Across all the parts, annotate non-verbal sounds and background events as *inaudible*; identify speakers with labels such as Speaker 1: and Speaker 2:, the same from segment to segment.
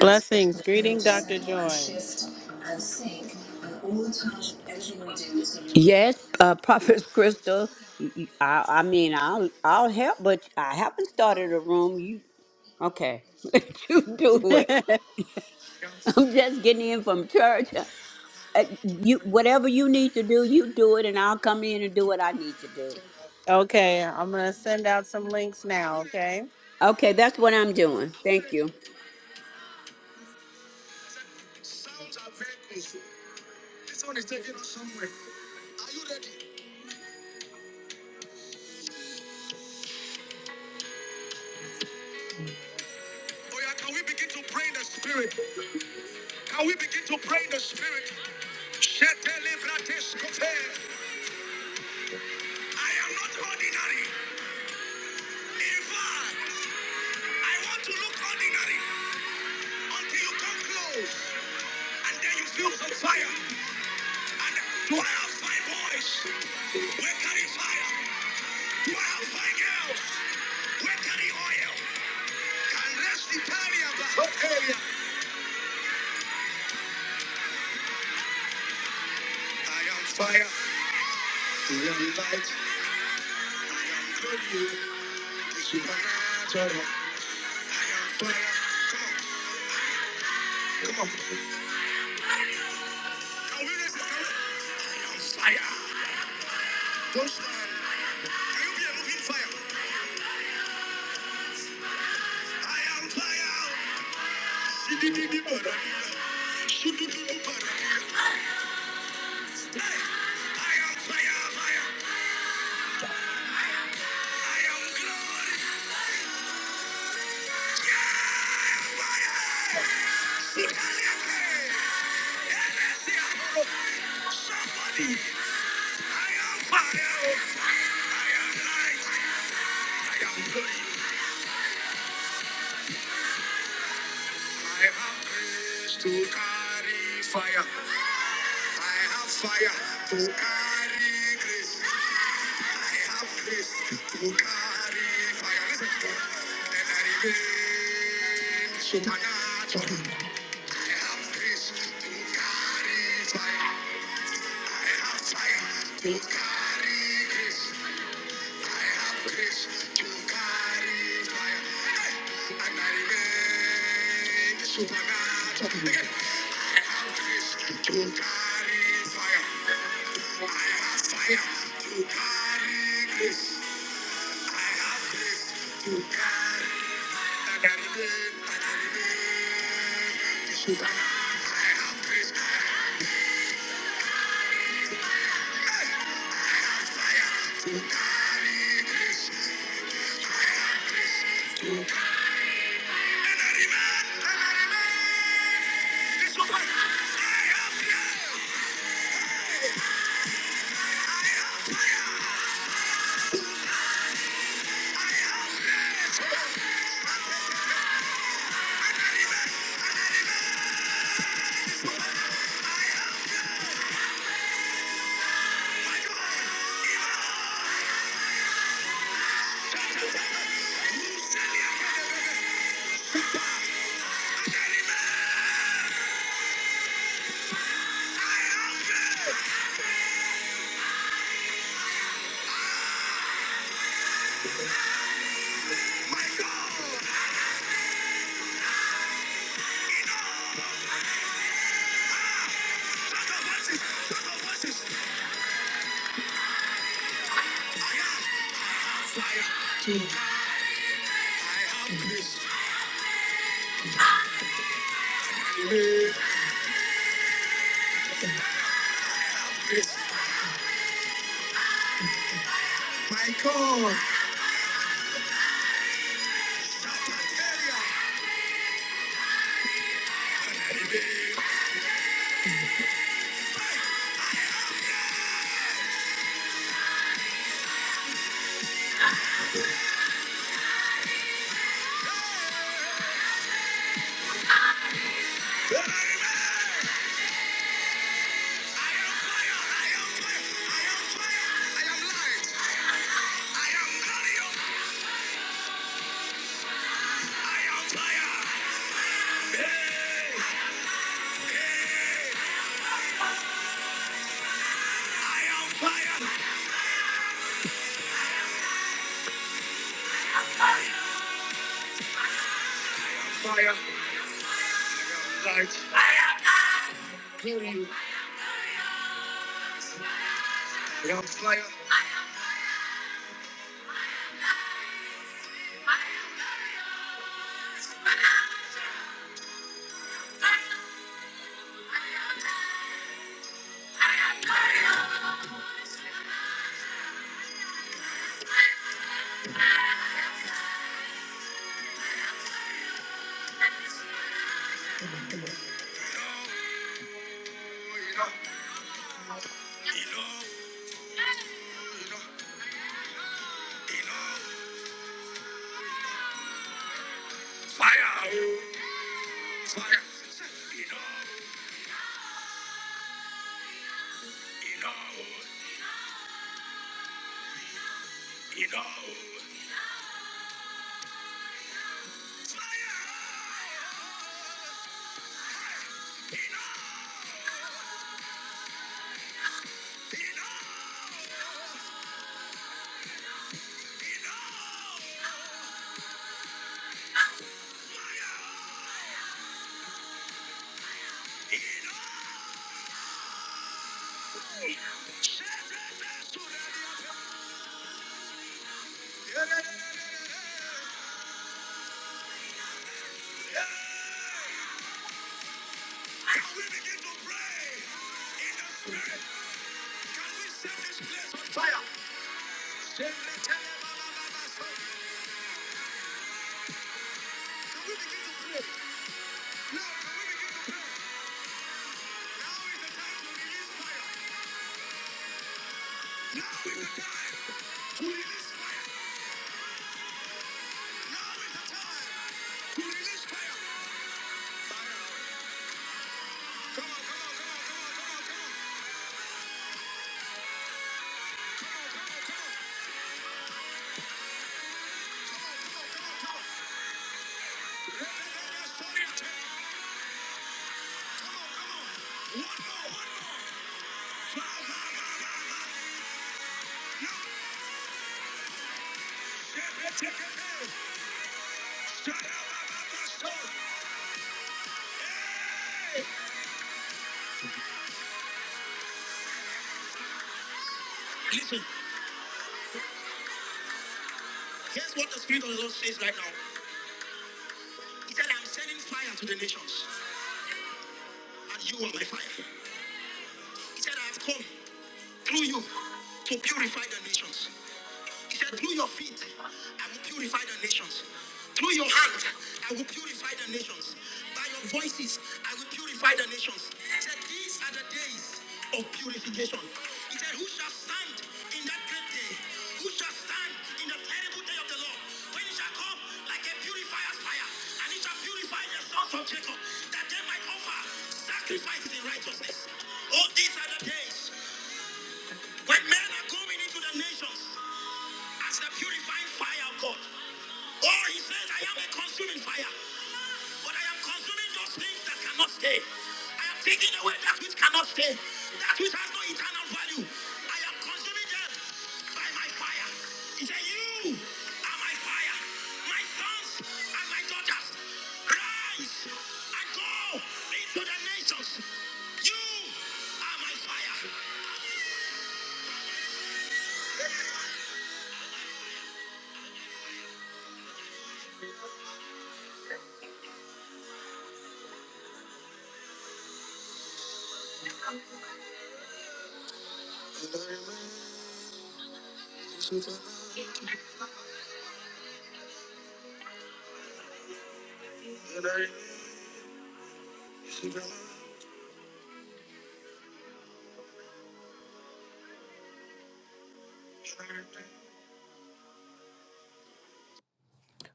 Speaker 1: Blessings. Greeting, Dr. Joyce.
Speaker 2: Yes, uh, Prophet Crystal. y- y- I, I mean, I'll I'll help, but I haven't started a room. You okay? *laughs* you do it.
Speaker 1: *laughs*
Speaker 2: I'm just getting in from church. Uh, You whatever you need to do, you do it, and I'll come in and do what I need to do.
Speaker 1: okay, I'm going to send out some links now, okay?
Speaker 2: Okay, that's what I'm doing. Thank you.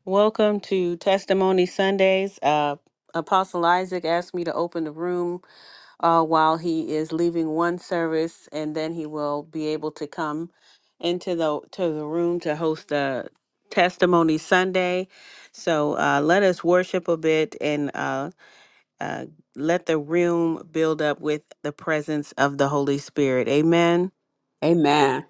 Speaker 1: Welcome to Testimony Sundays. Uh, Apostle Isaac asked me to open the room uh, while he is leaving one service, and then he will be able to come into the to the room to host the Testimony Sunday. So uh, let us worship a bit and uh, uh, let the room build up with the presence of the Holy Spirit. Amen.
Speaker 2: Amen.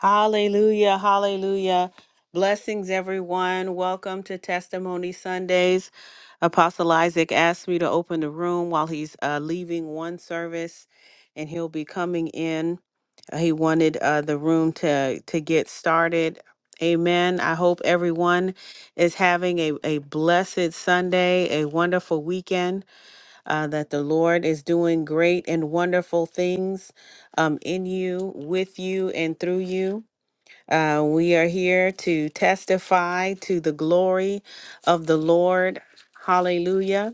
Speaker 1: Hallelujah, hallelujah. Blessings, everyone. Welcome to Testimony Sundays. Apostle Isaac asked me to open the room while he's uh, leaving one service, and he'll be coming in. Uh, He wanted uh, the room to, to get started. Amen. I hope everyone is having a, a blessed Sunday, a wonderful weekend, uh, that the Lord is doing great and wonderful things um, in you, with you, and through you. Uh, we are here to testify to the glory of the Lord. Hallelujah.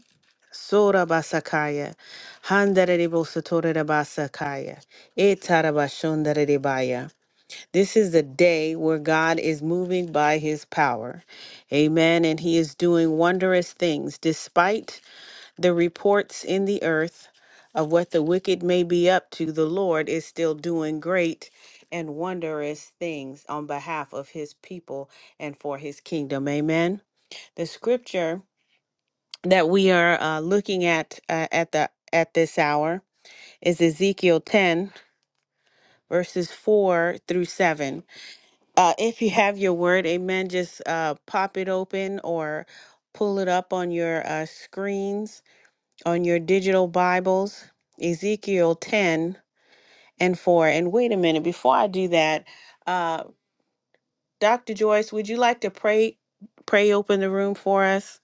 Speaker 1: Sora basakaya, handere de bosotore de basakaya, etarabashondere baya. This is the day where God is moving by his power. Amen. And he is doing wondrous things despite the reports in the earth of what the wicked may be up to, the Lord is still doing great and wondrous things on behalf of his people and for his kingdom. Amen. The scripture that we are uh, looking at uh, at the at this hour is Ezekiel 10 verses 4 through 7. Uh, if you have your word, amen, just uh, pop it open or pull it up on your uh, screens on your digital Bibles, Ezekiel 10 and 4. And wait a minute, before I do that, uh, Dr. Joyce, would you like to pray pray open the room for us?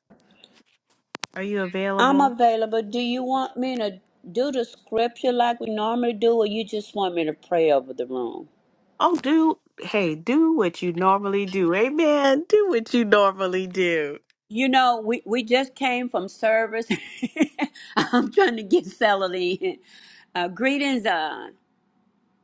Speaker 1: Are you
Speaker 2: I'm
Speaker 1: available?
Speaker 2: available. Do you want me to do the scripture like we normally do, or you just want me to pray over the room?
Speaker 1: Oh, do hey, do what you normally do. Amen. Do what you normally do.
Speaker 2: You know, we, we just came from service. *laughs* I'm trying to get settled in. Uh, greetings. Uh,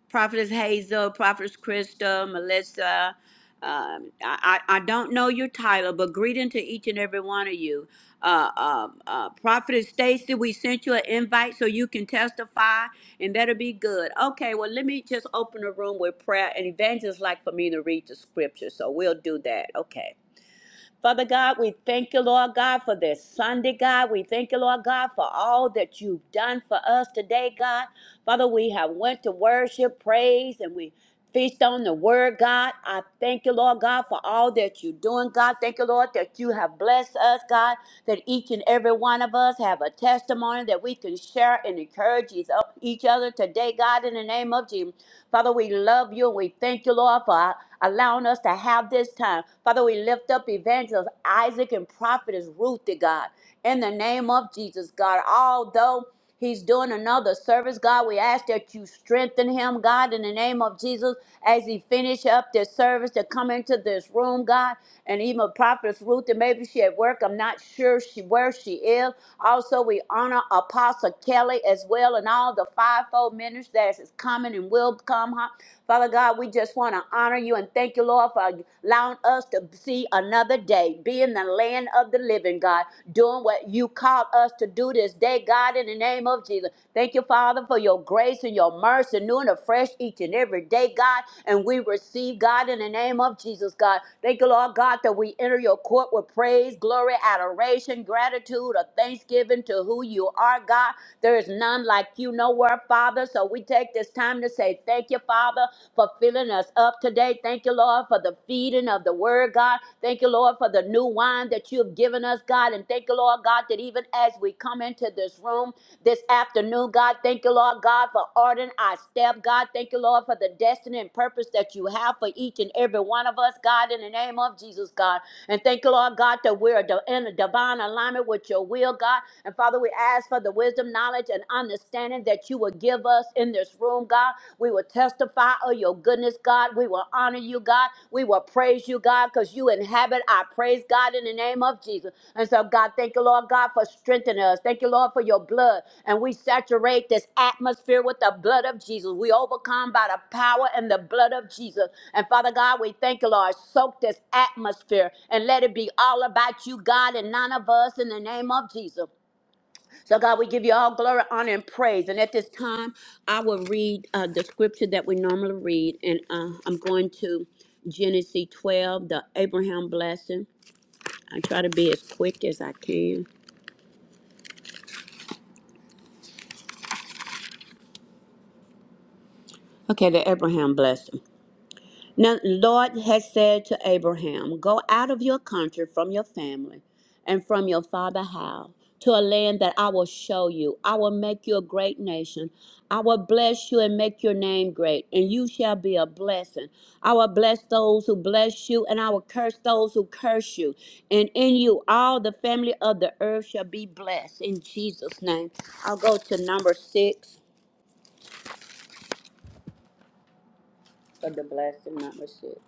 Speaker 2: Prophetess Hazel, Prophetess Krista, Melissa. Um, I, I I don't know your title, but greeting to each and every one of you. Uh, uh, uh, Prophetess Stacy, we sent you an invite so you can testify, and that'll be good. Okay, well, let me just open the room with prayer and evangelists like for me to read the scripture, so we'll do that. Okay. Father God, we thank you, Lord God, for this Sunday, God. We thank you, Lord God, for all that you've done for us today, God. Father, we have went to worship, praise, and we feast on the word, God. I thank you, Lord God, for all that you're doing, God. Thank you, Lord, that you have blessed us, God, that each and every one of us have a testimony that we can share and encourage each each other today, God, in the name of Jesus. Father, we love you and we thank you, Lord, for allowing us to have this time. Father, we lift up evangelist Isaac and prophetess Ruth to God. In the name of Jesus, God, although He's doing another service, God. We ask that you strengthen him, God, in the name of Jesus, as he finish up this service to come into this room, God. And even Prophetess Ruth, and maybe she at work. I'm not sure she where she is. Also, we honor Apostle Kelly as well, and all the fivefold ministers that is coming and will come. huh? Father God, we just want to honor you and thank you, Lord, for allowing us to see another day, be in the land of the living, God, doing what you called us to do this day, God, in the name of Jesus. Thank you, Father, for your grace and your mercy, new and afresh each and every day, God. And we receive, God, in the name of Jesus, God. Thank you, Lord God, that we enter your court with praise, glory, adoration, gratitude, or thanksgiving to who you are, God. There is none like you nowhere, Father. So we take this time to say thank you, Father for filling us up today. Thank you, Lord, for the feeding of the word, God. Thank you, Lord, for the new wine that you have given us, God. And thank you, Lord, God, that even as we come into this room this afternoon, God, thank you, Lord, God, for ordering our step, God. Thank you, Lord, for the destiny and purpose that you have for each and every one of us, God, in the name of Jesus, God. And thank you, Lord God, that we're in a divine alignment with your will, God. And Father, we ask for the wisdom, knowledge, and understanding that you will give us in this room, God. We will testify of your goodness, God. We will honor you, God. We will praise you, God, because you inhabit our praise, God, in the name of Jesus. And so, God, thank you, Lord God, for strengthening us. Thank you, Lord, for your blood. And we saturate this atmosphere with the blood of Jesus. We overcome by the power and the blood of Jesus. And Father God, we thank you, Lord. Soak this atmosphere and let it be all about you, God, and none of us in the name of Jesus. So, God, we give you all glory, honor, and praise. And at this time, I will read uh, the scripture that we normally read. And uh, I'm going to Genesis 12, the Abraham blessing. I try to be as quick as I can. Okay, that Abraham blessed him. Now, Lord has said to Abraham, Go out of your country, from your family, and from your father's house, to a land that I will show you. I will make you a great nation. I will bless you and make your name great, and you shall be a blessing. I will bless those who bless you, and I will curse those who curse you. And in you, all the family of the earth shall be blessed. In Jesus' name. I'll go to number six for the blessing, number six.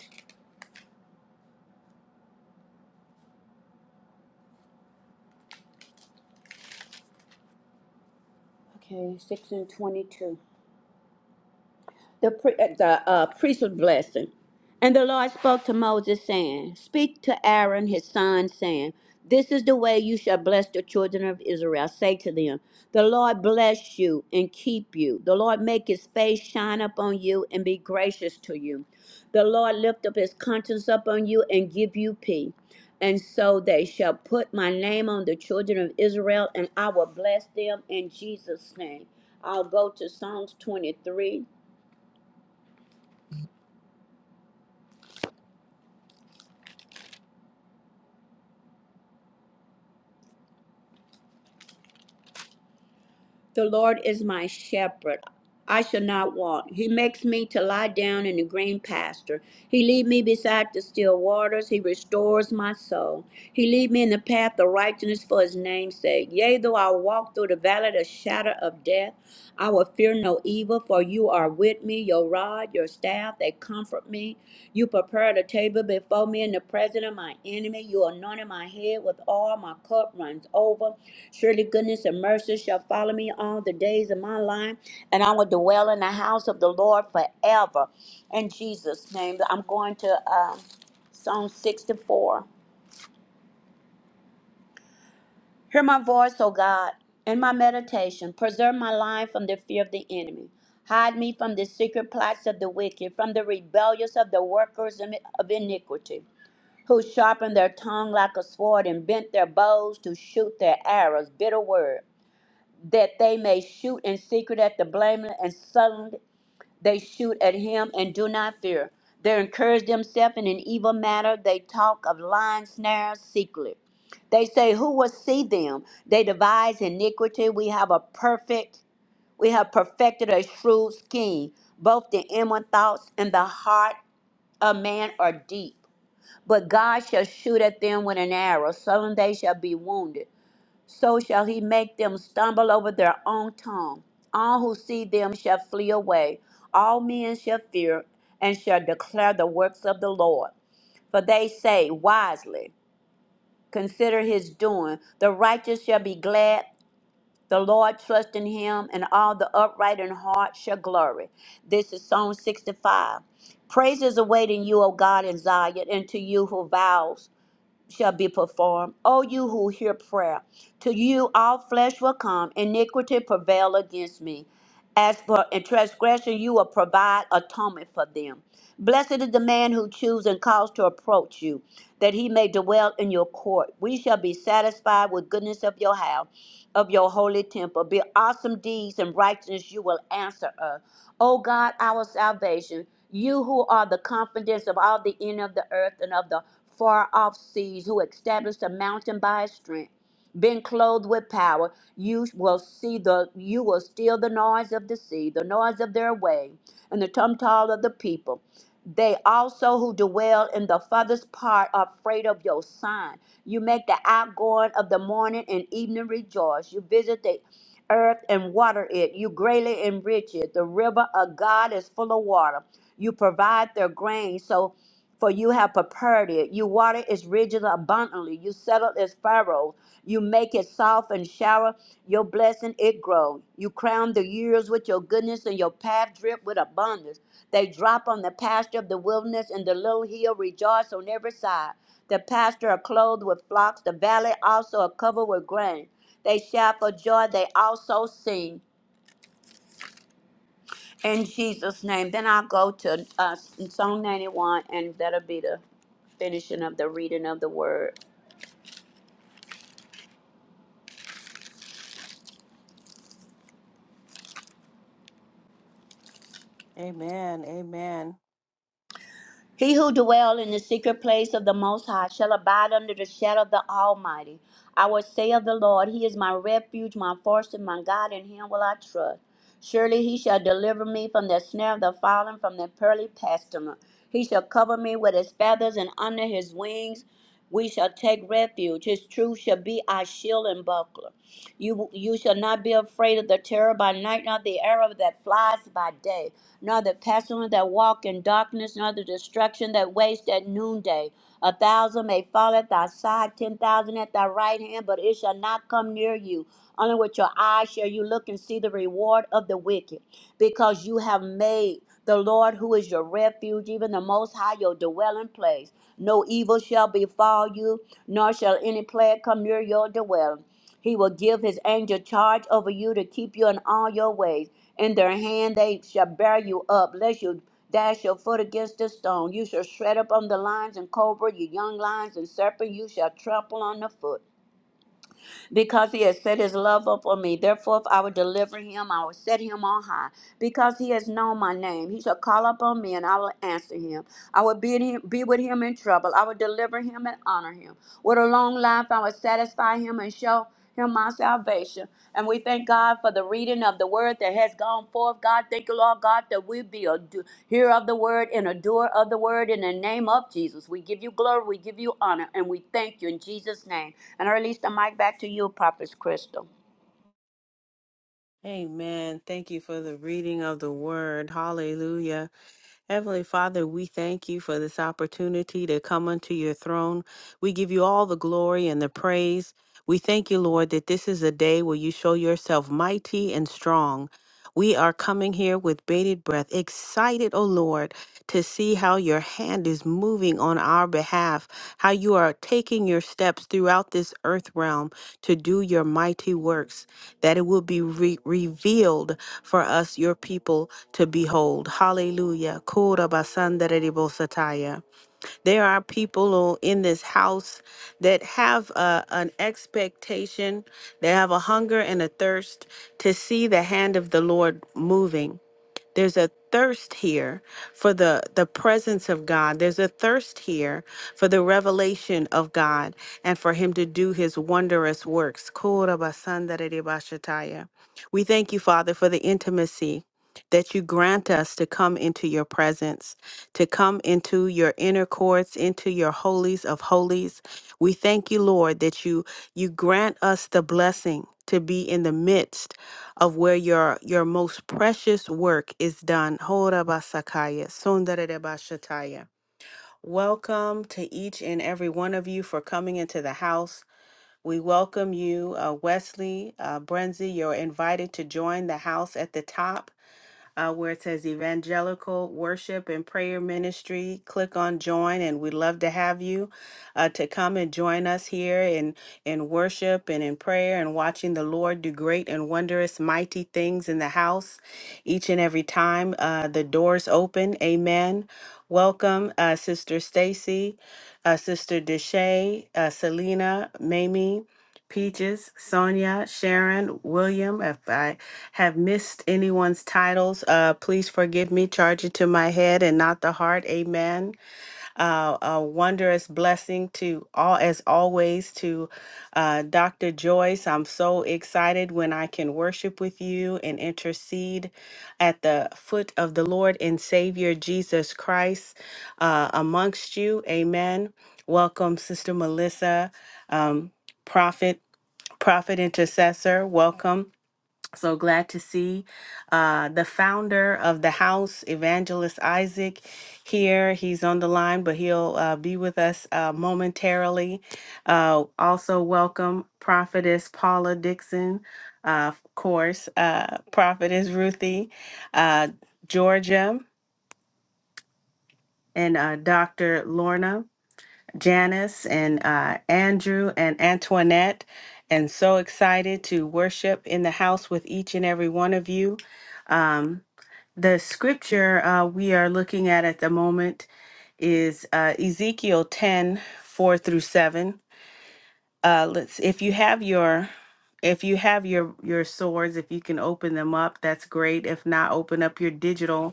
Speaker 2: Okay, six and twenty-two the, pri- uh, the uh, priesthood blessing. And the Lord spoke to Moses, saying, Speak to Aaron his son, saying, This is the way you shall bless the children of Israel. Say to them, The Lord bless you and keep you. The Lord make his face shine upon you and be gracious to you. The Lord lift up his countenance upon you and give you peace. And so they shall put my name on the children of Israel, and I will bless them in Jesus' name. I'll go to Psalms 23. The Lord is my shepherd. I shall not want. He makes me to lie down in the green pasture. He lead me beside the still waters. He restores my soul. He lead me in the path of righteousness for his name's sake. Yea, though I walk through the valley of the shadow of death, I will fear no evil, for you are with me. Your rod, your staff, they comfort me. You prepare the table before me in the presence of my enemy. You anointed my head with oil. My cup runs over. Surely goodness and mercy shall follow me all the days of my life, and I will dwell in the house of the Lord forever. In Jesus' name, I'm going to um, Psalm 64. Hear my voice, O God, in my meditation. Preserve my life from the fear of the enemy. Hide me from the secret plots of the wicked, from the rebellious of the workers of iniquity who sharpen their tongue like a sword and bent their bows to shoot their arrows, bitter word. that they may shoot in secret at the blameless, and suddenly they shoot at him and do not fear. They encourage themselves in an evil matter. They talk of lying snares secretly. They say, Who will see them? They devise iniquity. We have a perfect, we have perfected a shrewd scheme. Both the inward thoughts and the heart of man are deep. But God shall shoot at them with an arrow. Suddenly they shall be wounded so shall he make them stumble over their own tongue. All who see them shall flee away. All men shall fear and shall declare the works of the Lord. For they say wisely, Consider his doing. The righteous shall be glad. The Lord trust in him, and all the upright in heart shall glory. This is Psalm 65. Praise is awaiting you, O God, in Zion, and to you who vows shall be performed. O you who hear prayer, to you all flesh will come, iniquity prevail against me. As for in transgression, you will provide atonement for them. Blessed is the man who chooses and calls to approach you, that he may dwell in your court. We shall be satisfied with goodness of your house, of your holy temple. Be awesome deeds and righteousness you will answer us. O God, our salvation, you who are the confidence of all the end of the earth and of the far off seas, who established a mountain by his strength. Being clothed with power, you will see the you will steal the noise of the sea, the noise of their wave, and the tumtal of the people. They also who dwell in the farthest part are afraid of your sign. You make the outgoing of the morning and evening rejoice. You visit the earth and water it. You greatly enrich it. The river of God is full of water. You provide their grain, so for you have prepared it. You water its ridges abundantly. You settle its furrows. You make it soft and shower your blessing it grows. You crown the years with your goodness, and your path drip with abundance. They drop on the pasture of the wilderness, and the little hill rejoice on every side. The pasture are clothed with flocks. The valley also are covered with grain. They shout for joy. They also sing. In Jesus' name. Then I'll go to uh, Psalm 91, and that'll be the finishing of the reading of the word.
Speaker 1: Amen. Amen.
Speaker 2: He who dwell in the secret place of the Most High shall abide under the shadow of the Almighty. I will say of the Lord, He is my refuge, my fortress, and my God, in Him will I trust. Surely He shall deliver me from the snare of the fallen, from the pearly pestilence. He shall cover me with His feathers, and under His wings we shall take refuge. His truth shall be our shield and buckler. You, you shall not be afraid of the terror by night, nor the arrow that flies by day nor the pestilence that walk in darkness, nor the destruction that waste at noonday. A thousand may fall at thy side, ten thousand at thy right hand, but it shall not come near you. Only with your eyes shall you look and see the reward of the wicked, because you have made the Lord, who is your refuge, even the Most High, your dwelling place. No evil shall befall you, nor shall any plague come near your dwelling. He will give his angel charge over you to keep you in all your ways. In their hand they shall bear you up, lest you dash your foot against a stone. You shall shred up on the lions and cobra, your young lions and serpent, you shall trample on the foot because he has set his love upon me. Therefore, if I will deliver him, I will set him on high, because he has known my name. He shall call upon me, and I will answer him. I will be, in him, be with him in trouble. I will deliver him and honor him. With a long life, I will satisfy him and show him my salvation. And we thank God for the reading of the word that has gone forth. God, thank you, Lord God, that we be a hear of the word and adore of the word in the name of Jesus. We give you glory, we give you honor, and we thank you in Jesus' name. And I release the mic back to you, Prophet Crystal.
Speaker 1: Amen. Thank you for the reading of the word. Hallelujah. Heavenly Father, we thank you for this opportunity to come unto your throne. We give you all the glory and the praise. We thank you, Lord, that this is a day where you show yourself mighty and strong. We are coming here with bated breath, excited, O Lord, to see how your hand is moving on our behalf, how you are taking your steps throughout this earth realm to do your mighty works, that it will be re- revealed for us, your people, to behold. Hallelujah. Kura basandere ribosataya. There are people who- in this house that have a, an expectation, they have a hunger and a thirst to see the hand of the Lord moving. There's a thirst here for the, the presence of God. There's a thirst here for the revelation of God and for Him to do His wondrous works. Korabasandararebashataya. We thank you, Father, for the intimacy that you grant us to come into your presence, to come into your inner courts, into your holies of holies. We thank you, Lord, that you you grant us the blessing to be in the midst of where your your most precious work is done. Hora basakaya, sundarede bashataya. Welcome to each and every one of you for coming into the house. We welcome you, uh, Wesley, uh, Brenzi. You're invited to join the house at the top uh, where it says Evangelical Worship and Prayer Ministry. Click on join, and we'd love to have you uh, to come and join us here in, in worship and in prayer and watching the Lord do great and wondrous, mighty things in the house each and every time uh, the doors open. Amen. Welcome, uh, Sister Stacy, uh, Sister Deshay, uh, Selena, Mamie. Peaches, Sonia, Sharon, William. If I have missed anyone's titles, uh, please forgive me. Charge it to my head and not the heart. Amen uh, a wondrous blessing to all, as always, to uh, Dr. Joyce. I'm so excited when I can worship with you and intercede at the foot of the Lord and Savior Jesus Christ uh, amongst you. Amen. Welcome, Sister Melissa, um, prophet, prophet intercessor. Welcome. So glad to see uh, the founder of the house, Evangelist Isaac, here. He's on the line, but he'll uh, be with us uh, momentarily. Uh, also, welcome Prophetess Paula Dixon, uh, of course, uh, Prophetess Ruthie, uh, Georgia, and uh, Dr. Lorna. Janice and uh, Andrew and Antoinette, and so excited to worship in the house with each and every one of you. Um, the scripture uh, we are looking at at the moment is uh, Ezekiel 10 4 through 7. Uh, let's if you have your if you have your your swords if you can open them up that's great if not open up your digital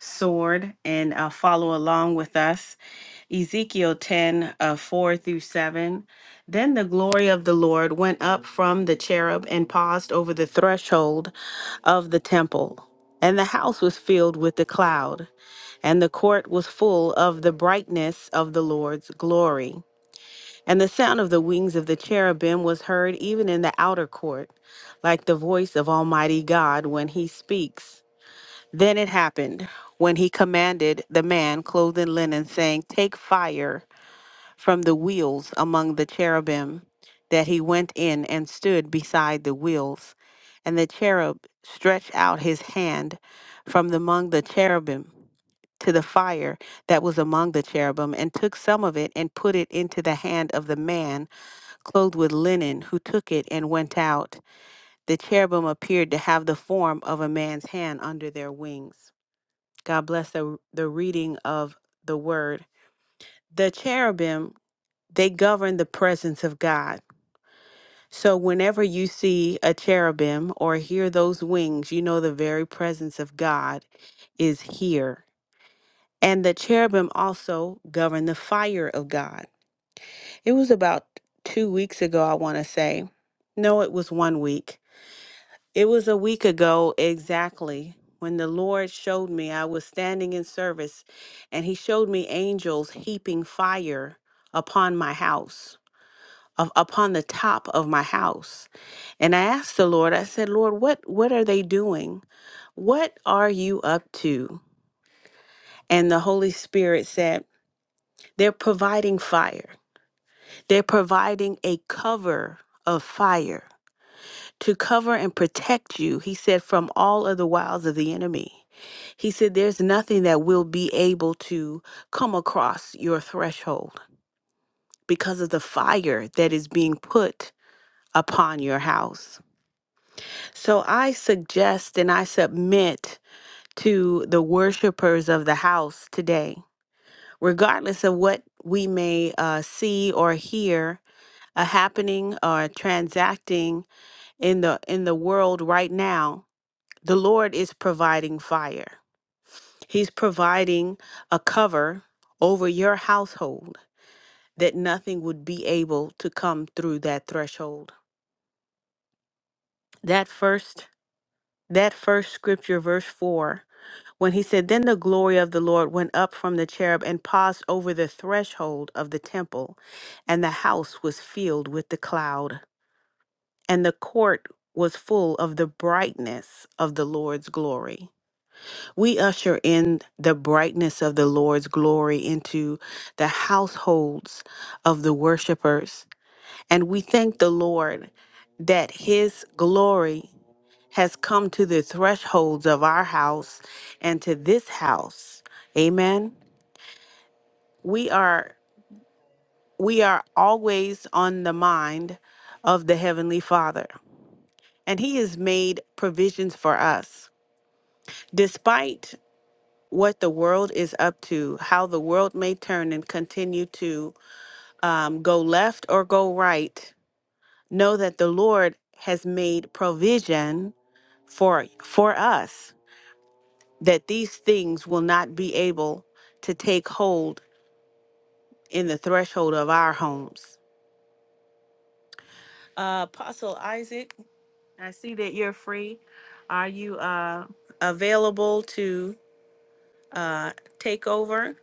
Speaker 1: sword and uh, follow along with us. Ezekiel 10 uh, 4 through 7. Then the glory of the Lord went up from the cherub and paused over the threshold of the temple. And the house was filled with the cloud, and the court was full of the brightness of the Lord's glory. And the sound of the wings of the cherubim was heard even in the outer court, like the voice of Almighty God when he speaks. Then it happened when he commanded the man clothed in linen, saying, Take fire from the wheels among the cherubim, that he went in and stood beside the wheels. And the cherub stretched out his hand from among the cherubim to the fire that was among the cherubim, and took some of it and put it into the hand of the man clothed with linen, who took it and went out. The cherubim appeared to have the form of a man's hand under their wings. God bless the, the reading of the word. The cherubim, they govern the presence of God. So whenever you see a cherubim or hear those wings, you know the very presence of God is here. And the cherubim also govern the fire of God. It was about two weeks ago, I want to say. No, it was one week It was a week ago exactly when the Lord showed me I was standing in service and he showed me angels heaping fire upon my house, up- upon the top of my house. And I asked the Lord, I said, "Lord, what what are they doing? What are you up to?" And the Holy Spirit said, "They're providing fire. They're providing a cover of fire." to cover and protect you, he said, from all of the wiles of the enemy. He said, There's nothing that will be able to come across your threshold because of the fire that is being put upon your house. So I suggest and I submit to the worshipers of the house today, regardless of what we may uh, see or hear a happening or transacting in the in the world right now The Lord is providing fire. He's providing a cover over your household that nothing would be able to come through that threshold. That first that first scripture verse 4 when he said then the glory of the Lord went up from the cherub and passed over the threshold of the temple and the house was filled with the cloud and the court was full of the brightness of the Lord's glory. We usher in the brightness of the Lord's glory into the households of the worshipers. And we thank the Lord that his glory has come to the thresholds of our house and to this house. Amen. We are we are always on the mind of the heavenly Father, and he has made provisions for us. Despite what the world is up to, how the world may turn and continue to um, go left or go right, know that the Lord has made provision for for us that these things will not be able to take hold in the threshold of our homes. Uh, Apostle Isaac, I see that you're free. Are you uh, available to uh, take over?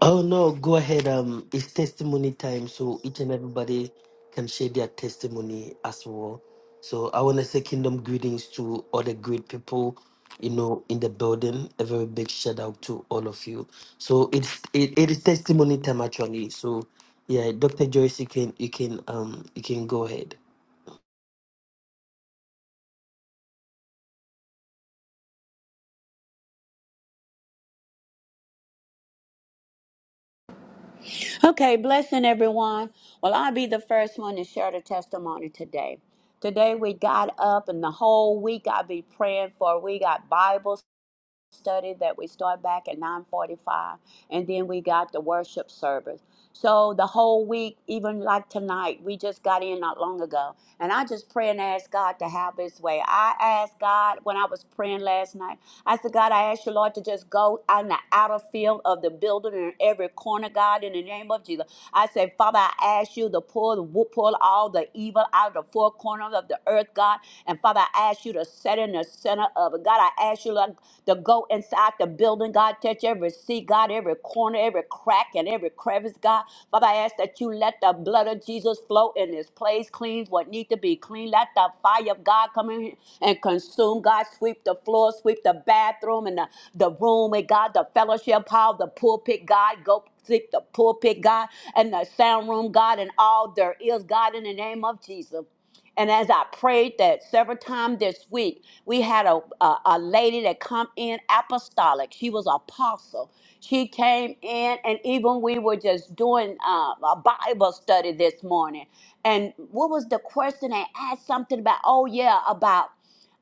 Speaker 3: Oh no, go ahead. Um, it's testimony time, so each and everybody can share their testimony as well. So I want to say kingdom greetings to all the great people, you know, in the building. A very big shout out to all of you. So it's it, it is testimony time actually. So yeah, Dr. Joyce, you can you can um you can go ahead.
Speaker 2: Okay, blessing everyone. Well, I'll be the first one to share the testimony today. Today we got up, and the whole week I'll be praying for. We got Bibles. study that we start back at 9:45 and then we got the worship service. So the whole week even like tonight we just got in not long ago and I just pray and ask God to have his way. I asked God when I was praying last night. I said God, I ask you Lord to just go on the outer field of the building and in every corner God in the name of Jesus. I say, Father, I ask you to pull, pull all the evil out of the four corners of the earth, God. And Father, I ask you to set in the center of it. God, I ask you Lord, to go inside the building, God, touch every seat, God, every corner, every crack, and every crevice, God. Father, I ask that you let the blood of Jesus flow in this place, cleanse what need to be clean. Let the fire of God come in here and consume, God. Sweep the floor, sweep the bathroom and the, the room, and God, the fellowship hall, the pulpit, God. Go Take the pulpit, God, and the sound room, God, and all there is, God, in the name of Jesus. And as I prayed that several times this week, we had a, a, a lady that come in apostolic. She was apostle. She came in, and even we were just doing uh, a Bible study this morning. And what was the question? They asked something about, oh yeah, about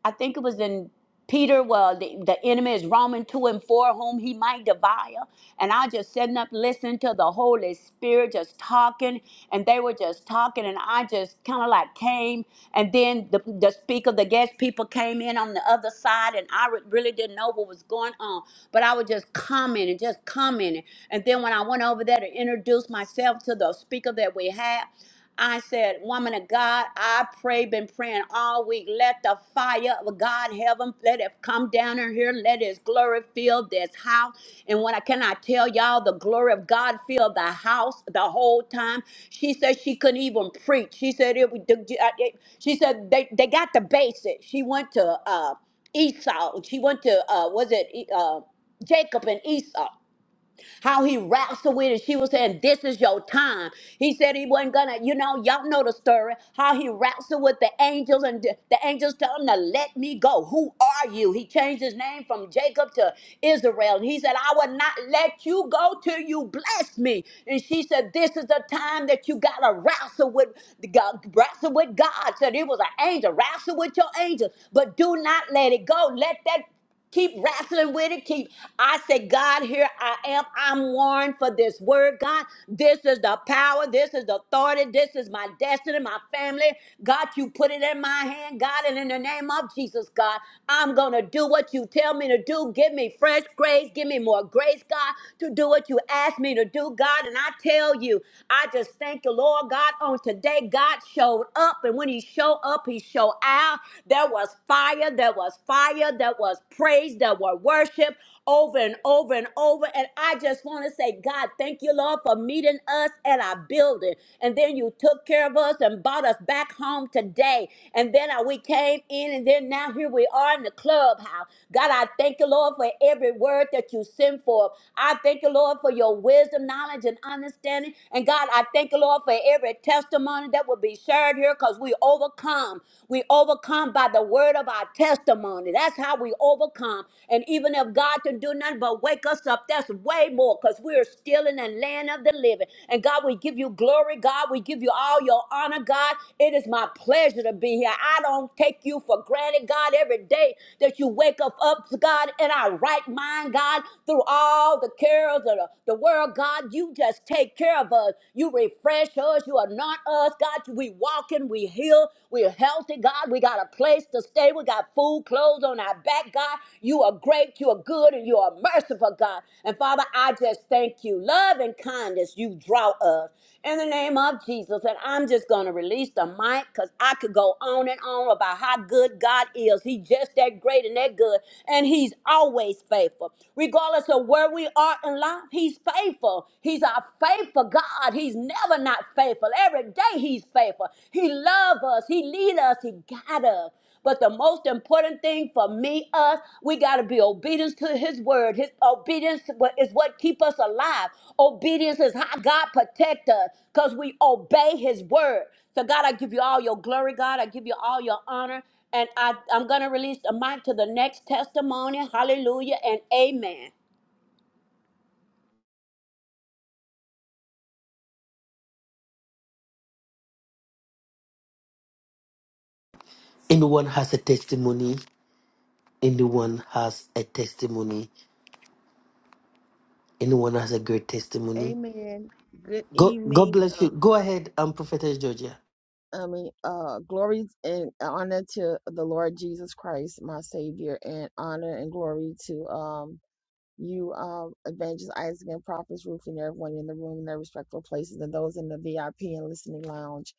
Speaker 2: I think it was in Peter, well, the, the enemy is Roman 2 and 4, whom he might devour. And I just sitting up listening to the Holy Spirit just talking, and they were just talking, and I just kind of like came. And then the, the speaker, the guest people came in on the other side, and I re- really didn't know what was going on. But I was just commenting, just commenting. And then when I went over there to introduce myself to the speaker that we had, I said, Woman of God, I pray, been praying all week. Let the fire of God, heaven, let it come down in here. Let His glory fill this house. And when I cannot tell y'all, the glory of God filled the house the whole time. She said she couldn't even preach. She said it. would- it- She said they, they got the basics. She went to uh, Esau. She went to uh, was it E- uh, Jacob and Esau how he raps to it. And she was saying, This is your time. He said he wasn't gonna, you know, y'all know the story. How he raps it with the angels, and the the angels tell him to let me go. Who are you? He changed his name from Jacob to Israel. And he said, I will not let you go till you bless me. And she said, This is the time that you gotta wrestle with God, wrestle with God. Said it was an angel, wrestle with your angel, but do not let it go. Let that keep wrestling with it keep i say god here i am i'm warned for this word god this is the power this is the authority this is my destiny my family god you put it in my hand god and in the name of jesus god i'm gonna do what you tell me to do give me fresh grace give me more grace god to do what you ask me to do god and i tell you i just thank the lord god on today god showed up and when he showed up he showed out there was fire, there was fire, there was praise, there were worship over and over and over. And I just want to say, God, thank you, Lord, for meeting us at our building. And then you took care of us and brought us back home today. And then uh, we came in, and then now here we are in the clubhouse. God, I thank you, Lord, for every word that you send forth. I thank you, Lord, for your wisdom, knowledge, and understanding. And God, I thank you, Lord, for every testimony that will be shared here because we overcome. We overcome by the word of our testimony. That's how we overcome. And even if God can do nothing but wake us up, that's way more because we are still in the land of the living. And God, we give you glory, God. We give you all your honor, God. It is my pleasure to be here. I don't take you for granted, God, every day that you wake up, up God, in our right mind, God, through all the cares of the, the world, God. You just take care of us. You refresh prayer shows you anoint us, God. We walking, we heal, we're healthy, God. We got a place to stay. We got food, clothes on our back, God. You are great, you are good, and you are merciful, God. And Father, I just thank you. Love and kindness you draw us in the name of Jesus. And I'm just gonna release the mic because I could go on and on about how good God is. He just that great and that good, and He's always faithful. Regardless of where we are in life, He's faithful faithful. He's our faithful God. He's never not faithful. Every day he's faithful. He loves us. He leads us. He guides us. But the most important thing for me, us, we got to be obedient to His word. His obedience is what keep us alive. Obedience is how God protect us because we obey His word. So God, I give you all your glory, God. I give you all your honor. And I, I'm going to release the mic to the next testimony. Hallelujah and amen.
Speaker 3: Anyone has a testimony. Anyone has a testimony. Anyone has a great testimony.
Speaker 4: Amen. Good
Speaker 3: Go God
Speaker 4: evening.
Speaker 3: bless
Speaker 4: uh,
Speaker 3: you. Go ahead, um, Prophetess Georgia.
Speaker 4: I mean, uh, glory and honor to the Lord Jesus Christ, my Savior, and honor and glory to um you, um, Evangelist Isaac and Prophets Ruth and everyone in the room in their respectful places and those in the VIP and listening lounge.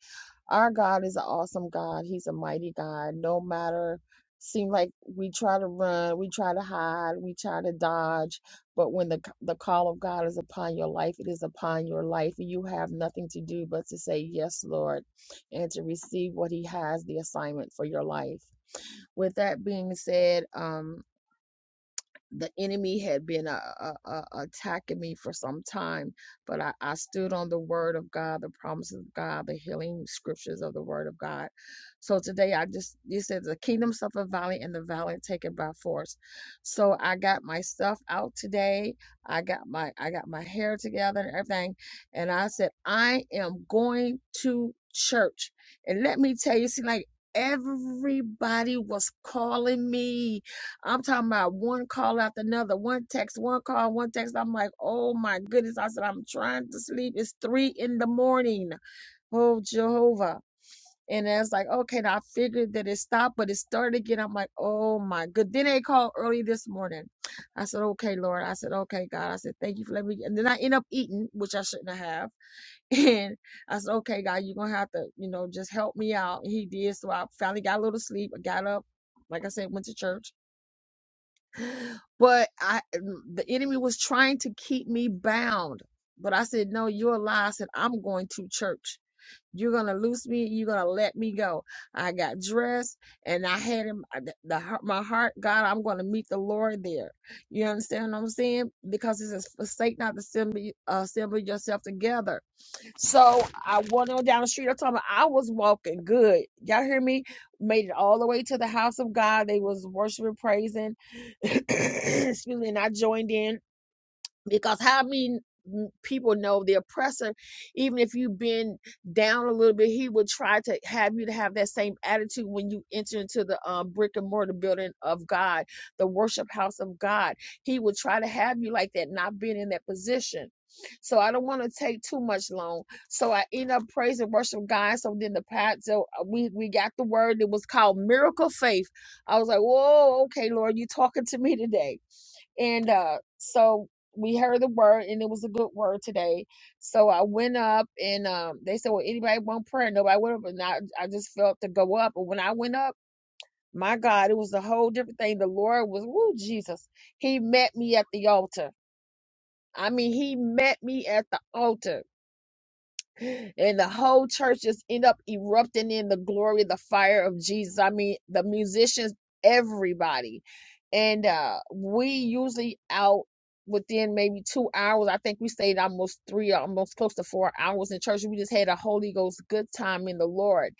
Speaker 4: Our God is an awesome God. He's a mighty God. No matter seem like we try to run, we try to hide, we try to dodge, but when the c- the call of God is upon your life, it is upon your life. and You have nothing to do but to say yes, Lord, and to receive what he has the assignment for your life. With that being said, um the enemy had been uh, uh, uh, attacking me for some time, but I, I stood on the word of God, the promises of God, the healing scriptures of the word of God. So today I just, you said the kingdom suffered violent and the violent taken by force. So I got my stuff out today. I got my, I got my hair together and everything. And I said, I am going to church. And let me tell you, see, like everybody was calling me I'm talking about one call after another, one text, one call, one text. I'm like, oh my goodness. I said, I'm trying to sleep. It's three in the morning. Oh, Jehovah. And I was like, okay, now I figured that it stopped, but it started again. I'm like, oh my good. Then they called early this morning. I said, okay, Lord. I said, okay, God. I said, thank you for letting me. And then I end up eating, which I shouldn't have. *laughs* And I said, okay, God, you're going to have to, you know, just help me out. And he did. So I finally got a little sleep. I got up. Like I said, went to church but I the enemy was trying to keep me bound. But I said, No, you're a lie. I said, I'm going to church. You're gonna loose me, you're gonna let me go. I got dressed and I had him uh, the, the heart- my heart, God, I'm gonna meet the Lord there. You understand what I'm saying? Because it says, forsake not to assemble, uh, assemble yourself together. So I went on down the street. I'm talking about I was walking good. Y'all hear me? Made it all the way to the house of God. They was worshiping, praising. *clears throat* Excuse me. And I joined in because how many n- people know the oppressor even if you've been down a little bit he would try to have you to have that same attitude when you enter into the um, brick and mortar building of god the worship house of god he would try to have you like that not being in that position so i don't want to take too much long so i end up praise and worship god so then the pat so uh, we we got the word that was called miracle faith i was like whoa okay lord you talking to me today and uh, so we heard the word, and it was a good word today. So I went up, and um, they said, "Well, anybody want prayer?" Nobody went up, and I, I just felt to go up. And when I went up, my God, it was a whole different thing. The Lord was, woo, Jesus. He met me at the altar. I mean, He met me at the altar and the whole church just end up erupting in the glory the fire of jesus i mean the musicians everybody and uh we usually out within maybe two hours i think we stayed almost three almost close to four hours in church we just had a holy ghost good time in the lord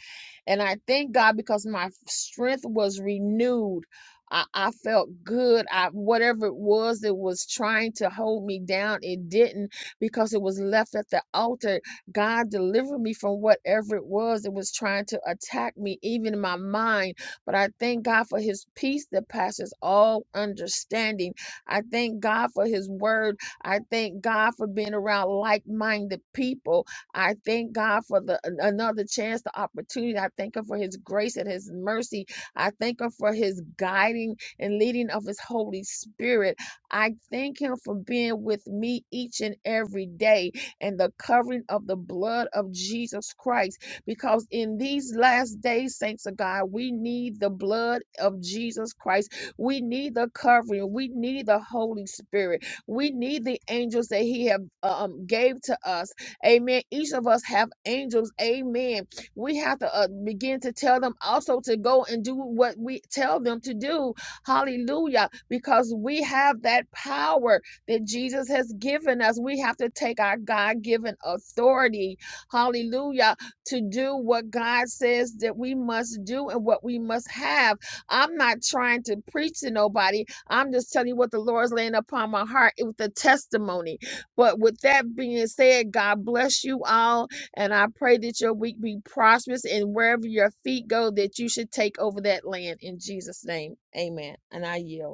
Speaker 4: and i thank god because my strength was renewed I, I felt good. I whatever it was that was trying to hold me down, it didn't because it was left at the altar God delivered me from whatever it was that was trying to attack me, even in my mind. But I thank God for his peace that passes all understanding. I thank God for his word. I thank God for being around like minded people. I thank God for the an- another chance, the opportunity. I thank him for his grace and his mercy. I thank him for his guiding and leading of his Holy Spirit. I thank him for being with me each and every day and the covering of the blood of Jesus Christ. Because in these last days, saints of God, we need the blood of Jesus Christ. We need the covering. We need the Holy Spirit. We need the angels that He have uh, um, gave to us. Amen. Each of us have angels. Amen. We have to uh, begin to tell them also to go and do what we tell them to do. Hallelujah. Because we have that power that Jesus has given us. We have to take our God given authority, hallelujah, to do what God says that we must do and what we must have. I'm not trying to preach to nobody. I'm just telling you what the Lord's laying upon my heart with the testimony. But with that being said, God bless you all. And I pray that your week be prosperous and wherever your feet go, that you should take over that land in Jesus' name. Amen. And I yield.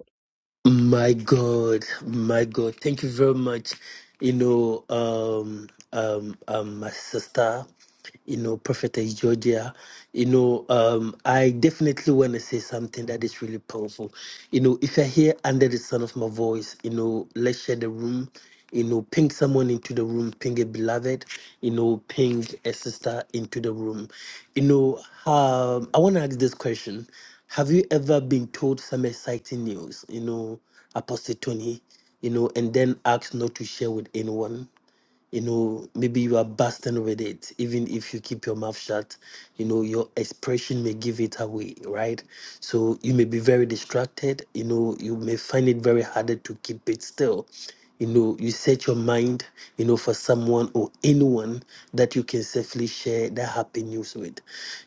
Speaker 3: My God, my God, thank you very much. You know, um, um, um, my sister, you know, Prophetess Georgia, you know, um, I definitely want to say something that is really powerful. You know, if you're here under the sound of my voice, you know, let's share the room. You know, ping someone into the room, ping a beloved, you know, ping a sister into the room. You know, um, I want to ask this question. Have you ever been told some exciting news, you know, Apostle Tony, you know, and then asked not to share with anyone? you know maybe you are bursting with it even if you keep your mouth shut you know your expression may give it away right so you may be very distracted you know you may find it very hard to keep it still you know you set your mind you know for someone or anyone that you can safely share that happy news with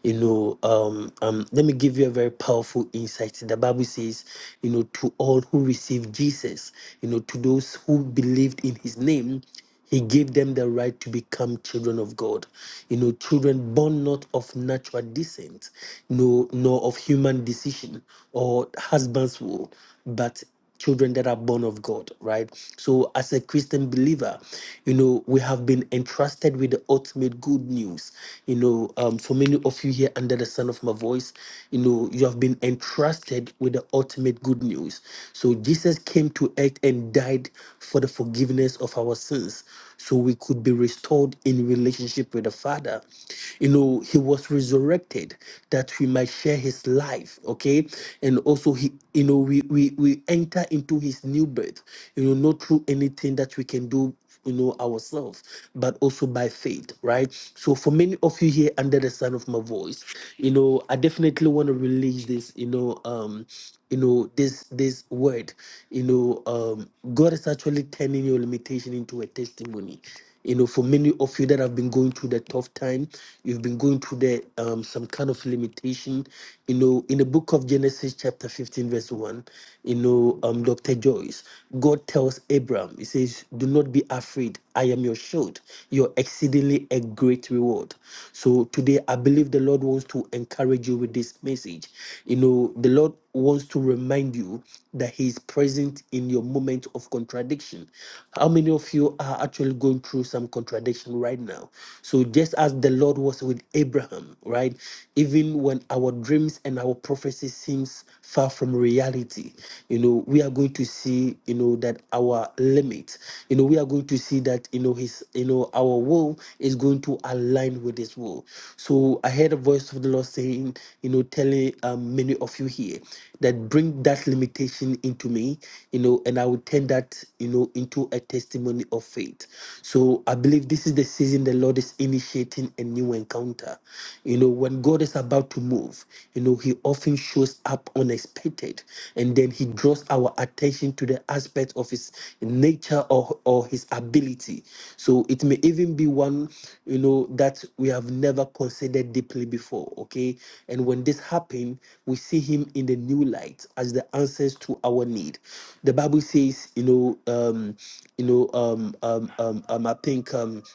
Speaker 3: you know um, um let me give you a very powerful insight the bible says you know to all who received jesus you know to those who believed in his name he gave them the right to become children of God. You know, children born not of natural descent, no, nor of human decision or husband's will, but children that are born of God, right? So, as a Christian believer, you know, we have been entrusted with the ultimate good news. You know, um, for many of you here under the sound of my voice, you know, you have been entrusted with the ultimate good news choice. So Jesus came to earth and died for the forgiveness of our sins so we could be restored in relationship with the Father. You know, he was resurrected that we might share his life, okay? And also he you know we we, we enter into his new birth, you know, not through anything that we can do you know ourselves but also by faith right so for many of you here under the sound of my voice you know i definitely want to release this you know um you know this this word you know um god is actually turning your limitation into a testimony you know, for many of you that have been going through the tough time, you've been going through the um, some kind of limitation. You know, in the book of Genesis, chapter 15, verse 1, you know, um, Dr. Joyce, God tells Abraham, He says, Do not be afraid. I am your shield, your exceedingly a great reward. So today I believe the Lord wants to encourage you with this message. You know, the Lord wants to remind you that he is present in your moment of contradiction. How many of you are actually going through some contradiction right now? So, just as the Lord was with Abraham, right? Even when our dreams and our prophecy seems far from reality, you know, we are going to see, you know, that our limit, you know, we are going to see that, you know, his, you know, our will is going to align with His will. So I heard a voice of the Lord saying, you know, telling um, many of you here that bring that limitation into me, you know, and I will turn that, you know, into a testimony of faith. So I believe this is the season the Lord is initiating a new encounter. You know, when God is about to move, you know, He often shows up unexpectedly anticipated. And then he draws our attention to the aspect of his nature or, or his ability. So it may even be one, you know, that we have never considered deeply before. Okay. And when this happens, we see him in the new light as the answers to our need. The Bible says, you know, um, you know, um, um, um, um I think um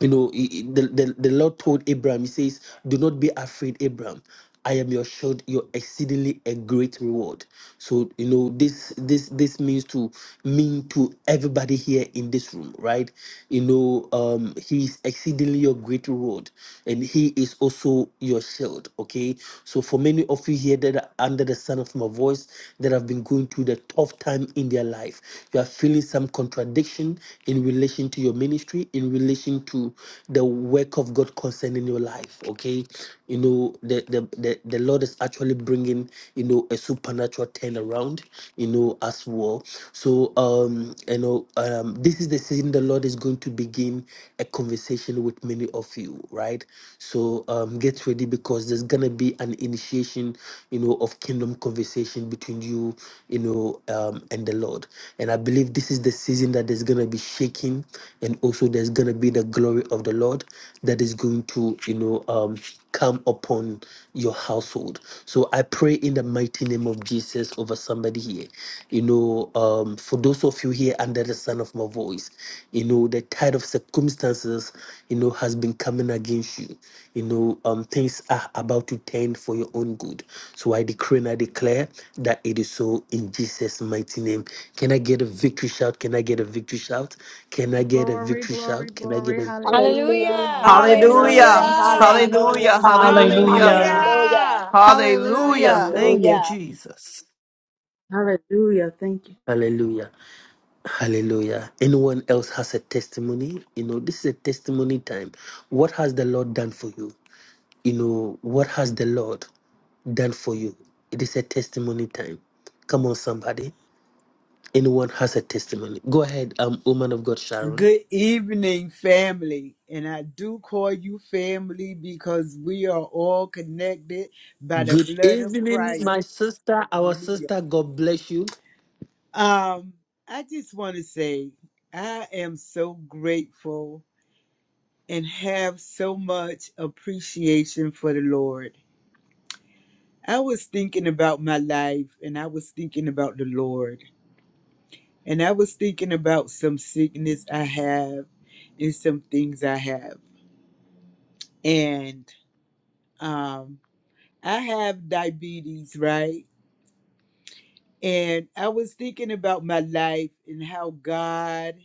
Speaker 3: you know he- he- the, the, the lord told abraham he says do not be afraid abraham i am your shield your exceedingly a great reward so you know this this this means to mean to everybody here in this room right you know um he is exceedingly your great reward and he is also your shield okay so for many of you here that are under the sound of my voice that have been going through the tough time in their life you are feeling some contradiction in relation to your ministry in relation to to the work of God concerning your life. Okay, you know the the the, the Lord is actually bringing you know a supernatural turnaround. You know as well. So um you know um this is the season the Lord is going to begin a conversation with many of you. Right. So um get ready because there's gonna be an initiation you know of kingdom conversation between you you know um and the Lord. And I believe this is the season that there's gonna be shaking and also there's gonna be the glory glory of the Lord that is going to, you know, um, come upon your household. So I pray in the mighty name of Jesus over somebody here. You know, um, for those of you here under the sound of my voice, you know, the tide of circumstances, you know, has been coming against you. You know, um, things are about to turn for your own good. So I decree and I declare that it is so in Jesus' mighty name. Can I get a victory shout? Can I get a victory shout? Can I get a
Speaker 4: Glory,
Speaker 3: victory
Speaker 4: glory,
Speaker 3: shout? Can I get
Speaker 4: glory.
Speaker 3: a
Speaker 2: Hallelujah,
Speaker 4: Hallelujah.
Speaker 5: Hallelujah.
Speaker 4: Hallelujah.
Speaker 2: hallelujah,
Speaker 6: Hallelujah.
Speaker 4: Thank
Speaker 7: Hallelujah.
Speaker 4: you,
Speaker 1: Hallelujah.
Speaker 6: Hallelujah.
Speaker 2: hallelujah,
Speaker 4: Jesus.
Speaker 8: Hallelujah.
Speaker 4: Thank you,
Speaker 6: Hallelujah.
Speaker 9: Hallelujah.
Speaker 4: Yah.
Speaker 1: Hallelujah.
Speaker 2: hallelujah,
Speaker 6: Hallelujah.
Speaker 10: Hallelujah.
Speaker 6: Thank you,
Speaker 7: Hallelujah.
Speaker 2: hallelujah.
Speaker 6: Jesus.
Speaker 11: Hallelujah. Thank you.
Speaker 3: Hallelujah. Hallelujah. Anyone else has a testimony? You know, this is a testimony time. What has the Lord done for you? You know, what has the Lord done for you? It is a testimony time. Come on, somebody. Anyone has a testimony? Go ahead, um, woman of God, Sharon.
Speaker 12: Good evening, family. And I do call you family because we are all connected by the
Speaker 3: Good
Speaker 12: blood of
Speaker 3: evening,
Speaker 12: Christ.
Speaker 3: my sister, our
Speaker 12: Hallelujah.
Speaker 3: sister. God bless you.
Speaker 12: Um, I just want to say I am so grateful and have so much appreciation for the Lord. I was thinking about my life and I was thinking about the Lord. And I was thinking about some sickness I have and some things I have. And um I have diabetes, right? And I was thinking about my life and how God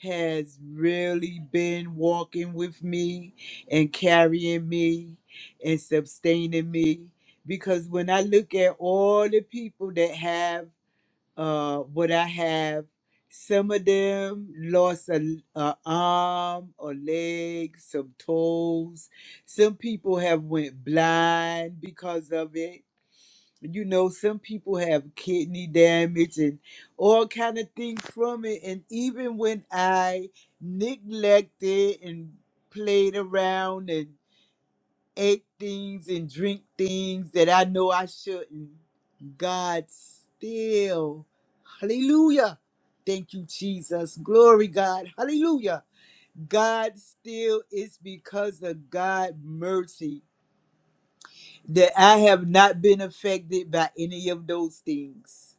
Speaker 12: has really been walking with me and carrying me and sustaining me. Because when I look at all the people that have uh, what I have, some of them lost a, a arm or leg, some toes. Some people have went blind because of it you know some people have kidney damage and all kind of things from it and even when i neglected and played around and ate things and drink things that i know i shouldn't god still hallelujah thank you jesus glory god hallelujah god still is because of god mercy that i have not been affected by any of those things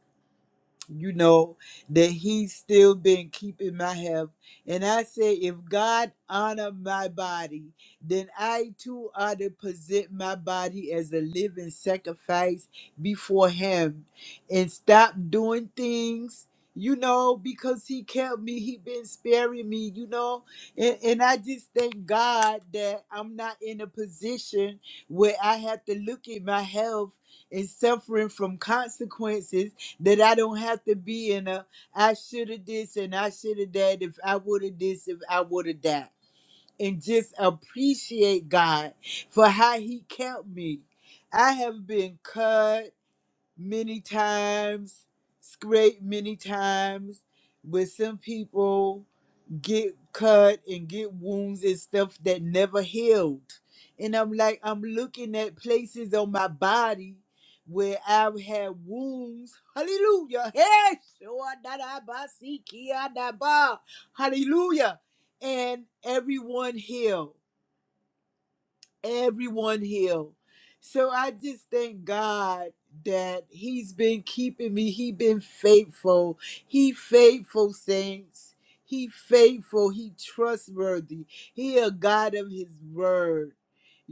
Speaker 12: you know, that he's still been keeping my health. And I say, if God honor my body, then I too ought to present my body as a living sacrifice before him and stop doing things. You know, because he kept me, he been sparing me, you know. And, and I just thank God that I'm not in a position where I have to look at my health and suffering from consequences that I don't have to be in a I should have this and I should have that if I would have this if I would have that and just appreciate God for how he kept me. I have been cut many times, scraped many times with some people get cut and get wounds and stuff that never healed. And I'm like, I'm looking at places on my body where I've had wounds. Hallelujah. Hey, Shoah dada ba si kia da ba. Hallelujah. And everyone healed everyone healed. So I just thank God that he's been keeping me. He been faithful. He faithful saints. He faithful. He trustworthy. He a God of his word.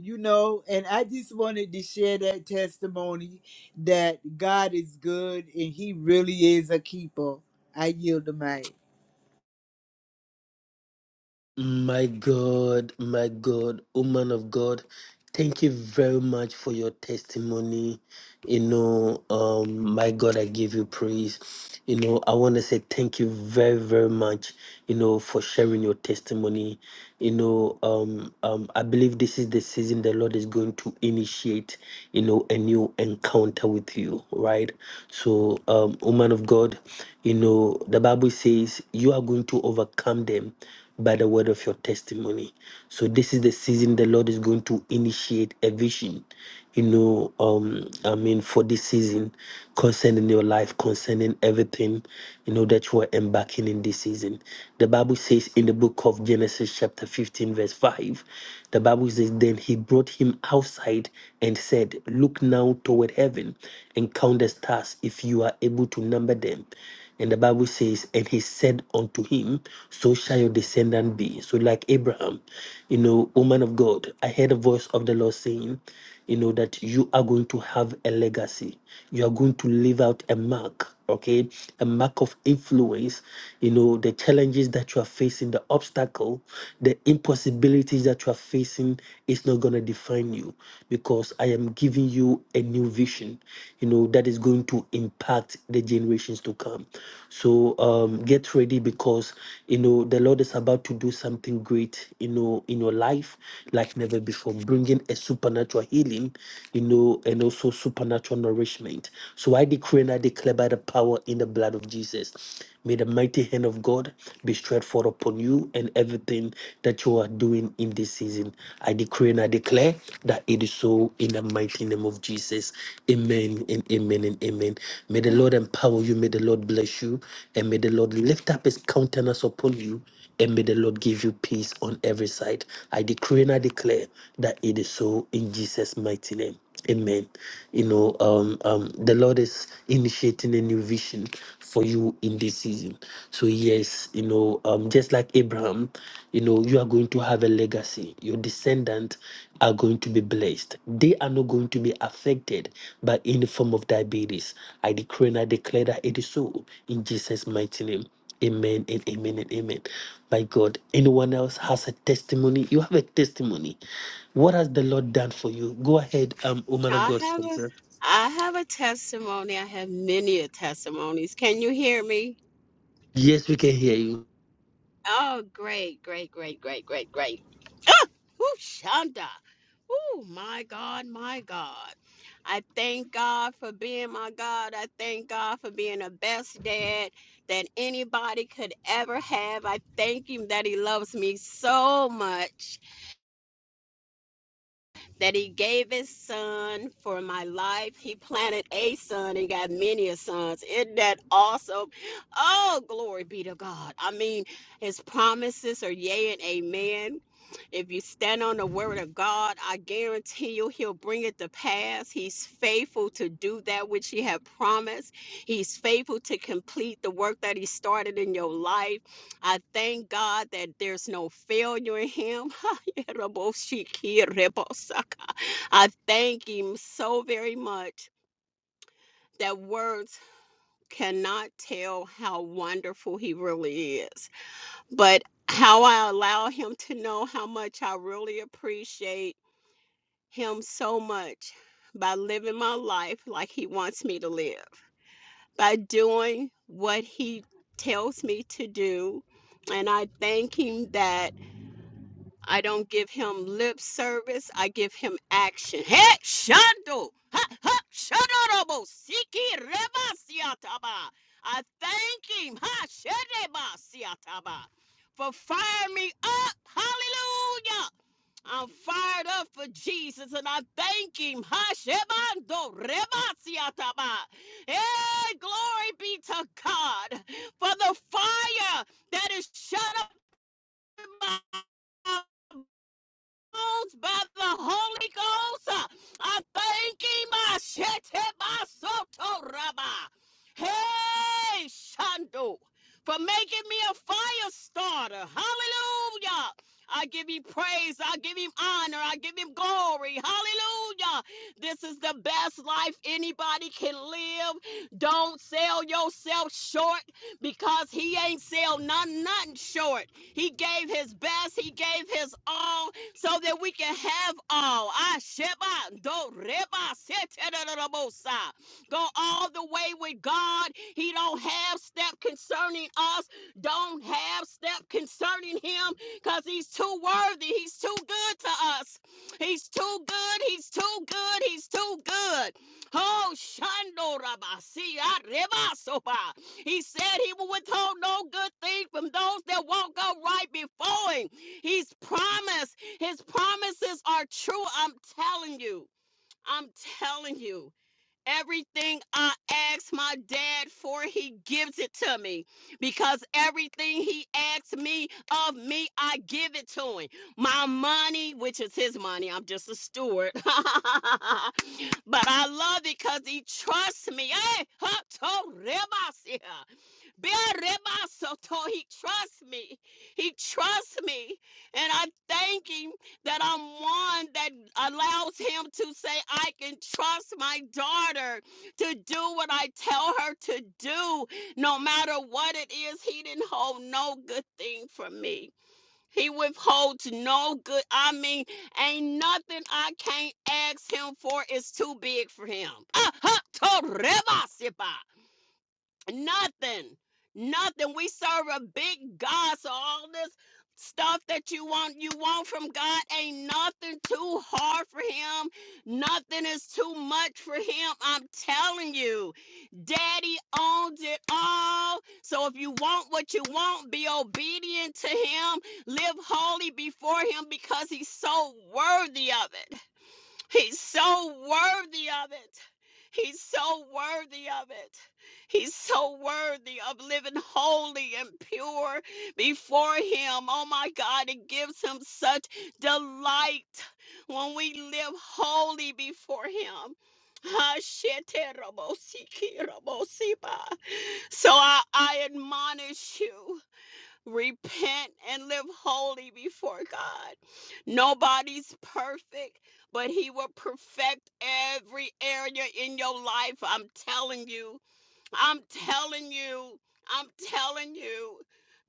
Speaker 12: You know, and I just wanted to share that testimony that God is good and he really is a keeper. I yield the mic.
Speaker 3: My God, my God, woman of God, thank you very much for your testimony. You know, um, my God, I give you praise. You know, I want to say thank you very, very much, you know, for sharing your testimony. You know, um, um, I believe this is the season the Lord is going to initiate, you know, a new encounter with you, right? So, um, woman of God, you know, the Bible says you are going to overcome them by the word of your testimony. So this is the season the Lord is going to initiate a vision you know, um, I mean, for this season concerning your life, concerning everything, you know, that you are embarking in this season. The Bible says in the book of Genesis, chapter 15, verse 5, the Bible says, Then he brought him outside and said, Look now toward heaven and count the stars if you are able to number them. And the Bible says, and he said unto him, So shall your descendant be. So, like Abraham, you know, O man of God, I heard a voice of the Lord saying, you know that you are going to have a legacy you are going to leave out a mark okay a mark of influence you know the challenges that you are facing the obstacle the impossibilities that you are facing is not going to define you because i am giving you a new vision you know that is going to impact the generations to come so um get ready because you know the lord is about to do something great you know in your life like never before bringing a super supernatural healing, you know, and also supernatural nourishment. So I decree and I declare by the power in the blood of Jesus. May the mighty hand of God be stretched forth upon you and everything that you are doing in this season. I decree and I declare that it is so in the mighty name of Jesus. Amen and amen and amen. May the Lord empower you. May the Lord bless you. And may the Lord lift up his countenance upon you and may the Lord give you peace on every side. I decree and I declare that it is so in Jesus' mighty name. Amen. You know, um, um, the Lord is initiating a new vision for you in this season. So yes, you know, um, just like Abraham, you know, you are going to have a legacy. Your descendants are going to be blessed. They are not going to be affected by any form of diabetes. I decree and I declare that it is so in Jesus' mighty name. Amen and amen and amen. By God, anyone else has a testimony? You have a testimony. What has the Lord done for you? Go ahead, um, woman of
Speaker 13: I
Speaker 3: God.
Speaker 13: have a I have a testimony. I have many a testimonies. Can you hear me?
Speaker 3: Yes, we can hear you.
Speaker 13: Oh, great, great, great, great, great, great. Ah, ooh, Shonda. Oh, my God, my God. I thank God for being my God. I thank God for being the best dad that anybody could ever have. I thank Him that He loves me so much that he gave his son for my life. He planted a son and got many a sons. Isn't that awesome? Oh, glory be to God. I mean, his promises are yea and amen. If you stand on the word of God, I guarantee you he'll bring it to pass. He's faithful to do that which he had promised. He's faithful to complete the work that he started in your life. I thank God that there's no failure in him. *laughs* I thank him so very much that words cannot tell how wonderful he really is. But how I allow him to know how much I really appreciate him so much by living my life like he wants me to live, by doing what he tells me to do. And I thank him that I don't give him lip service, I give him action. Hey, Shando! Ha, ha, Shadorobo! Siki Reba Siataba! I thank him, Ha Shedeba Siataba, for firing me up. Hallelujah! I'm fired up for Jesus and I thank him. Hashemando rebasiataba. Hey, glory be to God for the fire that is shut up in my Ghost, by the Holy Ghost. I thank him. I shed him, I soto rabba. Hey, Shando, for making me a fire starter. Hallelujah. I give him praise. I give him honor. I give him glory. Hallelujah. This is the best life anybody can live. Don't sell yourself short because he ain't sell none, nothing short. He gave his best. He gave his all so that we can have all. Asheba, do, reba, seterebosa. Go all the way with God. He don't have step concerning us. Don't have step concerning him because he's too worthy. He's too good to us. He's too good. He's too good. He's too good. Oh, shando rabasi, arebasoba. He said he will withhold no good thing from those that won't go right before him. He's promised. His promises are true. I'm telling you. I'm telling you. Everything I ask my dad for, he gives it to me. Because everything he asks me of me, I give it to him. My money, which is his money, I'm just a steward. *laughs* but I love it because he trusts me. Hey, *laughs* huh, to- yeah. Bearemasoto, He trusts me. He trusts me. And I thank him that I'm one that allows him to say, I can trust my daughter to do what I tell her to do, no matter what it is. He didn't hold no good thing from me. He withholds no good. I mean, ain't nothing I can't ask him for is too big for him. Ah, ha, to reba, sipa. Nothing. Nothing. We serve a big God. So all this stuff that you want you want from God ain't nothing too hard for him. Nothing is too much for him. I'm telling you. Daddy owns it all. So if you want what you want, be obedient to him. Live holy before him because he's so worthy of it. He's so worthy of it. He's so worthy of it. He's so worthy of living holy and pure before Him. Oh my God, it gives Him such delight when we live holy before Him. So I, I admonish you repent and live holy before God. Nobody's perfect, but He will perfect every area in your life. I'm telling you. I'm telling you. I'm telling you,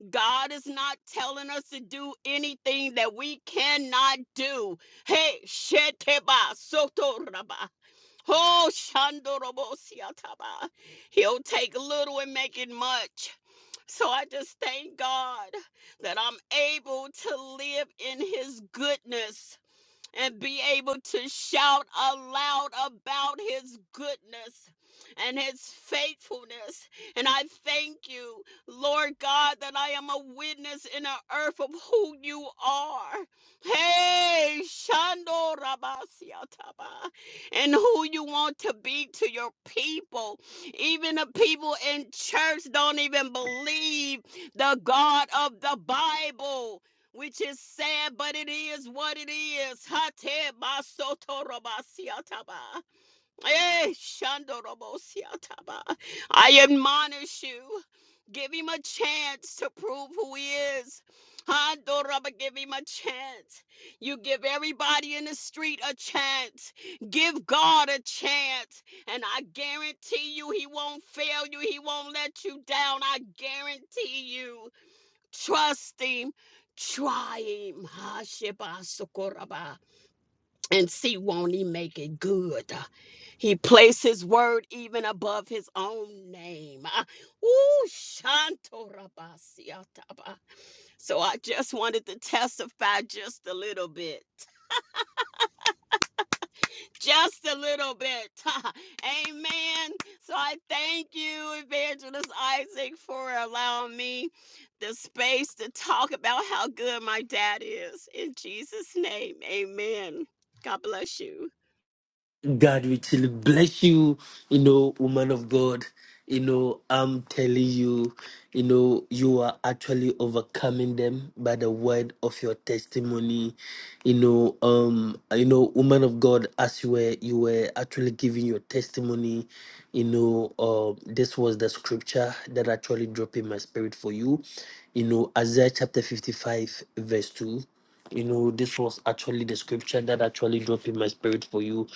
Speaker 13: God is not telling us to do anything that we cannot do. Hey, sheteba sotoraba. Oh, shandorobo siataba. He'll take little and make it much. So I just thank God that I'm able to live in His goodness and be able to shout aloud about his goodness and his faithfulness. And I thank you, Lord God, that I am a witness in the earth of who you are. Hey, Shando Rabasiataba, and who you want to be to your people. Even the people in church don't even believe the God of the Bible which is sad, but it is what it is. Hate basotorobasiataba. Eh, shandorobosiataba. I admonish you. Give him a chance to prove who he is. Handoraba, give him a chance. You give everybody in the street a chance. Give God a chance. And I guarantee you, he won't fail you. He won't let you down. I guarantee you. Trust him. Try him. Hasheba Sokoraba. And see, won't he make it good? Ah, He placed his word even above his own name. Ah, Ooh, Shantorabasiataba. So I just wanted to testify just a little bit. just a little bit. *laughs* Amen. So I thank you, Evangelist Isaac, for allowing me the space to talk about how good my dad is. In Jesus' name, amen. God bless you.
Speaker 3: God will still bless you, you know, woman of God. You know, I'm telling you, you know, you are actually overcoming them by the word of your testimony. You know, um, you know, woman of God, as you were you were actually giving your testimony, you know, um, this was the scripture that actually dropped in my spirit for you. You know, Isaiah chapter 55, verse 2. You know, this was actually the scripture that actually dropped in my spirit for you.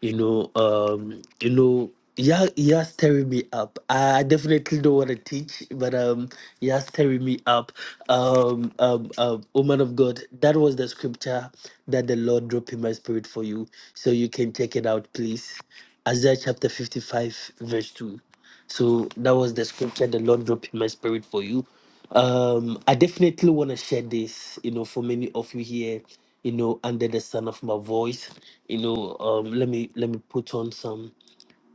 Speaker 3: You know, um, you know, yeah, yeah, stirring me up. I definitely don't want to teach, but um, yeah, stirring me up. Um, um, um, woman of God, that was the scripture that the Lord dropped in my spirit for you, so you can check it out, please. Isaiah chapter 55, verse 2. So that was the scripture the Lord dropped in my spirit for you um i definitely want to share this you know for many of you here you know under the sound of my voice you know um let me let me put on some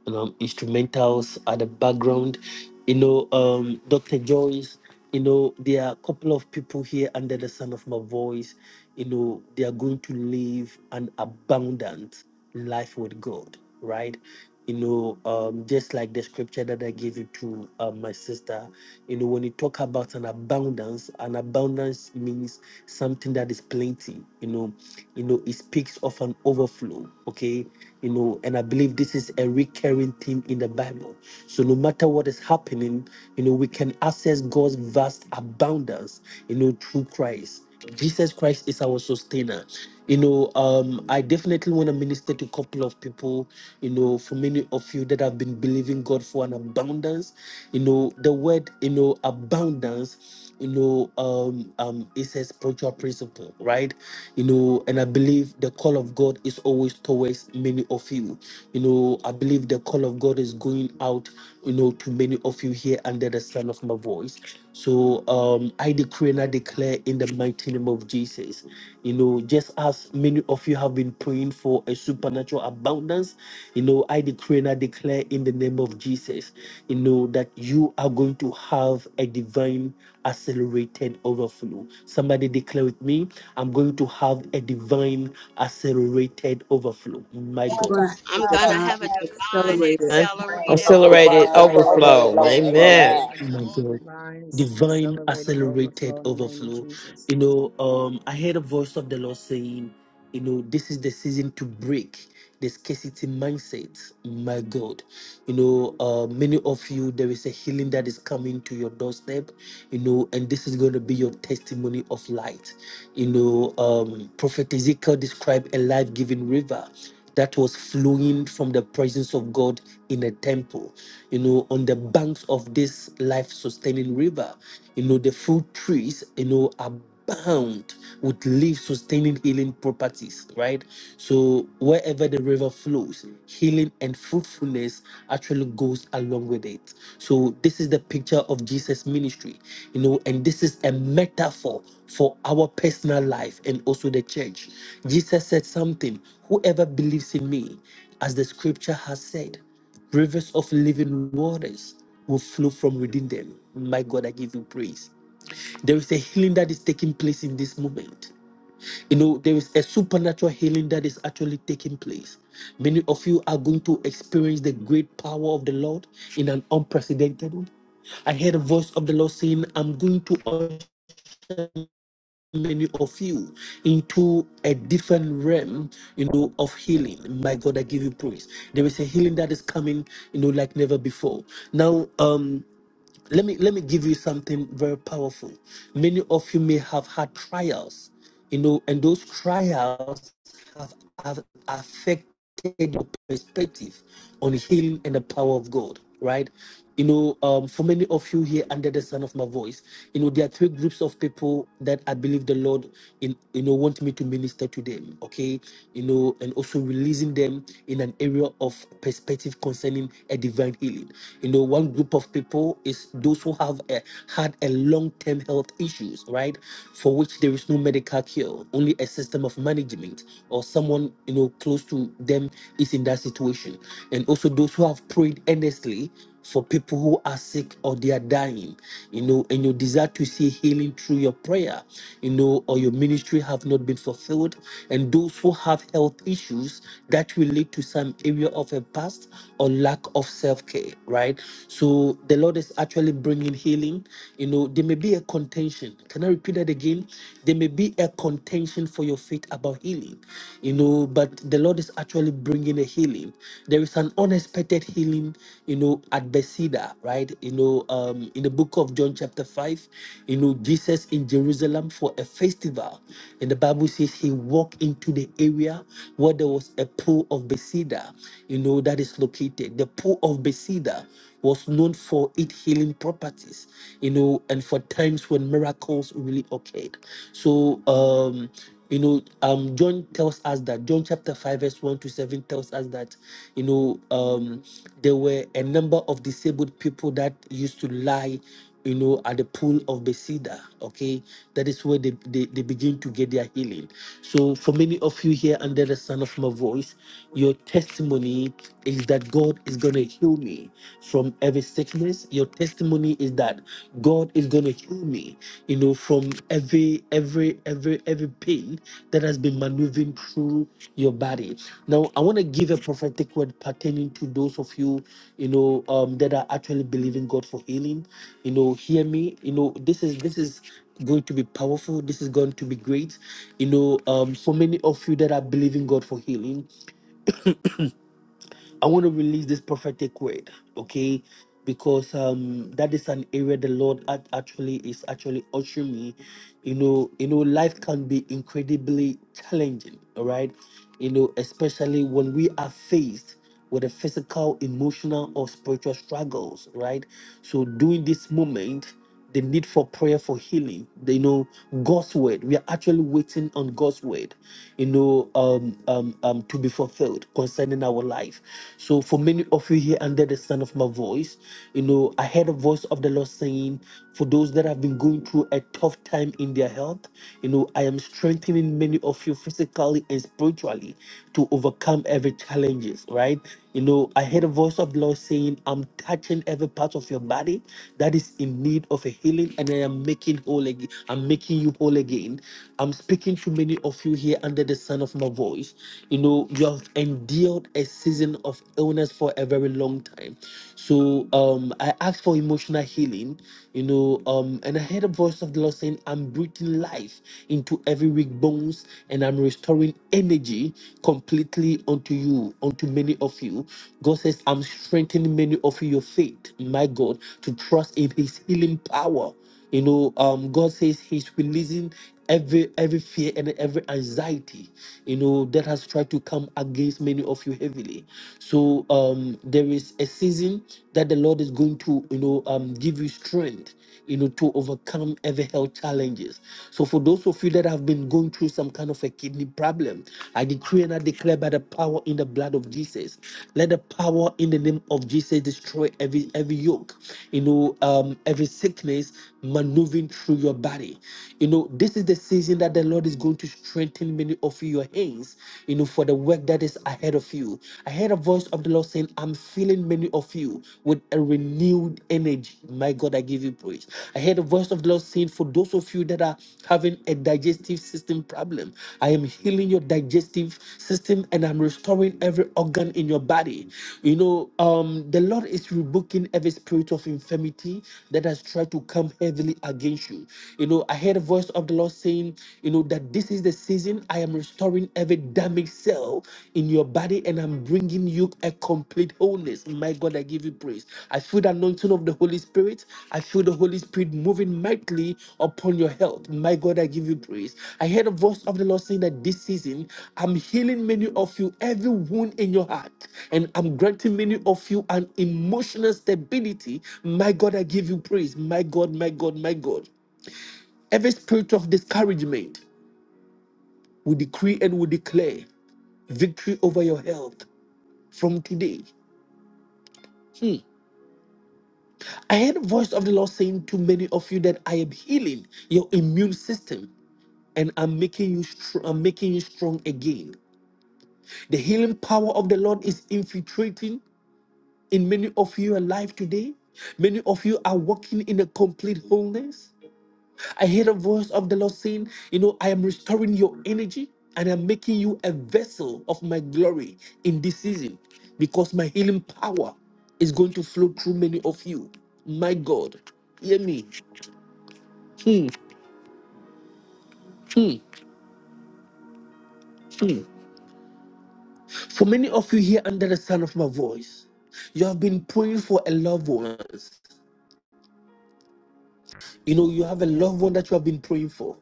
Speaker 3: you know, instrumentals at the background. You know, um, Dr. Joyce, you know, there are a couple of people here under the sound of my voice. You know, they are going to live an abundant life with God, right? You know, um, just like the scripture that I gave you to uh, my sister, you know, when you talk about an abundance, an abundance means something that is plenty. You know you know you know it speaks of an overflow okay you know and i believe this is a recurring theme in the bible so no matter what is happening you know we can access god's vast abundance you know through christ jesus christ is our sustainer you know um i definitely want to minister to a couple of people you know for many of you that have been believing god for an abundance you know the word you know abundance you know, um, um, it's a spiritual principle, right? You know, and I believe the call of God is always towards many of you. You know, I believe the call of God is going out, you know, to many of you here under the sound of my voice. So um, I decree and I declare in the mighty name of Jesus, you know, just as many of you have been praying for a supernatural abundance, you know, I decree and I declare in the name of Jesus, you know, that you are going to have a divine accelerated overflow. Somebody declare with me, I'm going to have a divine accelerated overflow. My
Speaker 11: I'm
Speaker 2: Such
Speaker 3: God.
Speaker 11: going
Speaker 2: a
Speaker 11: to have
Speaker 13: I'm
Speaker 2: time
Speaker 11: a
Speaker 13: going to
Speaker 2: of
Speaker 13: have a
Speaker 11: divine
Speaker 2: blessing
Speaker 13: divine
Speaker 11: accelerated
Speaker 6: Amen.
Speaker 14: I'm
Speaker 13: accelerated
Speaker 14: of
Speaker 2: over my
Speaker 6: Accelerated
Speaker 14: divine
Speaker 13: overflow.
Speaker 14: accelerated
Speaker 6: overflow.
Speaker 2: overflow.
Speaker 4: I've been
Speaker 14: overflow.
Speaker 6: Amen.
Speaker 2: Amen.
Speaker 4: praying and
Speaker 3: My
Speaker 4: having
Speaker 3: God.
Speaker 4: divines
Speaker 3: Divine
Speaker 4: accelerated overflow
Speaker 3: accelerated
Speaker 4: in the name of
Speaker 3: overflow.
Speaker 4: Jesus.
Speaker 3: You know, um, I heard a voice of the Lord saying, you know, this is the season to break the scarcity mindset. My God. You know, uh, many of you, there is a healing that is coming to your doorstep, you know, and this is going to be your testimony of light. You know, um, Prophet Ezekiel described a life giving river that was flowing from the presence of God in the temple, you know, on the banks of this life sustaining river, you know, the fruit trees, you know, abound with life sustaining healing properties, right? So wherever the river flows, healing and fruitfulness actually goes along with it. So this is the picture of Jesus' ministry, you know, and this is a metaphor for our personal life and also the church. Jesus said something, whoever believes in me, as the scripture has said, rivers of living waters will flow from within them. My God, I give you praise. There is a healing that is taking place in this moment. You know, there is a supernatural healing that is actually taking place. Many of you are going to experience the great power of the Lord in an unprecedented way. I heard a voice of the Lord saying, I'm going to usher many of you into a different realm, you know, of healing. My God, I give you praise. There is a healing that is coming, you know, like never before. Now, um, let me let me give you something very powerful many of you may have had trials you know and those trials have, have affected your perspective on healing and the power of god right you know um, for many of you here under the sound of my voice you know there are three groups of people that i believe the lord in you know want me to minister to them okay you know and also releasing them in an area of perspective concerning a divine healing you know one second group of people is those who have a, had a long-term health issues, right? For which there is no medical cure, only a system of management, or someone you know close to them is in that situation. And also those who have prayed earnestly for people who are sick or they are dying, you know, and your desire to see healing through your prayer, you know, or your ministry have not been fulfilled, and those who have health issues that relate to some area of a past or lack of self healthcare, right? So the Lord is actually bringing healing. You know, there may be a contention. Can I repeat that again? There may be a contention for your faith about healing, you know, but the Lord is actually bringing a healing. There is an unexpected healing, you know, at Bethesda, right? You know, um, in the book of John, chapter 5, you know, Jesus in Jerusalem for a festival. And the Bible says he walked into the area where there was a pool of Bethesda, you know, that is located located. The pool of Bethesda was known for its healing properties, you know, and for times when miracles really occurred. So, um, you know, um, John tells us that John chapter five verse one to seven tells us that, you know, um, there were a number of disabled people that used to lie you know, at the pool of Bethesda. Okay, that is where they, they, they begin to get their healing. So, for many of you here under the sound of my voice, your testimony is that God is going to heal me from every sickness. Your testimony is that God is going to heal me, you know, from every every every every pain that has been maneuvering through your body. Now, I want to give a prophetic word pertaining to those of you, you know, um, that are actually believing God for healing. You know, hear me. You know, this is this is going to be powerful. This is going to be great. You know, um, for many of you that are believing God for healing, I want to release this prophetic word, okay? Because um that is an area the Lord act- actually is actually ushering me. You know, you know, life can be incredibly challenging, all right? You know, especially when we are faced with a physical, emotional, or spiritual struggles, right? So during this moment the need for prayer for healing the, you know god's word we are actually waiting on god's word you know um, um um to be fulfilled concerning our life so for many of you here under the sound of my voice you know i heard a voice of the lord saying for those that have been going through a tough time in their health you know i am strengthening many of you physically and spiritually to overcome every challenges, right? You know, I heard a voice of the Lord saying, I'm touching every part of your body that is in need of a healing, and I am making whole again. I'm making you whole again. I'm speaking to many of you here under the sound of my voice. You know, you have endured a season of illness for a very long time. So um I ask for emotional healing you know. Um, and I heard a voice of the Lord saying, I'm breathing life into every weak bones and I'm restoring energy completely unto you, unto many of you. God says, I'm strengthening many of your faith, my God, to trust in his healing power. You know, um, God says He's releasing every every fear and every anxiety, you know, that has tried to come against many of you heavily. So um, there is a season that the Lord is going to, you know, um, give you strength, you know, to overcome every health challenges. So for those of you that have been going through some kind of a kidney problem, I decree and I declare by the power in in the blood of Jesus. Let the power in the name of Jesus destroy every every yoke, you know, um, every sickness maneuvering through your body. You know, this is the season that the Lord is going to strengthen many of your hands, you know, for the work that is ahead of you. I heard a voice of the Lord saying, I'm filling many of you with a renewed energy. My God, I give you praise. I heard the voice of House of the Lord saying, for those of you that are having a digestive system problem, I am healing your digestive system and I'm restoring every organ in your body. You know, um, the Lord is rebuking every spirit of infirmity that has tried to come heavily against you. You know, I heard a voice of the Lord saying, you know, that this is the season I am restoring every damaged cell in your body and and I'm bringing you a complete wholeness. My God, I give you praise. I feel the anointing of the Holy Spirit. I feel the Holy Spirit moving mightily upon your health. My God, I give you praise. I heard a voice of the Lord saying that this season I'm healing many of you, every wound in your heart, and I'm granting many of you an emotional stability. My God, I give you praise. My God, my God, my God. Every spirit of discouragement, we decree and we declare victory over your health from today. Hmm. I heard the voice of the Lord saying to many of you that I am healing your immune system and I'm making you str- I'm making you strong again. The healing power of the Lord is infiltrating in many of you alive today. Many of you are walking in a complete wholeness. I hear the voice of the Lord saying, you know, I am restoring your energy and I'm making you a vessel of my glory in this season because my healing power is going to flow through many of you. My God, hear me. Hmm. Mm, mm. For many of you here under the sound of my voice, you have been praying for a loved one. You know, you have a loved one that you have been praying for.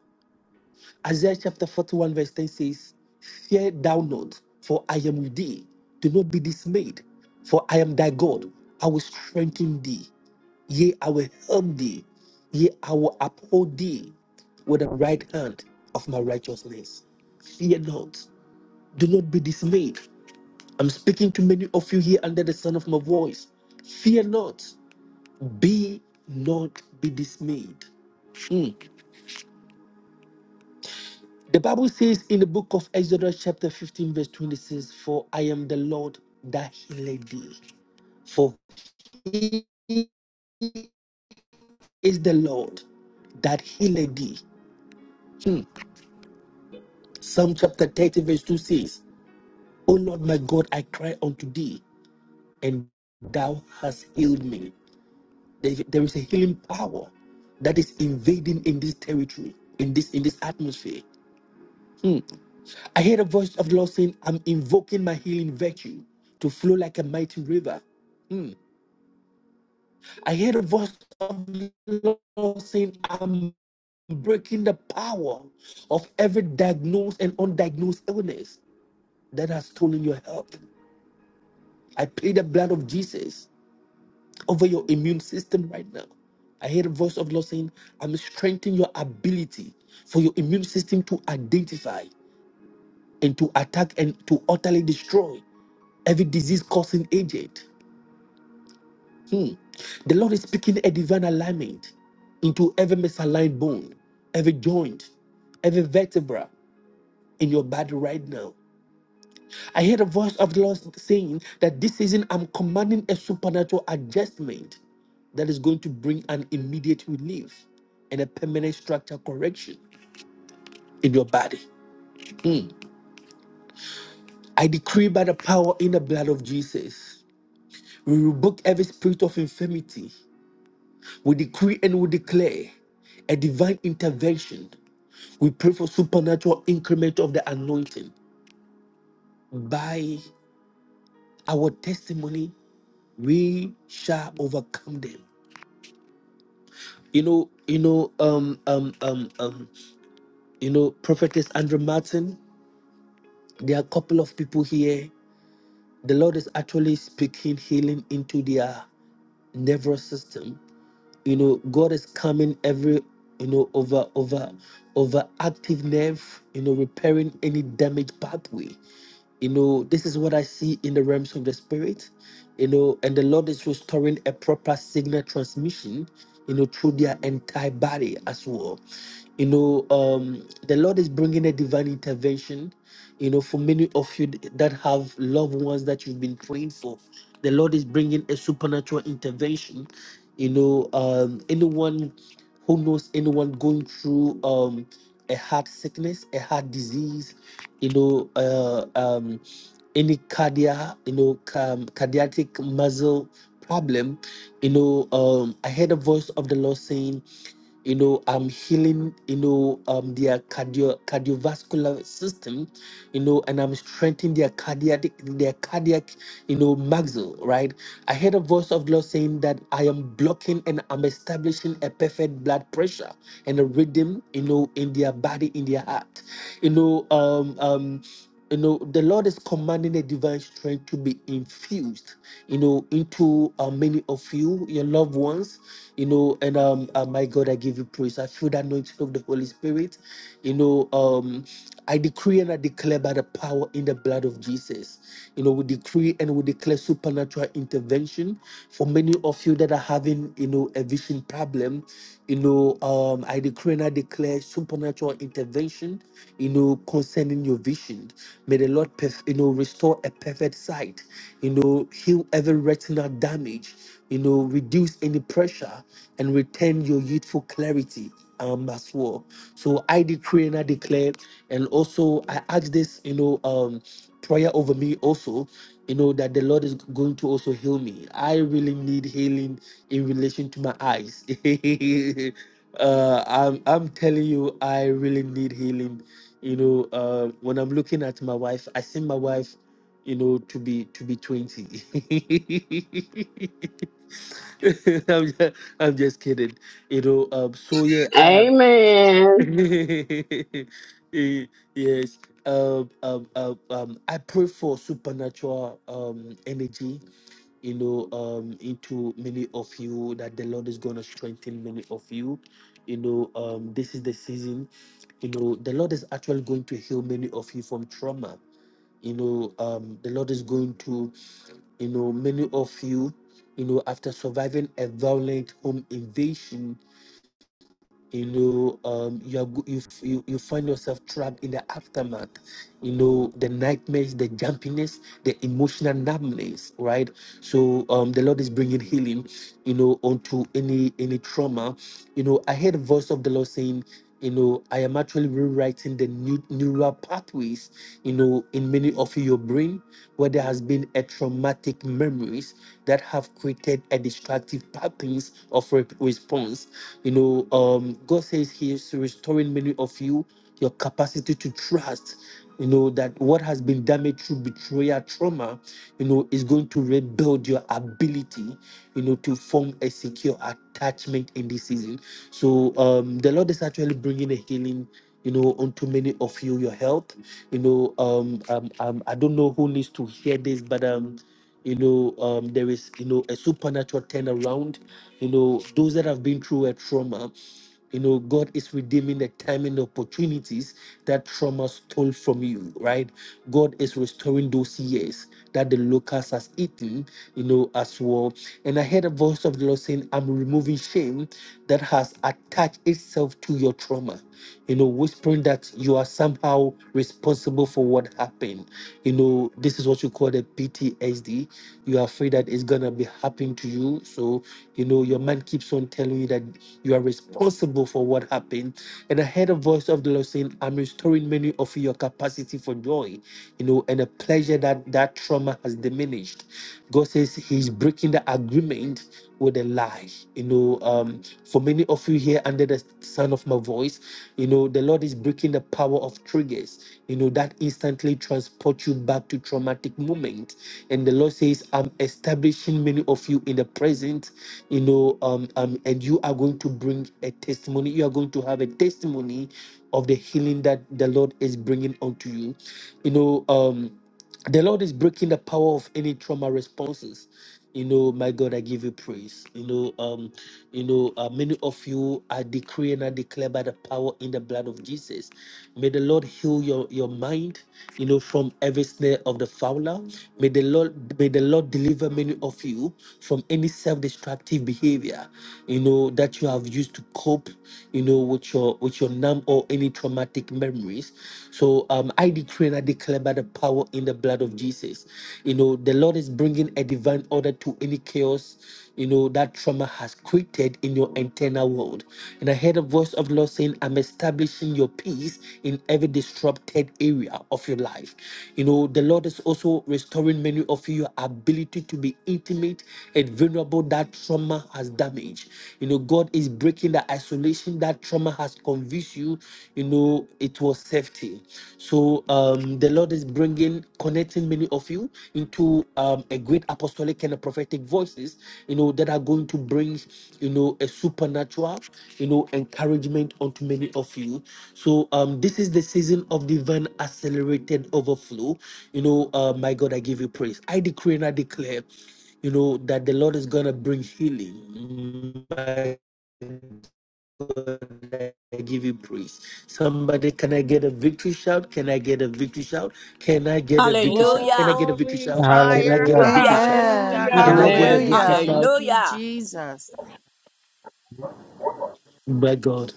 Speaker 3: Isaiah chapter 41, verse 10 says, Fear thou not, for I am with thee. Do not be dismayed, for I am thy God. I will strengthen thee. Yea, I will help thee. Yea, I will uphold thee with the right hand of my righteousness. Fear not. Do not be dismayed, I'm speaking to many of you here under the sound of my voice. Fear not, be not be dismayed. Mm. The Bible says in the book of Exodus, chapter 15, verse 26, For I am the Lord that healed thee. For he is the Lord that healed thee. Hmm. Psalm chapter 30, verse 2 says, O Lord my God, I cry unto thee, and thou hast healed me. There there is a healing power that is invading in this territory, in this in this atmosphere. Hmm. I hear the voice of the Lord saying, "I'm invoking my healing virtue to flow like a mighty river." Hmm. I hear the voice of the Lord saying, "I'm breaking the power of every diagnosed and undiagnosed illness that has stolen your health." I plead the blood of Jesus over your immune system right now. I hear the voice of the Lord saying, I'm strengthening your ability for your immune system to identify and to attack and to utterly destroy every disease causing agent. Hmm. The Lord is speaking a divine alignment into every misaligned bone, every joint, every vertebra in your body right now. I heard a voice of the Lord saying that this season I'm commanding a supernatural adjustment that is going to bring an immediate relief and a permanent structure correction in your body. I decree by the power in the blood of Jesus, we rebuke every spirit of infirmity. We decree and we declare a divine intervention. We pray for supernatural increment of the anointing. By our testimony, we shall overcome them. you know, you know, um, um, um, um, you know, prophetess Andrew Martin. There are a couple of people here. The Lord is actually speaking healing into their nervous system. You know, God is coming every, you know, over, over, over active nerve. You know, repairing any damaged pathway. You know, this is what I see in the realms of the spirit. You know, and the Lord is restoring a proper signal transmission, you know, through their entire body as well. You know, um, the Lord is bringing a divine intervention. You know, for many of you that have loved ones that you've been praying for, the Lord is bringing a supernatural intervention. You know, um, anyone who knows anyone going through um, a heart sickness, a heart disease, you know, uh, um, any cardiac, you know, um, cardiac muscle problem, you know, um, I heard a voice of the Lord saying, you know, I'm healing, you know, um, their cardio cardiovascular system, you know, and I'm strengthening their cardiac, their cardiac, you know, muscle, right? I heard a voice of the Lord saying that I am blocking and I'm establishing a perfect blood pressure and a rhythm, you know, in their body, in their heart. You know, um, um, you know, the Lord is commanding a divine strength to be infused, you know, into uh, many of you, your loved ones, you know, and um, uh, my God, I give you praise. I feel the anointing of the Holy Spirit, you know, um, I decree and I declare by the power in the blood of Jesus. You know, we decree and we declare supernatural intervention for many of you that are having, you know, a vision problem. You know, um, I decree and I declare supernatural intervention, you know, concerning your vision. May the Lord, perf- you know, restore a perfect sight, you know, heal every retinal damage, you know, reduce any pressure and return your youthful clarity um, as well. So I decree and I declare and also, I ask this, you know, um, prayer over me also, you know, that the Lord is going to also heal me. I really need healing in relation to my eyes. *laughs* uh, I'm, I'm telling you, I really need healing. You know, uh, when I'm looking at my wife, I see my wife, you know, to be to be 20. *laughs* I'm just, I'm just kidding. You know, um, so yeah, I
Speaker 13: Amen.
Speaker 3: *laughs* Eh, yes. Um, um, um, um, I pray for supernatural um, energy, you know, um, into many of you that the Lord is going to strengthen many of you. You know, um, this is the season. You know, the Lord is actually going to heal many of you from trauma. You know, um, the Lord is going to, you know, many of you, you know, after surviving a violent home invasion, you know um, you, are, go- you, f- you you find yourself trapped in the aftermath you know the nightmares the jumpiness the emotional numbness right so um, the lord is bringing healing you know onto any any trauma you know i heard a voice of the lord saying you know i am actually rewriting the new neural pathways you know in many of your brain where there has been a traumatic memories that have created a destructive patterns of re- response you know, um, God says He is restoring many of you your capacity to trust. You know that what has been damaged through betrayal, trauma, you know, is going to rebuild your ability, you know, to form a secure attachment in this season. So um, the Lord is actually bringing a healing, you know, onto many of you, your health you know, um, um, um, I don't know who needs to hear this, but um, you know, um, there is, you know, a supernatural turnaround. You know, those that have been through a trauma, you know, God is redeeming the time and opportunities that trauma stole from you, right? God is restoring those years that the locust has eaten, you know, as well. And I heard a voice of the Lord saying, I'm removing shame that has attached itself to your trauma, you know, whispering that you are somehow responsible for what happened. You know, this is what you call the PTSD. You are afraid that it's gonna be happening to you. So, you know, your mind keeps on telling you that you are responsible for what happened. And I heard a voice of the Lord saying, I'm restoring many of your capacity for joy, you know, and a pleasure that that that trauma has diminished. God says He's breaking the agreement with a lie. You know, um, for many of you here under the sound of my voice, you know, the Lord is breaking the power of triggers, you know, that instantly transport you back to traumatic moment. And the Lord says, I'm establishing many of you in the present, you know, um, um, and you are going to bring a testimony. You are going to have a testimony of the healing that the Lord is bringing onto you. You know, um, the Lord is breaking the power of any trauma responses. You know, my God, I give you praise. You know, um, you know, uh, many of you are decreeing and declare by the power in the blood of Jesus. May the Lord heal your your mind. You know, from every snare of the fowler. May the Lord may the Lord deliver many of you from any self-destructive behavior. You know that you have used to cope. You know with your with your numb or any traumatic memories. So um, I decree and I declare by the power in the blood of Jesus. You know, the Lord is bringing a divine order to any chaos, you know, that trauma has created in your internal world. And I heard a voice of the Lord saying, I'm establishing your peace in every disrupted area of your life. You know, the Lord is also restoring many of you your ability to be intimate and vulnerable that trauma has damaged. You know, God is breaking the isolation that trauma has convince you, you know, it was safety. So um, the Lord is bringing, connecting many of you into um, a great apostolic and a prophetic voices, you know, that are going to bring, you know, a supernatural, you know, encouragement onto many of you. So um, this is the season of divine accelerated overflow. You know, uh, my God, I give you praise. I decree and I declare you know that the lord is gonna bring healing My I give you praise. Somebody, can I get a victory shout? Can I get a victory shout? Can I get a victory shout? Can I
Speaker 2: Hallelujah,
Speaker 3: get a victory
Speaker 4: Glory,
Speaker 3: shout? Can I
Speaker 4: fire.
Speaker 3: get
Speaker 15: Hallelujah,
Speaker 3: a victory
Speaker 2: hallelujah,
Speaker 3: shout?
Speaker 10: Amen.
Speaker 4: Hallelujah.
Speaker 3: Can
Speaker 7: Hallelujah.
Speaker 3: I get a
Speaker 14: Amen.
Speaker 4: Yahweh.
Speaker 3: victory
Speaker 10: Hallelujah.
Speaker 4: Thank
Speaker 3: shout?
Speaker 4: you,
Speaker 2: hallelujah,
Speaker 4: Jesus.
Speaker 3: My God.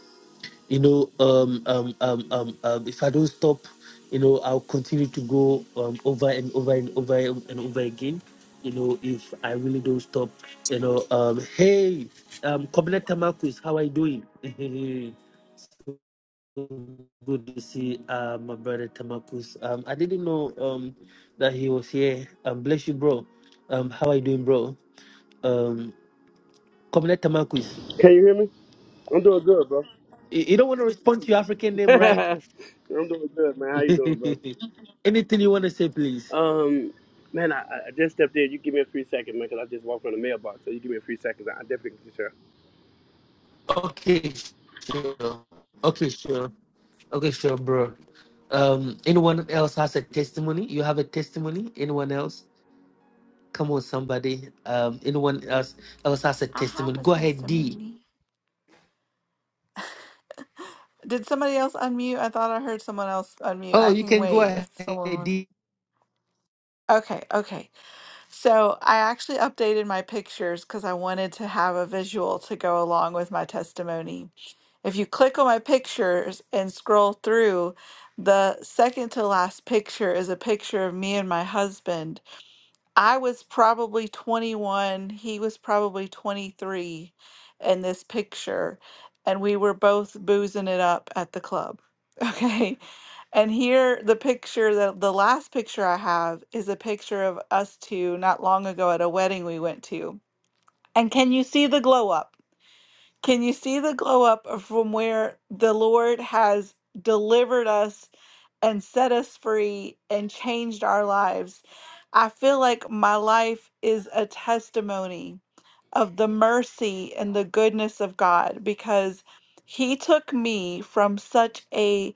Speaker 3: You know, um, um, um, um, um, if I don't stop, you know, I'll continue to go um, over and over and over and over again. You know, if I really don't stop, you know, um, hey, um, Kobina Tamakus, how are you doing? *laughs* good to see uh, my brother Tamakus. Um, I didn't know um, that he was here. Um, bless you, bro. Um, how are you doing, bro? Um, Comrade Tamakus.
Speaker 16: Can you hear me? I'm doing good, bro.
Speaker 3: You you don't want to respond to your African
Speaker 16: *laughs*
Speaker 3: name, right?
Speaker 16: I'm doing good, man. How
Speaker 3: *laughs*
Speaker 16: you doing, bro?
Speaker 3: Anything you want to say, please.
Speaker 16: Um, man, I, I I just stepped in. You give me a free second, man, 'cause I just walked from the mailbox. So you give me a free second. I definitely can share.
Speaker 3: Okay, sure. Okay, sure. Okay, sure, bro. Um, anyone else has a testimony? You have a testimony? Anyone else? Come on, somebody. Um, anyone else else has a
Speaker 10: I have
Speaker 3: testimony?
Speaker 10: a
Speaker 3: Go ahead, D.
Speaker 10: testimony. Did somebody else unmute? I thought I heard someone else unmute.
Speaker 3: Oh,
Speaker 10: I
Speaker 3: you
Speaker 10: can
Speaker 3: can go
Speaker 10: wait
Speaker 3: ahead,
Speaker 10: if someone was. Okay, okay. So I actually updated my pictures because I wanted to have a visual to go along with my testimony. If you click on my pictures and scroll through, the second to last picture is a picture of me and my husband I was probably 21, he was probably 23 in this picture, and we were both boozing it up at the club. *laughs* Okay. And here, the picture, the, the last picture I have is a picture of us two not long ago at a wedding we went to. And can you see the glow up? Can you see the glow up of from where the Lord has delivered us and set us free and changed our lives? I feel like my life is a testimony of the mercy and the goodness of God because He took me from such a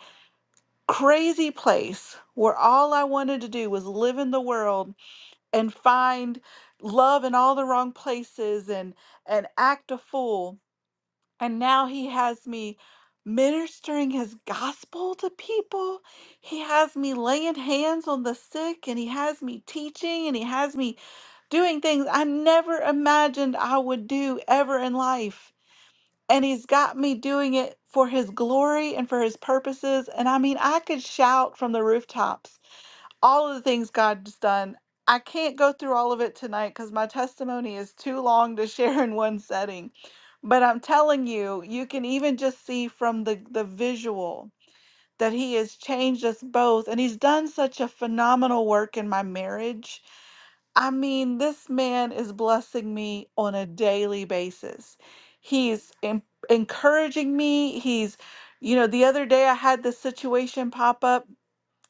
Speaker 10: crazy place where all I wanted to do was live in the world and find love in all the wrong places and and act a fool and now he has me ministering his gospel to people. He has me laying hands on the sick and he has me teaching and he has me doing things I never imagined I would do ever in life. And he's got me doing it for his glory and for his purposes. And I mean, I could shout from the rooftops all of the things God's done. I can't go through all of it tonight because my testimony is too long to *laughs* share in one setting. But I'm telling you, you can even just see from the, the visual that He has changed us both. And He's done such a phenomenal work in my marriage. I mean, this man is blessing me on a daily basis. He's en- encouraging me. He's, you know, the other day I had this situation pop up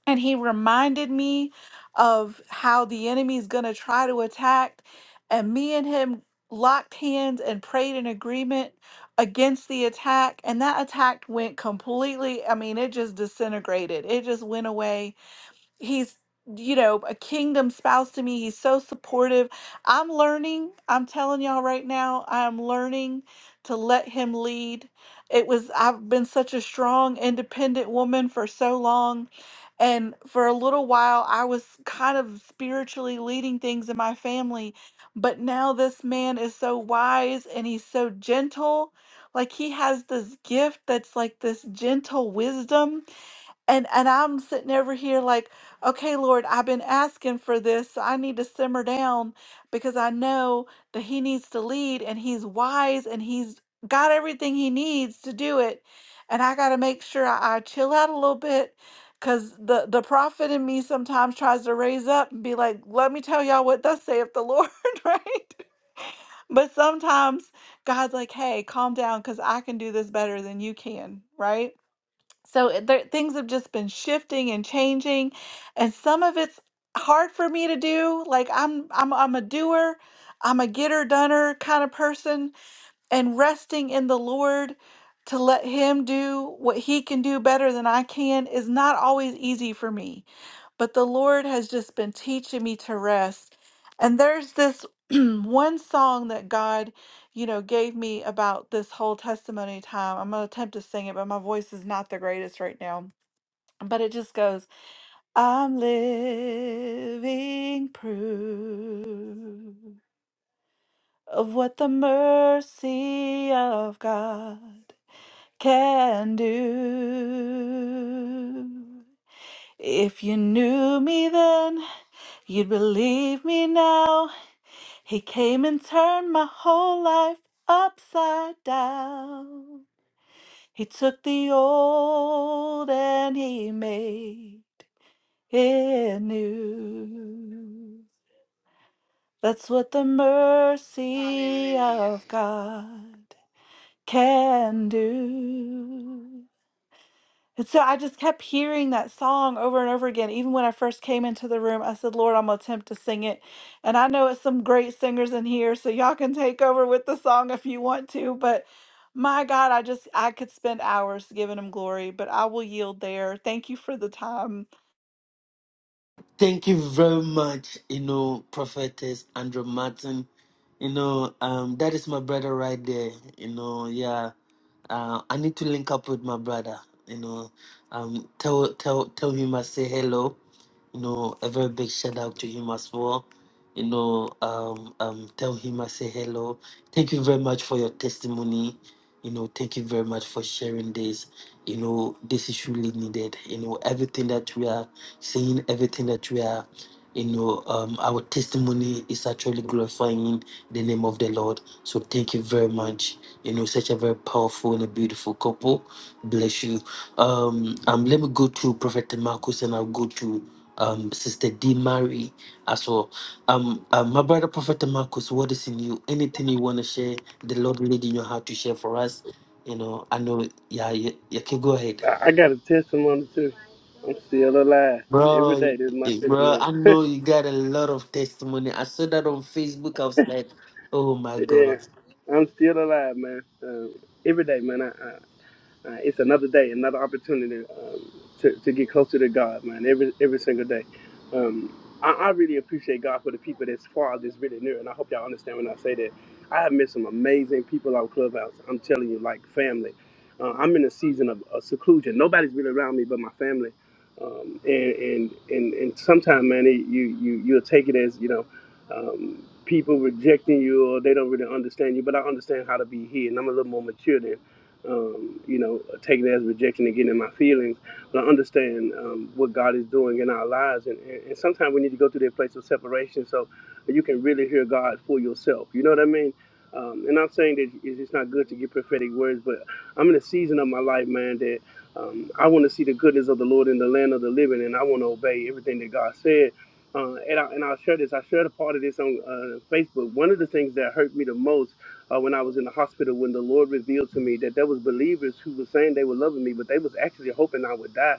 Speaker 10: and he reminded me of how the enemy's going to try to attack and me and him locked hands and prayed in agreement against the attack and that attack went completely i mean it just disintegrated it just went away he's you know a kingdom spouse to me he's so supportive i'm learning i'm telling y'all right now i'm learning to let him lead it was i've been such a strong independent woman for so long and for a little while i was kind of spiritually leading things in my family but now this man is so wise and he's so gentle like he has this gift that's like this gentle wisdom and and I'm sitting over here like, okay, Lord, I've been asking for this, so I need to simmer down because I know that he needs to lead and he's wise and he's got everything he needs to do it. And I got to make sure I, I chill out a little bit cuz the the prophet in me sometimes tries to raise up and be like, "Let me tell y'all what thus saith the Lord," *laughs* right? But sometimes God's like, "Hey, calm down cuz I can do this better than you can," right? So it- there, things have just been shifting and changing, and some of it's hard for me to do. Like I'm, I'm, I'm a doer, I'm a getter, doner kind of person, and resting in the Lord to let Him do what He can do better than I can is not always easy for me but the Lord has just been teaching me to rest. And there's this *clears throat* one song that God, you know, gave me about this whole testimony time. I'm going to attempt to sing it, but my voice is not the greatest right now. But it just goes, I'm living proof of what the mercy of God can do. If you knew me then, You'd believe me now. He came and turned my whole life upside down. He took the old and he made it new. That's what the mercy
Speaker 17: Hallelujah.
Speaker 10: of God can do. And so I just kept hearing that song over and over again. Even when I first came into the room, I said, Lord, I'm going to attempt to sing it. And I know it's some great singers in here, so y'all can take over with the song if you want to. But my God, I just, I could spend hours giving him glory, but I will yield there. Thank you for the time.
Speaker 3: Thank you very much, you know, Prophetess Andrew Martin. You know, um, that is my brother right there. You know, yeah. Uh, I need to link up with my brother. You know, um, tell tell tell him I say hello. You know, a very big shout out to him as well. You know, um, um, tell him I say hello. Thank you very much for your testimony. You know, thank you very much for sharing this. You know, this is really needed. You know, everything that we are saying everything that we are, you know, um, our testimony is actually glorifying the name of the Lord. So thank you very much. You know, such a very powerful and a beautiful couple. Bless you. Um, um, let me go to Prophet Marcus and I'll go to um Sister D Mary as well. Um, um, my brother Prophet Marcus, what is in you? Anything you want to share? The Lord leading your heart to share for us. You know, I know. Yeah, you, you can go ahead.
Speaker 16: I, I got a testimony too. I'm still alive.
Speaker 3: Bro,
Speaker 16: Every day,
Speaker 3: you-
Speaker 16: this is my
Speaker 3: eh, bro,
Speaker 16: testimony.
Speaker 3: I
Speaker 16: *laughs*
Speaker 3: know you got a lot of testimony. I saw that on Facebook. I was like, oh my
Speaker 16: yeah,
Speaker 3: God,
Speaker 16: I'm still alive, man. Um, every day, man. Uh, it's another day, another opportunity um, to, to get closer to God, man, every every single day. Um, I, I really appreciate God for the people that's far, that's really near, and I hope y'all understand when I say that. I have met some amazing people on Clubhouse. I'm telling you, like family. Uh, I'm in a season of, of seclusion. Nobody's really around me but my family. Um, and, and and and sometimes, man, it, you you you'll take it as you know, um, people rejecting you or they don't really understand you. But I understand how to be here, and I'm a little more mature um, you know, taking it as rejection and getting in my feelings, but I understand um, what God is doing in our lives. And, and, and sometimes we need to go through that place of separation so you can really hear God for yourself. You know what I mean? Um, and I'm saying that it's it's not good to get prophetic words, but I'm in a season of my life, man, that um, I want to see the goodness of the Lord in the land of the living, and I want to obey everything that God said. Uh, and, I, and I'll share this. I shared a part of this on uh, Facebook. One of the things that hurt me the most uh, when I was in the hospital when the Lord revealed to me that there was believers who were saying they were loving me, but they was actually hoping I would die.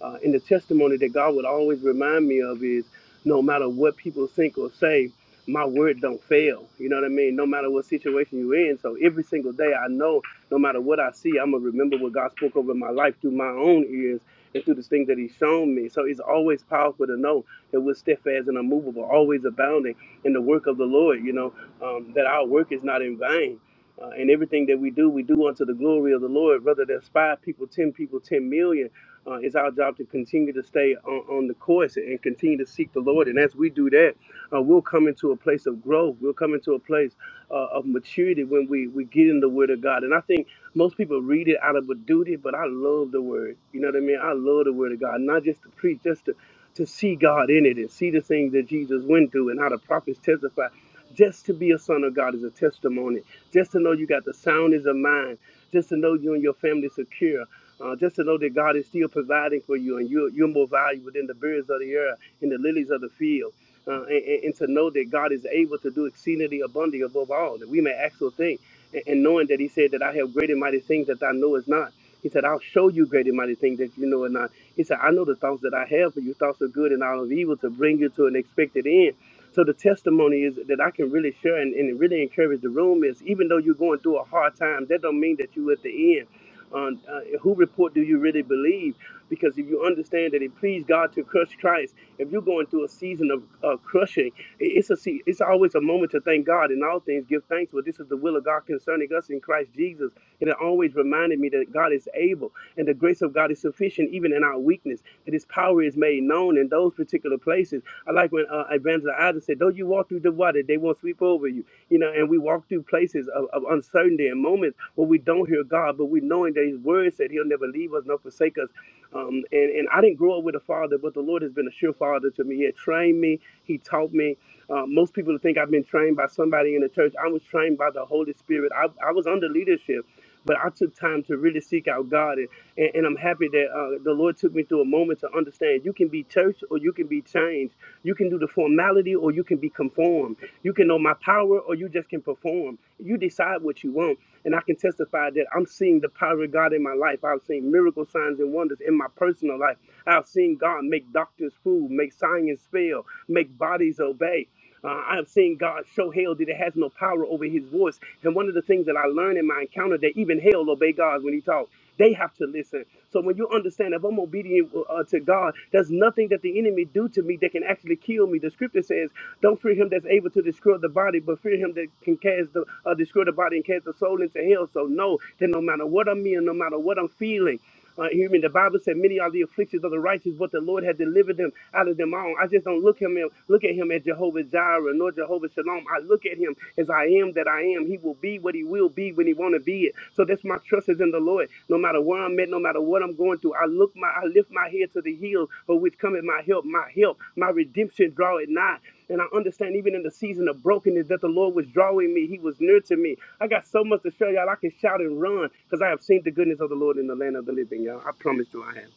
Speaker 16: Uh, and the testimony that God would always remind me of is, no matter what people think or say, my word don't fail. You know what I mean? No matter what situation you're in. So every single day, I know no matter what I see, I'm gonna remember what God spoke over my life through my own ears and through the things that He's shown me. So it's always powerful to know that we're steadfast and unmovable, always abounding in the work of the Lord. You know, um, that our work is not in vain. Uh, and everything that we do, we do unto the glory of the Lord. Whether there's five people, ten people, ten million, uh, it's our job to continue to stay on, on the course and continue to seek the Lord. And as we do that, uh, we'll come into a place of growth. We'll come into a place uh, of maturity when we, we get in the Word of God. And I think most people read it out of a duty, but I love the Word. You know what I mean? I love the Word of God, not just to preach, just to to see God in it and see the things that Jesus went through and how the prophets testify. Just to be a son of God is a testimony. Just to know you got the soundness of mind. Just to know you and your family secure. Uh, just to know that God is still providing for you and you're, you're more valuable than the birds of the air and the lilies of the field. Uh, and, and and to know that God is able to do exceedingly abundantly above all, that we may actually think. And, and knowing that He said that I have great and mighty things that I know is not. He said, I'll show you great and mighty things that you know are not. He said, I know the thoughts that I have for you, thoughts of good and all of evil, to bring you to an expected end. So the testimony is that I can really share and, and really encourage the room is even though you're going through a hard time, that don't mean that you at the end. Um, uh, who report do you really believe? Because if you understand that it pleased God to crush Christ, if you're going through a season of uh, crushing, it- it's a se- it's always a moment to thank God in all things. Give thanks, for this is the will of God concerning us in Christ Jesus. And it always reminded me that God is able, and the grace of God is sufficient even in our weakness. That His power is made known in those particular places I like when uh, Evangelist Isaac said, "Though you walk through the water, they won't sweep over you." You know, and we walk through places of, of uncertainty and moments where we don't hear God, but we knowing that His Word said He'll never leave us nor forsake us. Um, and and I didn't grow up with a father, but the Lord has been a sure father to me. He had trained me. He taught me. Uh, most people think I've been trained by somebody in the church. I was trained by the Holy Spirit. I, I was under leadership, but I took time to really seek out God. And, and, and I'm happy that uh, the Lord took me through a moment to understand you can be church or you can be changed. You can do the formality or you can be conformed. You can know my power or you just can perform. You decide what you want. And I can testify that I'm seeing the power of God in my life. I've seen miracle signs and wonders in my personal life. I've seen God make doctors fool, make science fail, make bodies obey. Uh, I've seen God show hell that it has no power over his voice. And one of the things that I learned in my encounter that even hell obey God when he talks. They have to listen. So when you understand, if I'm obedient uh, uh, to God, there's nothing that the enemy do to me that can actually kill me. The scripture says, "Don't fear him that's able to destroy the body, but fear him that can cast the uh, destroy the body and cast the soul into hell." So know that no matter what I'm in, no matter what I'm feeling. Uh, hear me. The Bible said, "Many are the afflictions of the righteous, but the Lord had delivered them out of them all." I just don't look him in, look at him as Jehovah Jireh nor Jehovah Shalom. I look at him as I am that I am, He will be what He will be when He want to be it. So that's my trust is in the Lord. No matter where I'm at, no matter what I'm going through, I look my, I lift my head to the hills, for which cometh my help, my help, my redemption draw it nigh. And I understand even in the season of brokenness that the Lord was drawing me, He was near to me. I got so much to show y'all. I can shout and run because I have seen the goodness of the Lord in the land of the living, y'all. I promise you, I have.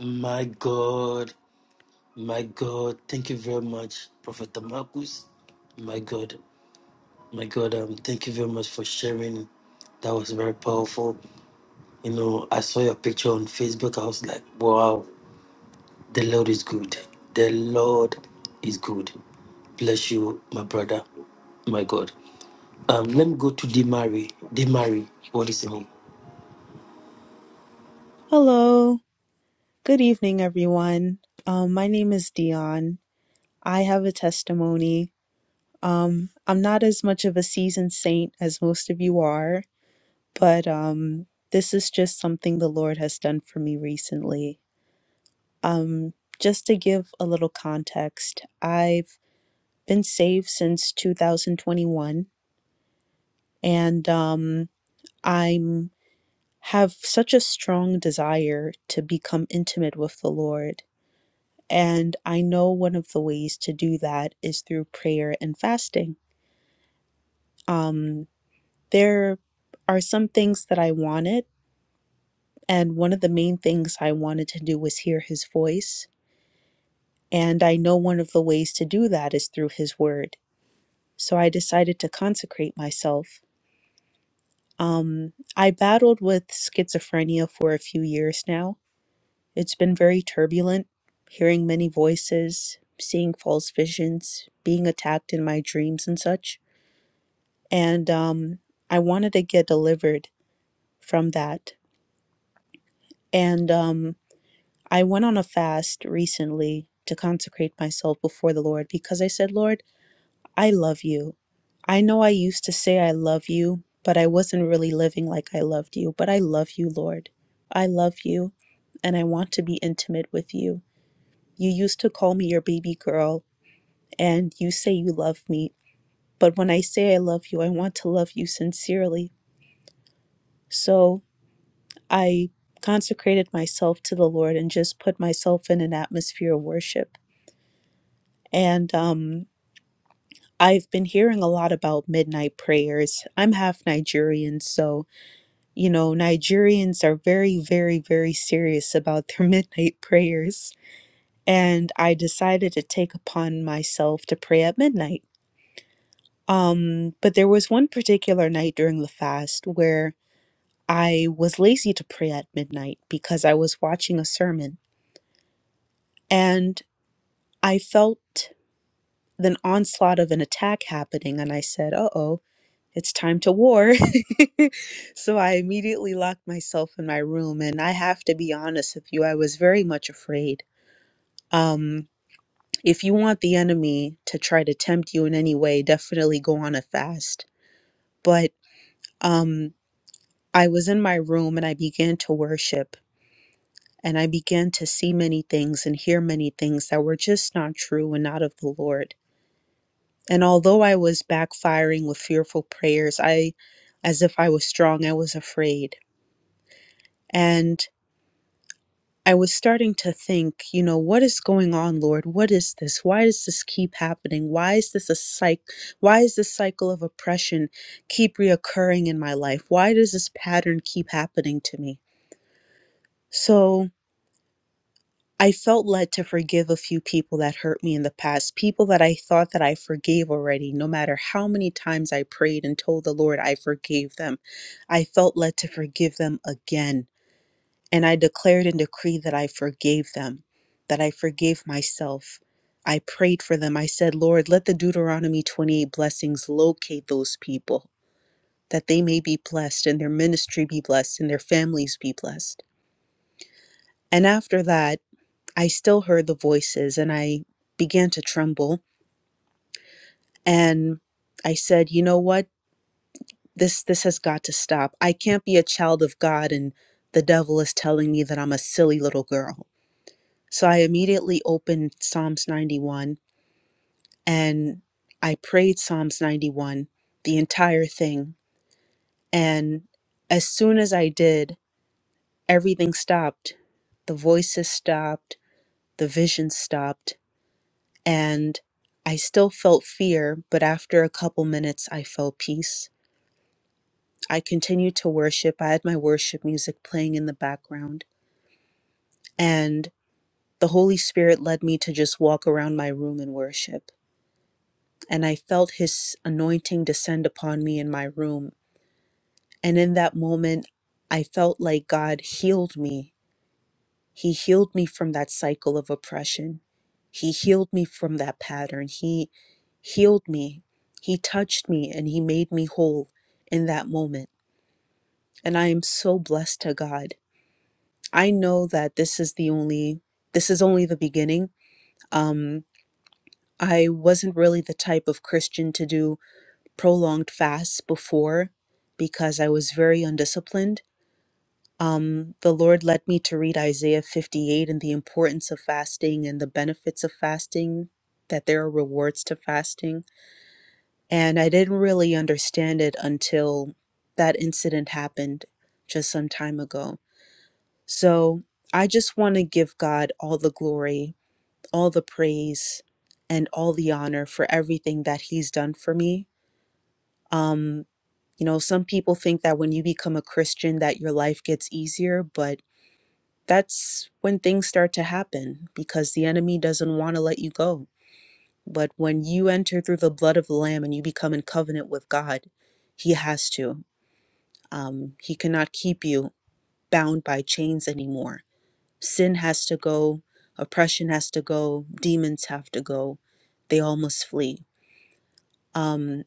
Speaker 3: my God, my God. Thank you very much, Prophet Marcus. My God, my God, um, thank you very much for sharing. That was very powerful. You know, I saw your picture on Facebook. I was like, wow, the Lord is good. The Lord is good. Bless you, my brother, my God. Um, let me go to Demari. Demari, what is your name?
Speaker 18: Hello. Good evening, everyone. Um, my name is Dion. I have a testimony. Um, I'm not as much of a seasoned saint as most of you are, but um, this is just something the Lord has done for me recently. Um, just to give a little context, I've been saved since 2021, and um, I'm have such a strong desire to become intimate with the Lord And I know one of the ways to do that is through prayer and fasting. Um, there are some things that I wanted, and one of the main things I wanted to do was hear his voice. And I know one of the ways to do that is through his word. So I decided to consecrate myself. Um, I battled with schizophrenia for a few years now. It's been very turbulent, hearing many voices, seeing false visions, being attacked in my dreams and such. and um, I wanted to get delivered from that. And um, I went on a fast recently to consecrate myself before the Lord because I said, Lord, I love you. I know I used to say I love you, but I wasn't really living like I loved you. But I love you, Lord. I love you, and I want to be intimate with you. You used to call me your baby girl, and you say you love me. But when I say I love you, I want to love you sincerely. So I consecrated myself to the Lord and just put myself in an atmosphere of worship. And um, I've been hearing a lot about midnight prayers. I'm half Nigerian, so, you know, Nigerians are very, very, very serious about their *laughs* midnight prayers. And I decided to take upon myself to pray at midnight. Um, but there was one particular night during the fast where I was lazy to pray at midnight because I was watching a sermon. And I felt an onslaught of an attack happening, and I said, uh oh, it's time to war. *laughs* so I immediately locked myself in my room. And I have to be honest with you, I was very much afraid. Um, if you want the enemy to try to tempt you in any way, definitely go on a fast. But um, I was in my room and I began to worship. And I began to see many things and hear many things that were just not true and not of the Lord. And although I was backfiring with fearful prayers, I, as if I was strong, I was afraid. And I was starting to think, you know, what is going on, Lord? What is this? Why does this keep happening? Why is this a cycle? Why is this cycle of oppression keep reoccurring in my life? Why does this pattern keep happening to me? So, I felt led to forgive a few people that hurt me in the past, people that I thought that I forgave already, no matter how many times I prayed and told the Lord I forgave them. I felt led to forgive them again. And I declared and decreed that I forgave them, that I forgave myself. I prayed for them. I said, Lord, let the Deuteronomy 28 blessings locate those people, that they may be blessed and their ministry be blessed and their families be blessed. And after that, I still heard the voices and I began to tremble and I said, "You know what? This this has got to stop. I can't be a child of God and the devil is telling me that I'm a silly little girl." So I immediately opened Psalms 91 and I prayed Psalms 91 the entire thing and as soon as I did, everything stopped. The voices stopped, the vision stopped, and I still felt fear, but after a couple minutes, I felt peace. I continued to worship. I had my worship music playing in the background, and the Holy Spirit led me to just walk around my room and worship. And I felt His anointing descend upon me in my room. And in that moment, I felt like God healed me He healed me from that cycle of oppression. He healed me from that pattern. He healed me. He touched me and he made me whole in that moment. And I am so blessed to God. I know that this is the only this is only the beginning. Um I wasn't really the type of Christian to do prolonged fasts before because I was very undisciplined Um, the Lord led me to read Isaiah 58 and the importance of fasting and the benefits of fasting, that there are rewards to fasting. And I didn't really understand it until that incident happened just some time ago. So I just want to give God all the glory, all the praise, and all the honor for everything that He's done for me. Um, you know, some people think that when you become a Christian that your life gets easier, but that's when things start to happen because the enemy doesn't want to let you go. But when you enter through the blood of the Lamb and you become in covenant with God, He has to. Um, he cannot keep you bound by chains anymore. Sin has to go, oppression has to go, demons have to go. They all must flee. Um,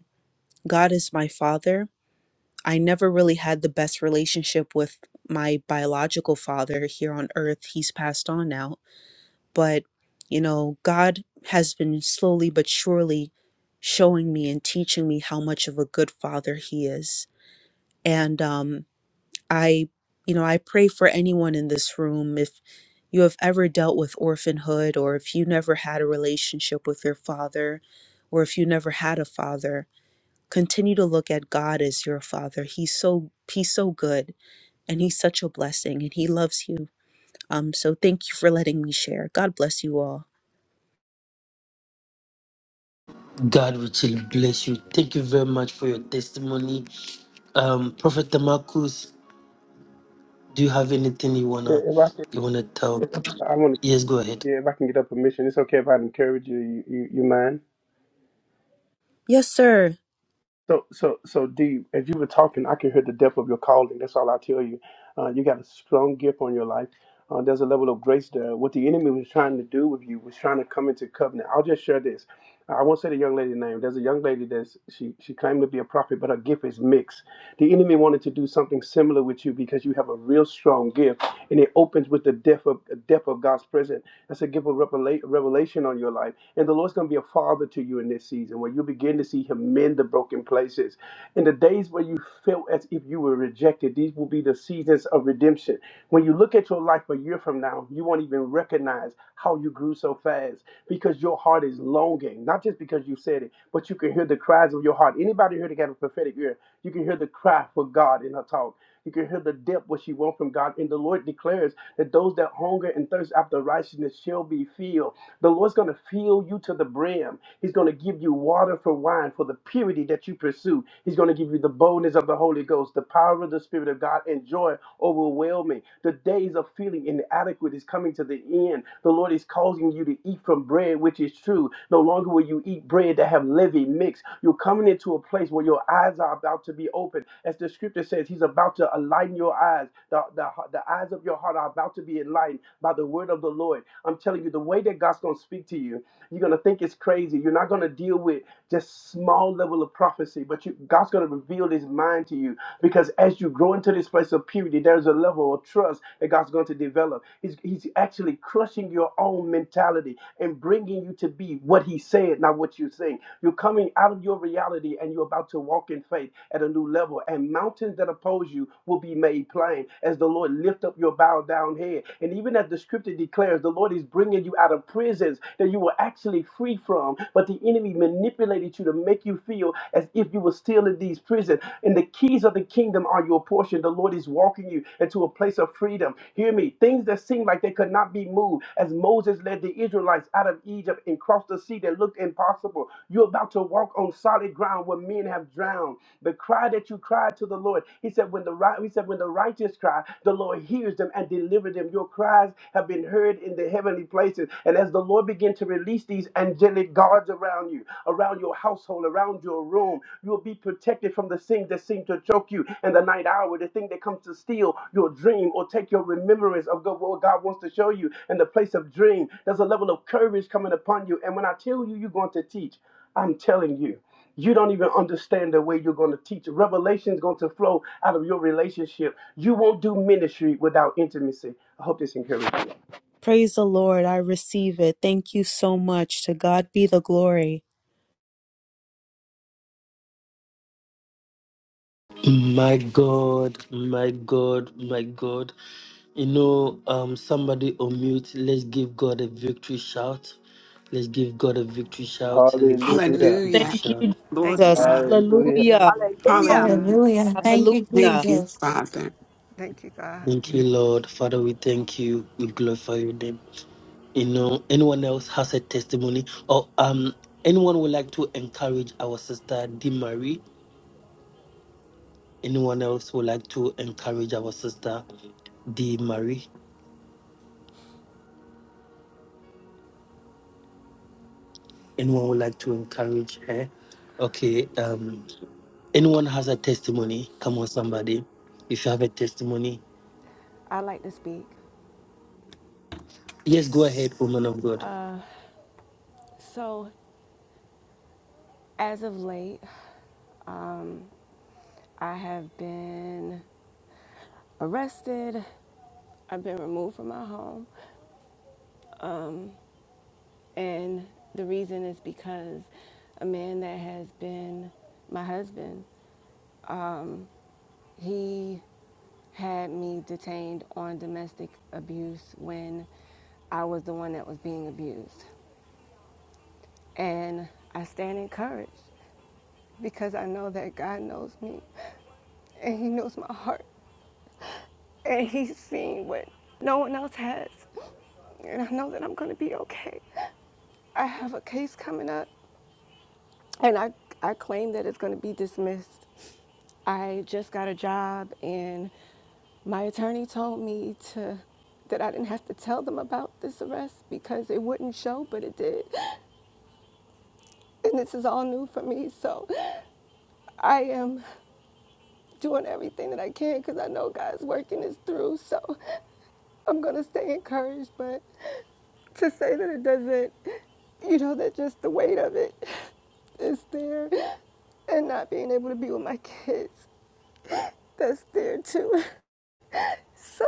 Speaker 18: God is my father. I never really had the best relationship with my biological father here on earth. He's passed on now but you know god has been slowly but surely showing me and teaching me how much of a good father he is and um i you know i pray for anyone in this room if you have ever dealt with orphanhood or if you never had a relationship with your father or if you never had a father continue to look at god as your father he's so he's so good and he's such a blessing and he loves you um so thank you for letting me share god bless you all
Speaker 3: God richly bless you. Thank you very much for your testimony. Um, Prophet Marcus, do you have anything you
Speaker 16: Yeah,
Speaker 3: wanna
Speaker 16: if I, could,
Speaker 3: you wanna tell?
Speaker 16: I want to.
Speaker 3: Yes, go ahead.
Speaker 16: Yeah, if I can get a permission, it's okay if I encourage you. You, you, you mind?
Speaker 18: yes sir
Speaker 16: So, so, so, D, as you were talking, I could hear the depth of your calling. That's all I tell you. Uh, you got a strong gift on your life. Uh, there's a level of grace there. What the enemy was trying to do with you was trying to come into covenant. I'll just share this. I won't say the young lady's name. There's a young lady that's she she claimed to be a prophet, but her gift is mixed. The enemy wanted to do something similar with you because you have a real strong gift, and it opens with the depth of depth of God's presence. That's a gift of revela- revelation on your life, and the Lord's going to be a father to you you in this season, where you begin to see Him mend the broken places. In the days where you felt as if you were rejected, these will be the seasons of redemption. When you look at your life a year from now, you won't even recognize how you grew so fast because your heart is longing, not just because you said it, but you can hear the cries of your heart. Anybody here that got a prophetic ear, you can hear the cry for God in her talk. You can hear the depth what she wants from God. And the Lord declares that those that hunger and thirst after righteousness shall be filled. The Lord's going to fill you to the brim. He's going to give you water for wine for the purity that you pursue. He's going to give you the boldness of the Holy Ghost, the power of the Spirit of God, and joy overwhelming. The days of feeling inadequate is coming to the end. The Lord is causing you to eat from from bread which is true. No longer will you eat bread that have living mixed. You're coming into a place where your eyes are about to be opened. As the scripture says, he's about to enlighten your eyes. The, the, the eyes of your heart are about to be enlightened by the word of the Lord. I'm telling you, the way that God's going to speak to you you're gonna think it's crazy. You're not gonna deal with just small level of prophecy, but you, God's gonna reveal His mind to you because as you grow into this place of purity, there's a level of trust that God's going to develop. He's He's actually crushing your own mentality and bringing you to be what He said, not what you think. You're coming out of your reality and you're about to walk in faith at a new level. And mountains that oppose you will be made plain as the Lord lift up your bowed down head. And even as the scripture declares, the Lord is bringing you out. of out of prisons that you were actually free from, but the enemy manipulated you to make you feel as if you were still in these prisons. And the keys of the kingdom are your portion. The Lord is walking you into a place of freedom. Hear me. Things that seem like they could not be moved, as Moses led the Israelites out of Egypt and crossed the sea that looked impossible. You're about to walk on solid ground where men have drowned. The cry that you cried to the Lord, He said, when the right, He said, when the righteous cry, the Lord hears them and delivers them. Your cries have been heard and heard in the heavenly places. And as the Lord begin to release these angelic guards around you, around your household, around your room, you will be protected from the things that seem to choke you in the night hour, the thing that comes to steal your dream or take your remembrance of God, what God wants to show you in the place of dream. There's a level of courage coming upon you. And when I tell you you're going to teach, I'm telling you. You don't even understand the way you're going to teach. Revelation is going to flow out of your relationship. You won't do ministry without intimacy. I hope this encourages you.
Speaker 18: Praise the Lord. I receive it. Thank you so much. To God be the glory.
Speaker 3: My God, my God, my God. You know, um, somebody on mute. Let's give God a victory shout. Let's give God a victory shout. Let's give God a victory
Speaker 19: Hallelujah.
Speaker 18: Thank
Speaker 3: shout.
Speaker 18: you,
Speaker 19: Lord
Speaker 20: Thank you,
Speaker 18: Jesus.
Speaker 21: Hallelujah.
Speaker 19: God.
Speaker 20: God.
Speaker 16: Hallelujah.
Speaker 18: Hallelujah.
Speaker 21: Hallelujah.
Speaker 20: Thank
Speaker 21: Hallelujah.
Speaker 20: you, God.
Speaker 19: Hallelujah.
Speaker 22: Hallelujah.
Speaker 21: Thank
Speaker 22: Thank
Speaker 21: you,
Speaker 22: you,
Speaker 21: God.
Speaker 18: Hallelujah.
Speaker 19: Thank you,
Speaker 22: Jesus.
Speaker 19: Father.
Speaker 20: Thank you, God.
Speaker 3: Thank you, Lord. Father, we thank you. We glorify your name. you know anyone else has a testimony or um anyone would like to encourage our sister d marie anyone else would like to encourage our sister d marie anyone would like to encourage her okay um anyone has a testimony come on somebody if you have a testimony
Speaker 20: I like to speak.
Speaker 3: yes go ahead woman of god
Speaker 20: So, as of late, I have been arrested. I've been removed from my home. And the reason is because a man that has been my husband, he had me detained on domestic abuse when I was the one that was being abused. And I stand encouraged because I know that God knows me. and he knows my heart and he's seen what no one else has and i know that i'm going to be okay i have a case coming up and i i claim that it's going to be dismissed i just got a job and my attorney told me to that i didn't have to tell them about this arrest because it wouldn't show but it did and this is all new for me so i am doing everything that I can because I know God's working this through. So I'm going to stay encouraged. But to say that it doesn't, you know, that just the weight of it is there. And not being able to be with my kids, that's there too. So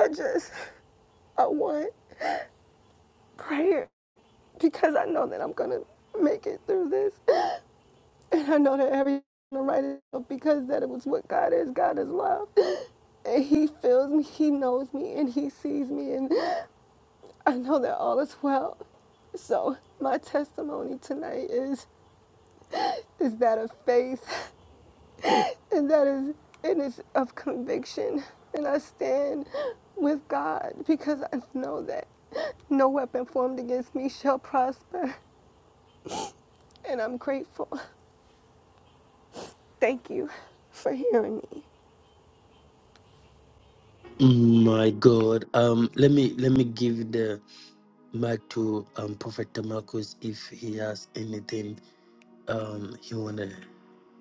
Speaker 20: I just, I want prayer because I know that I'm going to make it through this. And I know that everything I'm writing because that it was what God is. God is love. And He feels me, He knows me, and He sees me. And I know that all is well. So my testimony tonight is is that of faith. And that is it's of conviction. And I stand with God because I know that no weapon formed against me shall prosper. And I'm grateful. Thank you for hearing me.
Speaker 3: my god um let me let me give the mic to um prophet Marcus if he has anything um he wanna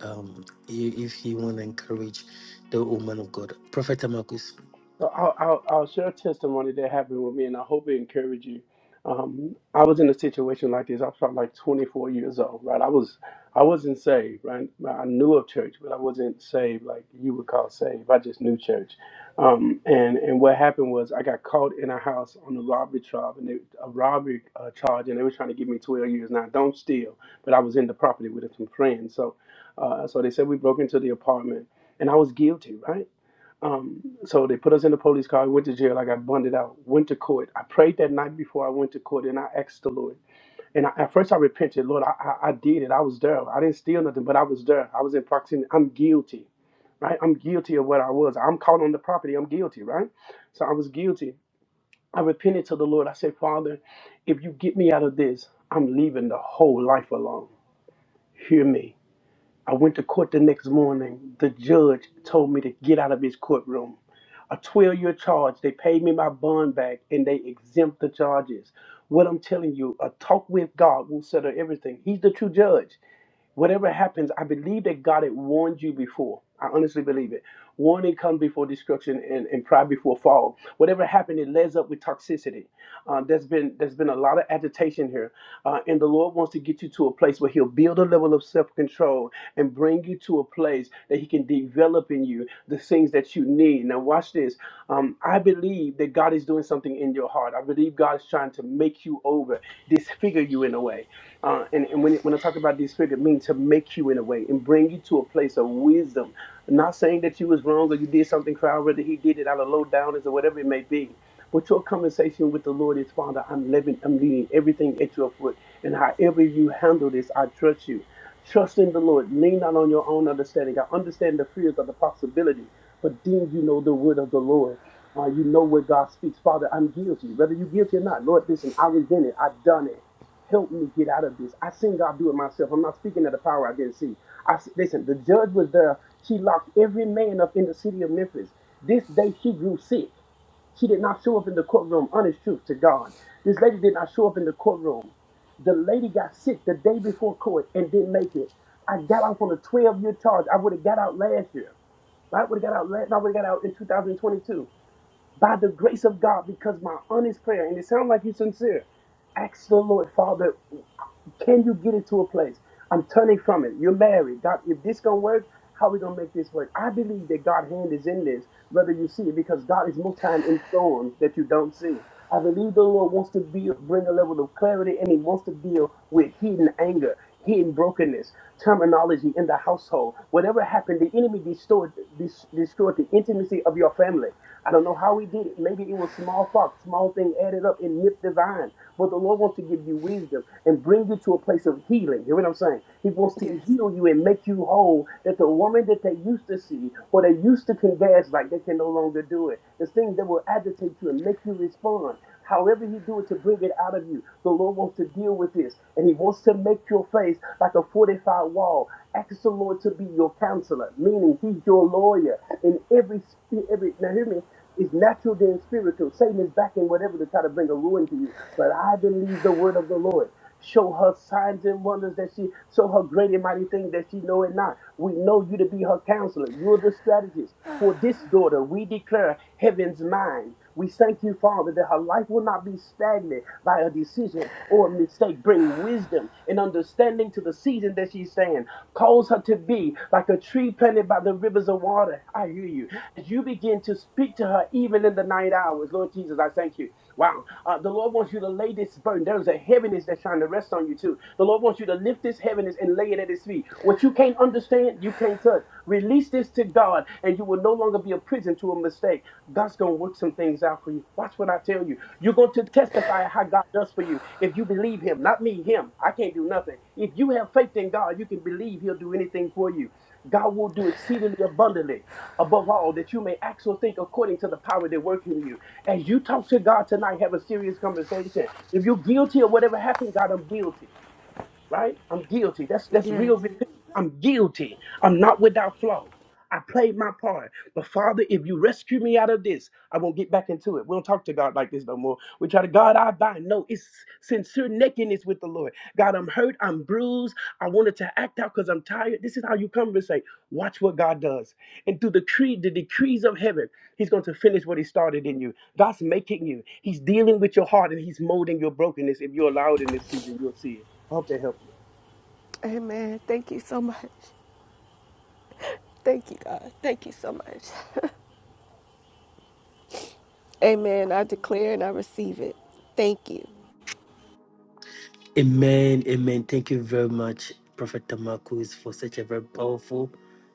Speaker 3: um i- if he wanna encourage the woman of God. Prophet Tamakus.
Speaker 16: So I'll, I'll, I'll share a testimony that happened with me, and I hope it encouraged you. Um, I was in a situation like this. I was probably like 24 years old, right? I was, I wasn't saved, right? I knew of church, but I wasn't saved like you would call saved. I just knew church. Um, and and what happened was I got caught in a house on a robbery charge, and they, a robbery uh, charge, and they were trying to give me 12 years. Now don't steal, but I was in the property with some friends. So, uh, so they said we broke into the apartment, and I was guilty, right? Um, so they put us in the police car. I went to jail. I got bonded out. Went to court. I prayed that night before I went to court, and I asked the Lord. And I, at first, I repented. Lord, I, I, I did it. I was there. I didn't steal nothing, but I was there. I was in proximity. I'm guilty, right? I'm guilty of what I was. I'm caught on the property. I'm guilty, right? So I was guilty. I repented to the Lord. I said, Father, if you get me out of this, I'm leaving the whole life alone. Hear me. I went to court the next morning. The judge told me to get out of his courtroom a 12 year charge. They paid me my bond back and they exempt the charges. What I'm telling you, a talk with God will settle everything. He's the true judge. Whatever happens, I believe that God had warned you before. I honestly believe it. Warning comes before destruction and, and pride before fall. Whatever happened, it lays up with toxicity. Uh, there's been there's been a lot of agitation here, uh, and the Lord wants to get you to a place where He'll build a level of self control and bring you to a place that He can develop in you the things that you need. Now, watch this. Um, I believe believe that God is doing something in your heart. I believe God is trying to make you over, disfigure you in a way. Uh, and and when, when I talk about disfigure, it means to make you in a way and bring you to a place of wisdom. I'm not saying that you was wrong or you did something foul, whether he did it out of low downers or whatever it may be. But your conversation with the Lord is, Father, I'm living, I'm leading everything at your foot. And however you handle this, I trust you. Trust in the Lord. Lean not on your own understanding. I understand the fears of the possibility, but deem you know the word of the Lord. Uh, you know where God speaks. Father, I'm guilty. Whether you're guilty or not, Lord, listen, I was in it. I've done it. Help me get out of this. I seen God do it myself. I'm not speaking of the power I didn't see. I s- listen. The judge was there. She locked every man up in the city of Memphis. This day she grew sick. She did not show up in the courtroom, honest truth to God. This lady did not show up in the courtroom. The lady got sick the day before court and didn't make it. I got off on a 12 year charge. I would have got out last year. I would have got out last, I would have got out in 2022 by the grace of God because my honest prayer, and it sounds like you're sincere. Ask the Lord, Father, can you get it to a place? I'm turning from it. You're married. God, if this gonna work, how we gonna make this work? I believe that God's hand is in this, whether you see it, because God is most time in storms that you don't see. I believe the Lord wants to be, bring a level of clarity and He wants to deal with hidden anger hidden brokenness, terminology in the household. Whatever happened, the enemy destroyed, destroyed the intimacy of your family. I don't know how he did it. Maybe it was small fox, small thing added up and nipped the vine. But the Lord wants to give you wisdom and bring you to a place of healing. Hear what I'm saying? He wants to
Speaker 20: Yes.
Speaker 16: heal you and make you whole. That the woman that they used to see or they used to converse like they can no longer do it. There's things that will agitate you and make you respond. However, he do it to bring it out of you. The Lord wants to deal with this, and He wants to make your face like a fortified wall. Ask the Lord to be your counselor, meaning He's your lawyer in every sp- every. Now hear me. It's natural then spiritual. Satan is backing whatever to try to bring a ruin to you. But I believe the word of the Lord. Show her signs and wonders that she show her great and mighty things that she know it not. We know you to be her counselor. You're the strategist. For this daughter, we declare heaven's mind. We thank you, Father, that her life will not be stagnant by a decision or a mistake. Bring wisdom and understanding to the season that she's in. Cause her to be like a tree planted by the rivers of water. I hear you. As you begin to speak to her, even in the night hours, Lord Jesus, I thank you. Wow. Uh, the Lord wants you to lay this burden. There is a heaviness that's trying to rest on you, too. The Lord wants you to lift this heaviness and lay it at His feet. What you can't can't understand, you can't touch. Release this to God, and you will no longer be a prison to a mistake. God's going to work some things out for you. Watch what I tell you. You're going to testify how God does for you if you believe Him, not me, Him. I can't do nothing. If you have faith in God, you can believe He'll do anything for you. God will do exceedingly abundantly above all that you may act or think according to the power that works in you. As you talk to God tonight, have a serious conversation. If you're guilty of whatever happened, God, I'm guilty right? I'm guilty. That's that's
Speaker 20: Yes.
Speaker 16: real repentance. I'm guilty. I'm not without flaw. I played my part. But Father, if you rescue me out of this, I won't get back into it. We don't talk to God like this no more. We try to God I bind. No, it's sincere nakedness with the Lord. God, I'm hurt. I'm bruised. I wanted to act out because I'm tired. This is how you come and say, watch what God does. And through the tree, the decrees of heaven, He's going to finish what He started in you. God's making you. He's dealing with your heart and He's molding your brokenness. If you are allowed in this season, you'll see it. I hope they help you.
Speaker 20: Amen. Thank you so much. Thank you, God. Thank you so much. Amen. I declare and I receive it. Thank you.
Speaker 3: Amen, amen. Thank you very much, Prophet Tamakus, for such a very powerful,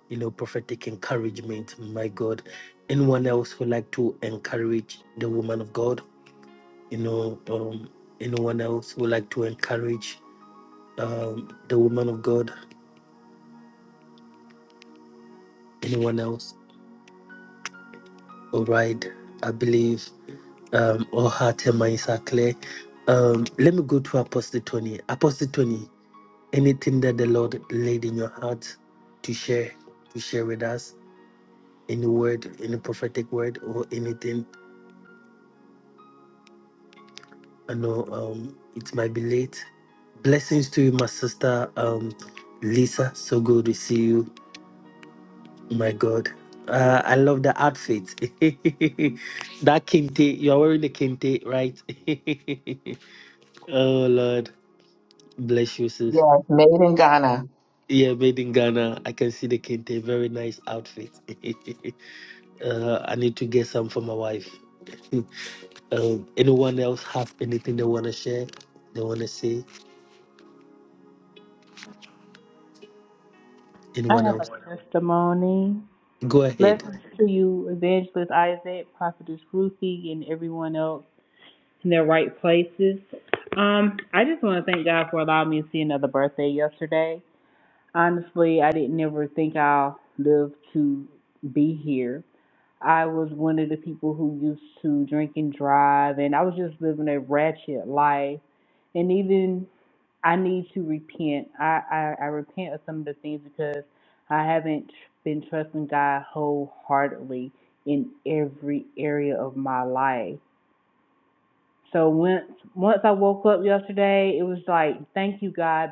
Speaker 3: you know, prophetic encouragement. My God. Anyone else who like to encourage the woman of God? You know, um anyone else who like to encourage um the woman of God? Anyone else? All right, I believe um, all heart and minds are clear. Um, let me go to Apostle Tony. Apostle Tony, anything that the Lord laid in your heart to share, to share with us, any word, any prophetic word, or anything. I know um, it might be late. Blessings to you, my sister um, Lisa. So good to see you. My God. Uh, I love the outfit. *laughs* that kente, you're wearing the kente, right? *laughs* Oh Lord, bless you, sis.
Speaker 23: Yes, made in Ghana.
Speaker 3: Yeah, made in Ghana. I can see the kente. Very nice outfit. *laughs* uh, I need to get some for my wife. *laughs* um, anyone else have anything they want to share? They want to say?
Speaker 7: I
Speaker 3: Anyone
Speaker 7: have
Speaker 3: else?
Speaker 7: a testimony.
Speaker 3: Go ahead.
Speaker 7: Blessings to you, Evangelist Isaac, Prophetess Ruthie, and everyone else in their right places. Um, I just want to thank God for allowing me to see another birthday yesterday. Honestly, I didn't ever think I'll live to be here. I was one of the people who used to drink and drive, and I was just living a ratchet life. and even. I need to repent. I, I, I repent of some of the things because I haven't been trusting God wholeheartedly in every area of my life. So once once I woke up yesterday, it was like, thank you God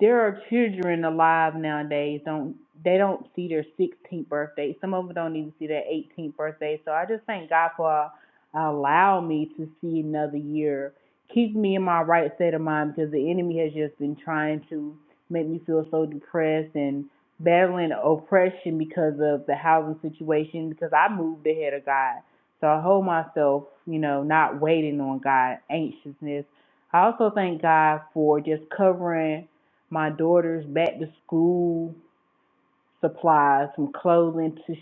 Speaker 7: there are children alive nowadays don't they don't see their 16th birthday. Some of them don't even see their 18th birthday. So I just thank God for allow me to see another year. Keep me in my right state of mind because the enemy has just been trying to make me feel so depressed and battling oppression because of the housing situation because I moved ahead of God. So I hold myself, you know, not waiting on God, anxiousness. I also thank God for just covering my daughter's back to school supplies, from clothing to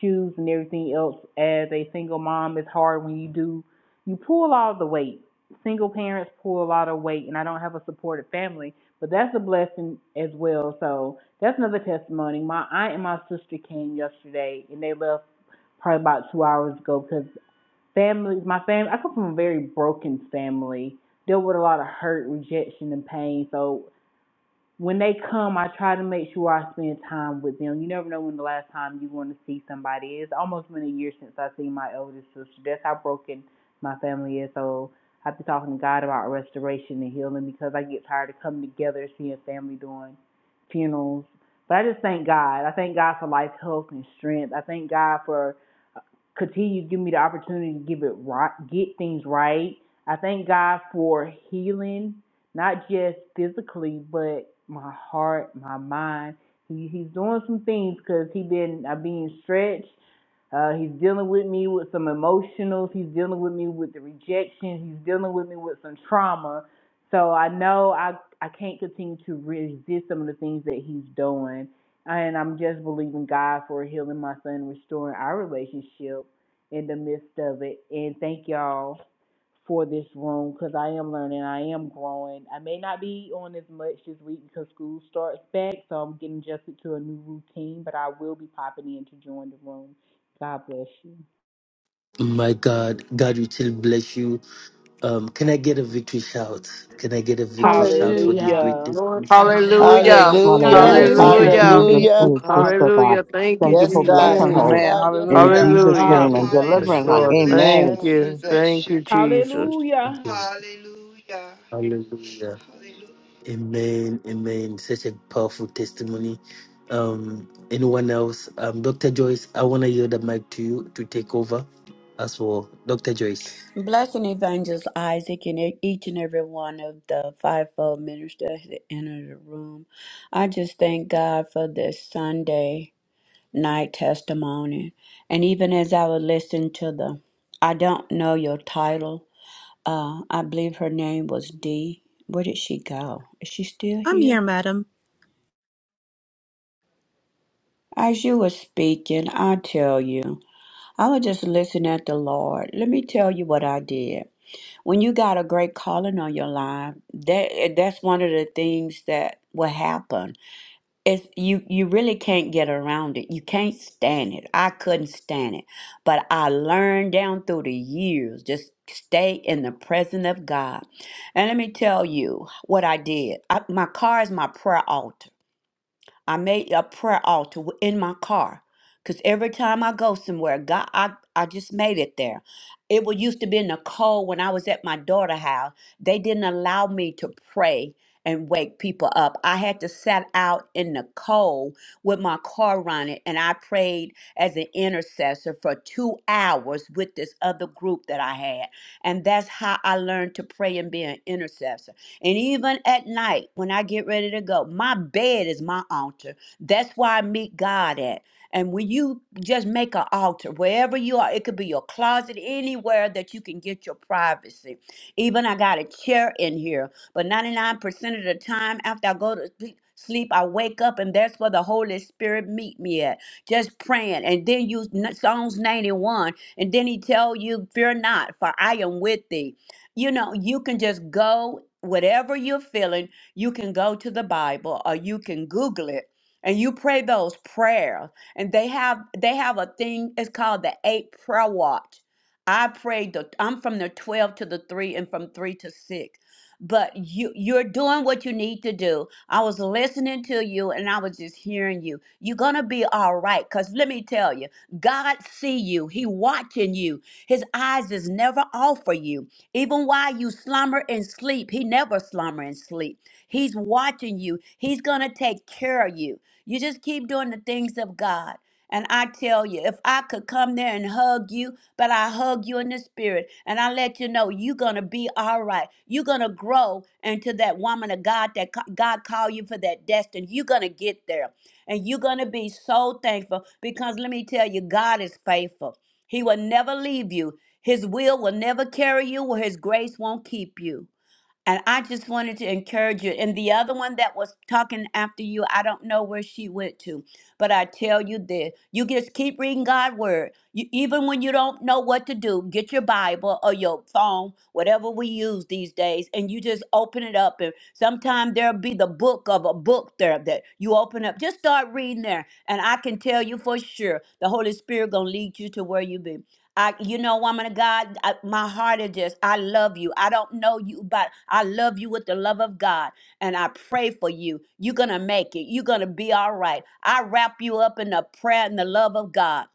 Speaker 7: shoes and everything else. As a single mom, it's hard when you do, you pull a lot of the weight. Single parents pull a lot of weight, and I don't have a supportive family, but that's a blessing as well. So that's another testimony. My aunt and my sister came yesterday, and they left probably about two hours ago because family, my family, I come from a very broken family, deal with a lot of hurt, rejection, and pain. So when they come, I try to make sure I spend time with them. You never know when the last time you want to see somebody. It's almost been a year since I seen my oldest sister. That's how broken my family is. So I've been talking to God about restoration and healing because I get tired of coming together, seeing family doing funerals. But I just thank God. I thank God for life, health, and strength. I thank God for uh, continue to give me the opportunity to give it right, get things right. I thank God for healing not just physically, but my heart, my mind. He he's doing some things because he been I being stretched. Uh, he's dealing with me with some emotionals. He's dealing with me with the rejection. He's dealing with me with some trauma. So I know I I can't continue to resist some of the things that he's doing, and I'm just believing God for healing my son, restoring our relationship in the midst of it. And thank y'all for this room because I am learning, I am growing. I may not be on as much this week because school starts back, so I'm getting adjusted to a new routine, but I will be popping in to join the room. God bless you.
Speaker 3: My God, God will still bless you. Um, can I get a victory shout? Can I get a victory shout for this
Speaker 19: Hallelujah.
Speaker 3: great
Speaker 7: Hallelujah.
Speaker 19: Lord
Speaker 3: testimony?
Speaker 19: God.
Speaker 2: hallelujah,
Speaker 7: Hallelujah.
Speaker 6: Hallelujah.
Speaker 24: Hallelujah.
Speaker 23: Hallelujah. Thank you,
Speaker 5: Hallelujah.
Speaker 2: hallelujah,
Speaker 6: Hallelujah.
Speaker 23: Jesus,
Speaker 19: Thank
Speaker 24: Hallelujah.
Speaker 23: for
Speaker 19: you,
Speaker 23: his
Speaker 19: Father.
Speaker 23: sister, God.
Speaker 6: Hallelujah. Thank you,
Speaker 23: Thank you
Speaker 24: Yes,
Speaker 23: for
Speaker 24: God.
Speaker 6: Jesus.
Speaker 23: blessing
Speaker 2: hallelujah.
Speaker 24: Yes,
Speaker 23: her
Speaker 19: Mm.
Speaker 14: Amen.
Speaker 24: God. Yes,
Speaker 23: in
Speaker 14: Hallelujah.
Speaker 24: God.
Speaker 23: Jesus' name
Speaker 6: Hallelujah.
Speaker 23: and
Speaker 19: God.
Speaker 24: Hallelujah.
Speaker 6: Yes,
Speaker 23: delivering
Speaker 3: Thank
Speaker 23: her.
Speaker 17: Hallelujah.
Speaker 6: Lord.
Speaker 3: you.
Speaker 17: Bless you,
Speaker 23: Amen.
Speaker 6: Thank
Speaker 17: Lord.
Speaker 24: Yes,
Speaker 6: you.
Speaker 24: Jesus.
Speaker 17: Bless
Speaker 6: Thank
Speaker 17: you,
Speaker 6: you,
Speaker 17: Lord.
Speaker 6: Jesus.
Speaker 3: Thank
Speaker 7: Hallelujah.
Speaker 3: you.
Speaker 17: Hallelujah.
Speaker 3: Hallelujah.
Speaker 17: Hallelujah.
Speaker 3: Amen, amen. Such a powerful testimony. Um, anyone else? Um, Dr. Joyce, I want to yield the mic to you to take over as well. Dr. Joyce.
Speaker 2: Blessing Evangelist Isaac and e- each and every one of the fivefold ministers that entered the room. I just thank God for this Sunday. night testimony. And even as I would listen to the, I don't know your title. Uh, I believe her name was Dee. Where did she go? Is she still
Speaker 18: I'm here,
Speaker 2: here?
Speaker 18: madam.
Speaker 2: As you were speaking, I tell you, I was just listening at the Lord. Let me tell you what I did. When you got a great calling on your life, that that's one of the things that will happen it's you you really can't get around it you can't stand it i couldn't stand it but i learned down through the years just stay in the presence of god and let me tell you what i did I, my car is my prayer altar I made a prayer altar w- in my car. Cause every time I go somewhere, God, I, I just made it there. It would used to be in the cold when I was at my daughter's house. They didn't allow me to pray and wake people up. I had to sat out in the cold with my car running, and I prayed as an intercessor for two hours with this other group that I had. And that's how I learned to pray and be an intercessor. And even at night, when I get ready to go, my bed is my altar. That's where I meet God at. And when you just make an altar, wherever you are, it could be your closet, anywhere that you can get your privacy. Even I got a chair in here, but 99% of the time after I go to sleep, sleep, I wake up and that's where the Holy Spirit meet me at. Just praying. And then you Psalms 91, and then he tell you, fear not, for I am with thee you know, you can just go, whatever you're feeling, you can go to the Bible or you can Google it and you pray those prayers. And they have they have a thing, it's called the eight prayer watch. I prayed the I'm from the 12 to the 3 and from 3 to 6. But you you're doing what you need to do. I was listening to you and I was just hearing you. You're gonna be all right. Cause let me tell you, God see you. He watching you. His eyes is never off for you. Even while you slumber and sleep, he never slumber and sleep. He's watching you. He's gonna take care of you. You just keep doing the things of God. And I tell you, if I could come there and hug you, but I hug you in the spirit and I let you know you're going to be all right. You're going to grow into that woman of God that co- God called you for that destiny. You're going to get there and you're going to be so thankful because let me tell you, God is faithful. He will never leave you. His will will never carry you, or His grace won't keep you. And I just wanted to encourage you. And the other one that was talking after you, I don't know where she went to, but I tell you this you just keep reading God's word. You, even when you don't know what to do, get your Bible or your phone, whatever we use these days, and you just open it up. And sometimes there'll be the book of a book there that you open up. Just start reading there. And I can tell you for sure the Holy Spirit gonna lead you to where you be. I, you know, woman of God, I, my heart is just, I love you. I don't know you, but I love you with the love of God. And I pray for you. You're going to make it. You're going to be all right. I wrap you up in the prayer and the love of God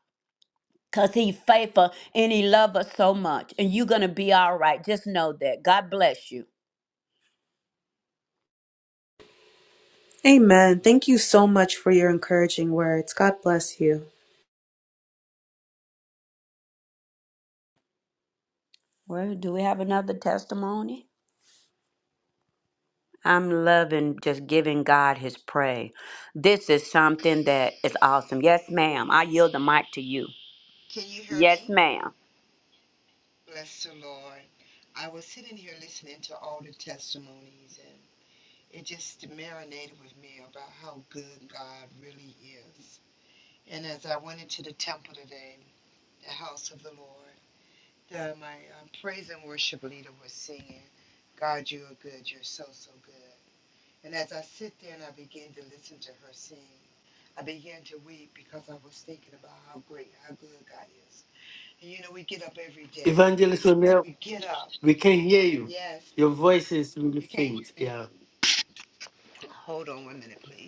Speaker 2: because He faithful and He loves us so much. And you're going to be all right. Just know that. God bless you.
Speaker 18: Amen. Thank you so much for your encouraging words. God bless you.
Speaker 2: Well, do we have another testimony? I'm loving just giving God His praise. This is something that is awesome. Yes, ma'am. I yield the mic to you.
Speaker 17: Can you hear
Speaker 2: Yes,
Speaker 17: me?
Speaker 2: ma'am.
Speaker 17: Bless the Lord. I was sitting here listening to all the testimonies, and it just marinated with me about how good God really is. And as I went into the temple today, the house of the Lord, the, my um, praise and worship leader was singing, God, you are good. You're so, so good. And as I sit there and I begin to listen to her sing, I began to weep because I was thinking about how great, how good God is. And you know, we get up every day.
Speaker 3: Evangelist O'Neill,
Speaker 17: We get up.
Speaker 3: we can hear you.
Speaker 17: Yes.
Speaker 3: Your voice is really
Speaker 17: You can't hear
Speaker 3: faint.
Speaker 17: me?
Speaker 3: Yeah.
Speaker 17: Hold on one minute, please.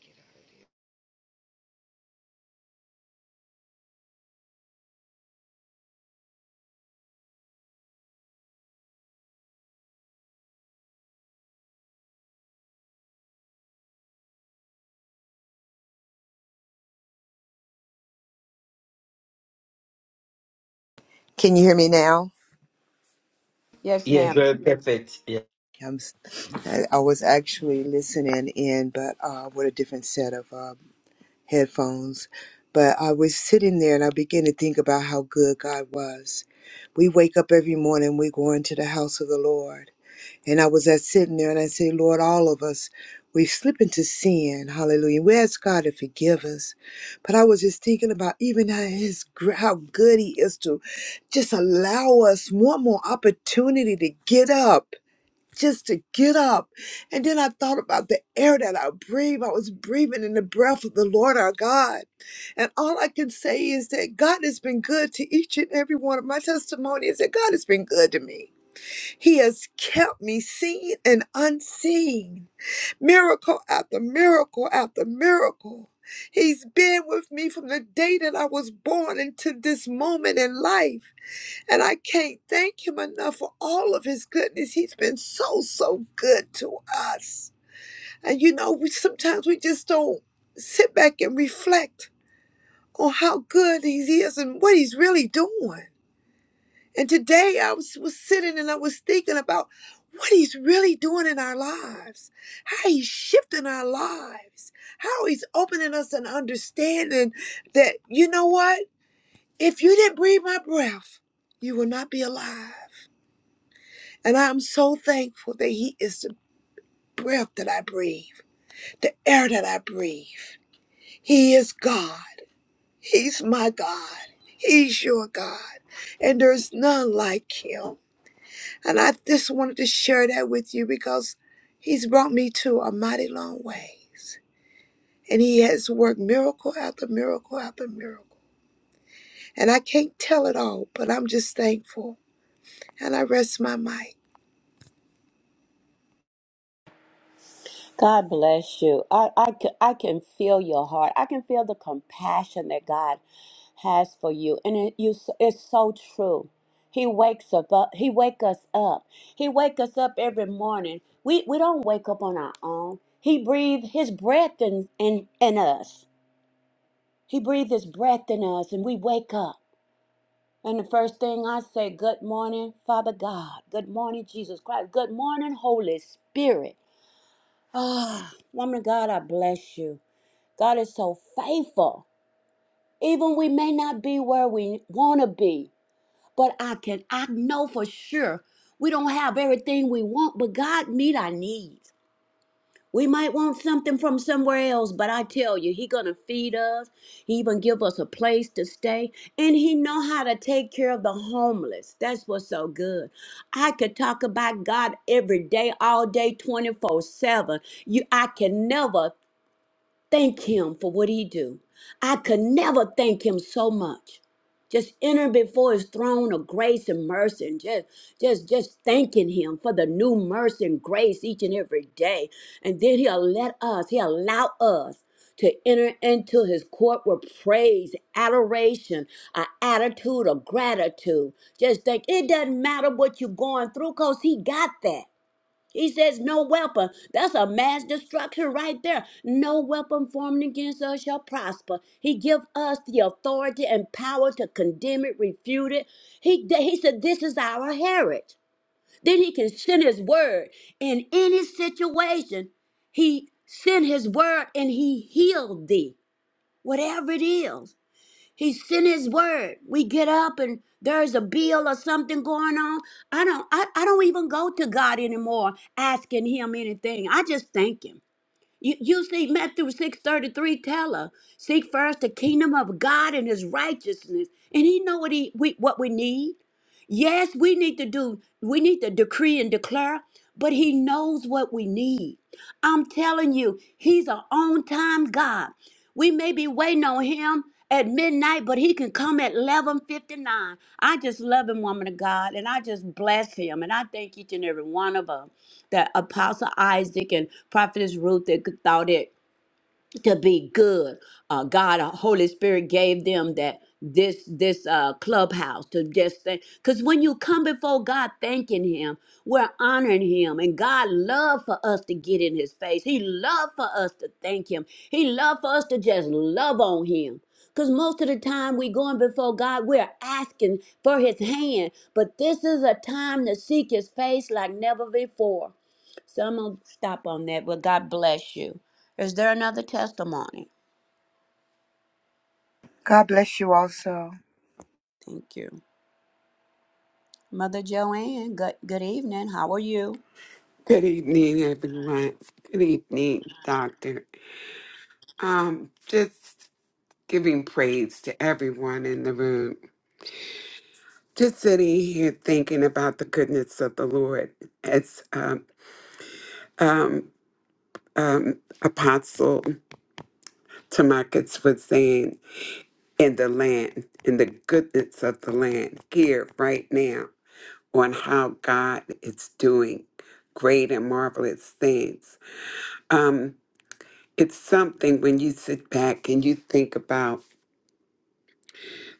Speaker 17: Get out of there. Can you hear me now?
Speaker 2: Yes,
Speaker 3: Yeah,
Speaker 2: ma'am.
Speaker 3: very perfect. Yeah.
Speaker 17: I'm, s- I I was actually listening in, but uh, with a different set of uh, headphones. But I was sitting there and I began to think about how good God was. We wake up every morning, we go into the house of the Lord. And I was at sitting there and I say, Lord, all of us, we slip into sin. Hallelujah. We ask God to forgive us. But I was just thinking about even how his gr- how good he is to just allow us one more opportunity to get up. Just to get up. And then I thought about the air that I breathe. I was breathing in the breath of the Lord our God. And all I can say is that God has been good to each and every one of my testimonies, that God has been good to me. He has kept me seen and unseen. Miracle after miracle after miracle. He's been with me from the day that I was born into this moment in life. And I can't thank him enough for all of his goodness. He's been so, so good to us. And you know, we sometimes we just don't sit back and reflect on how good he is and what he's really doing. And today I was, was sitting and I was thinking about what he's really doing in our lives, how he's shifting our lives, how he's opening us an understanding that, you know what? If you didn't breathe my breath, you will not be alive. And I'm so thankful that he is the breath that I breathe, the air that I breathe. He is God. He's my God. He's your God. And there's none like him. And I just wanted to share that with you because He's brought me to a mighty long ways. And He has worked miracle after miracle after miracle. And I can't tell it all, but I'm just thankful. And I rest my mic.
Speaker 2: God bless you. I, I, c- I can feel your heart. I can feel the compassion that God has for you, and it, you, s- it's so true. He wakes up, up. He wake us up. He wake us up every morning. We we don't wake up on our own. He breathe His breath in in in us. He breathe His breath in us, and we wake up. And the first thing I say, good morning, Father God. Good morning, Jesus Christ. Good morning, Holy Spirit. Ah, woman of God, I bless you. God is so faithful. Even we may not be where we want to be, but I can, I know for sure we don't have everything we want, but God meet our needs. We might want something from somewhere else, but I tell you, He gonna feed us. He even give us a place to stay, and He know how to take care of the homeless. That's what's so good. I could talk about God every day, all day, twenty four seven. You, I can never Thank him for what he do. I could never thank him so much. Just entering before his throne of grace and mercy and just just just thanking him for the new mercy and grace each and every day. And then he'll let us, he'll allow us to enter into his court with praise, adoration, an attitude of gratitude. Just think it doesn't matter what you're going through, because he got that. He says, No weapon. That's a mass destruction right there. No weapon formed against us shall prosper. He give us the authority and power to condemn it, refute it. He, he said, This is our heritage. Then he can send his word in any situation. He sent his word and he healed thee, whatever it is. He sent his word. We get up and there's a bill or something going on. I don't I, I don't even go to God anymore asking him anything. I just thank him. You, you see, Matthew 6.33 tell her, seek first the kingdom of God and his righteousness. And he know what he we, what we need. Yes, we need to do, we need to decree and declare, but he knows what we need. I'm telling you, he's an on-time God. We may be waiting on him at midnight, but he can come at 11.59. I just love him, woman of God, and I just bless him, and I thank each and every one of us that Apostle Isaac and Prophetess Ruth they thought it to be good. Uh, God, uh, Holy Spirit gave them that this this uh, clubhouse to just think. Because when you come before God, thanking Him, we're honoring Him, and God loved for us to get in His face. He loved for us to thank Him. He loved for us to just love on Him. Because most of the time we going before God, we're asking for his hand. But this is a time to seek his face like never before. So I'm going to stop on that. But God bless you. Is there another testimony?
Speaker 17: God bless you also.
Speaker 2: Thank you. Mother Joanne, good, good evening. How are you?
Speaker 19: Good evening, everyone. Good evening, Doctor. Um, just giving praise to everyone in the room. Just sitting here thinking about the goodness of the Lord as um, um, um, Apostle Tamakis was saying. in the land, in the goodness of the land here right now on how God is doing great and marvelous things. Um, it's something when you sit back and you think about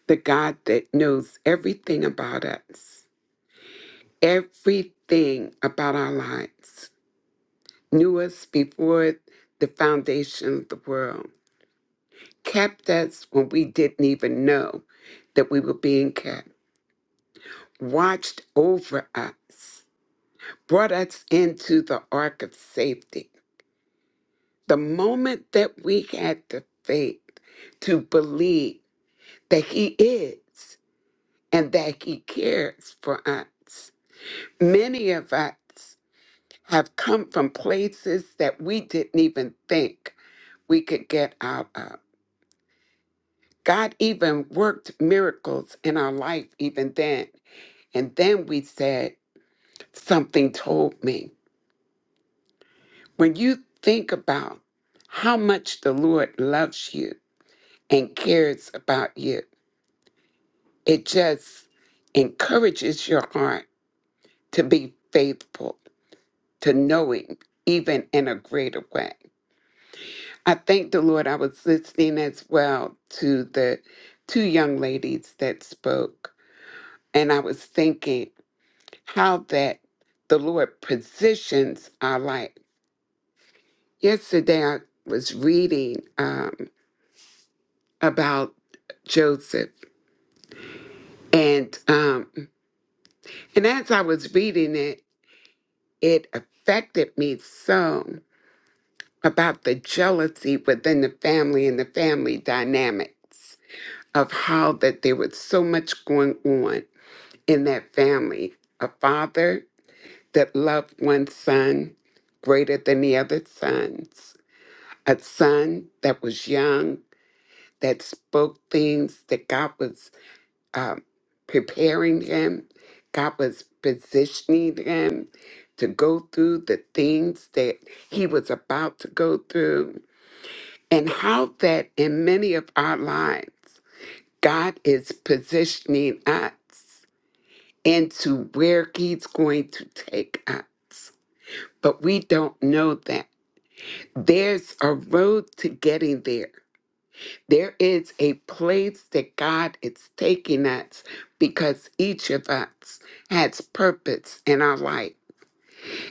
Speaker 19: the God that knows everything about us, everything about our lives, knew us before the foundation of the world, kept us when we didn't even know that we were being kept, watched over us brought us into the ark of safety. The moment that we had the faith to believe that He is and that He cares for us, many of us have come from places that we didn't even think we could get out of. God even worked miracles in our life, even then. And then we said, Something told me. When you think about how much the Lord loves you, and cares about you. It just encourages your heart to be faithful, to know Him even in a greater way. I thank the Lord. I was listening as well to the two young ladies that spoke, and I was thinking how that the Lord positions our life. Yesterday, I was reading um, about Joseph, and um, and as I was reading it. it affected me some about the jealousy within the family and the family dynamics of how that there was so much going on in that family. A father that loved one son greater than the other sons, a son that was young, that spoke things that God was um, preparing him. God was positioning him to go through the things that he was about to go through, and how that in many of our lives, God is positioning us into where he's going to take us. But we don't know that. There's a road to getting there There is a place that God is taking us because each of us has purpose in our life.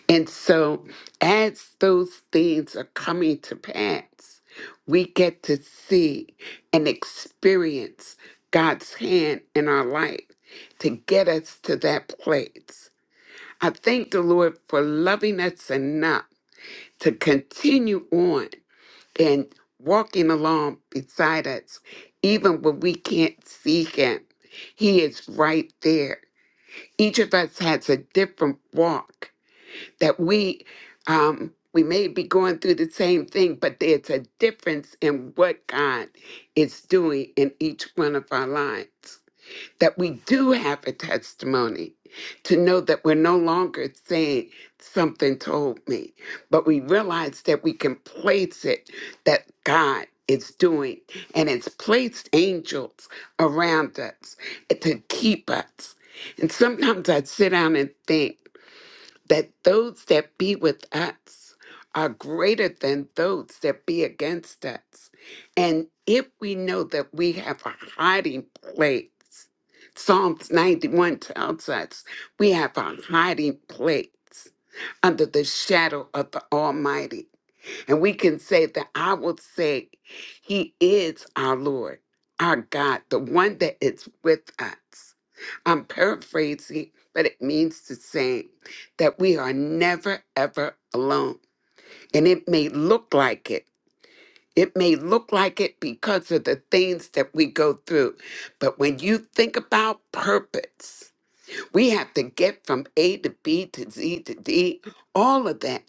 Speaker 19: And so, as those things are coming to pass, we get to see and experience God's hand in our life to get us to that place. I thank the Lord for loving us enough to continue on and walking along beside us, even when we can't see him. He is right there. Each of us has a different walk that we um we may be going through the same thing, but there's a difference in what God is doing in each one of our lives that we do have a testimony, to know that we're no longer saying something told me, but we realize that we can place it that God is doing and it's placed angels around us to keep us. And sometimes I sit down and think, that those that be with us are greater than those that be against us. And if we know that we have a hiding place, Psalms 91 tells us we have a hiding place under the shadow of the Almighty. And we can say that I will say, He is our Lord, our God, the one that is with us. I'm paraphrasing, but it means the same that we are never, ever alone. And it may look like it. It may look like it because of the things that we go through. But when you think about purpose, we have to get from A to B to Z to D, all of that.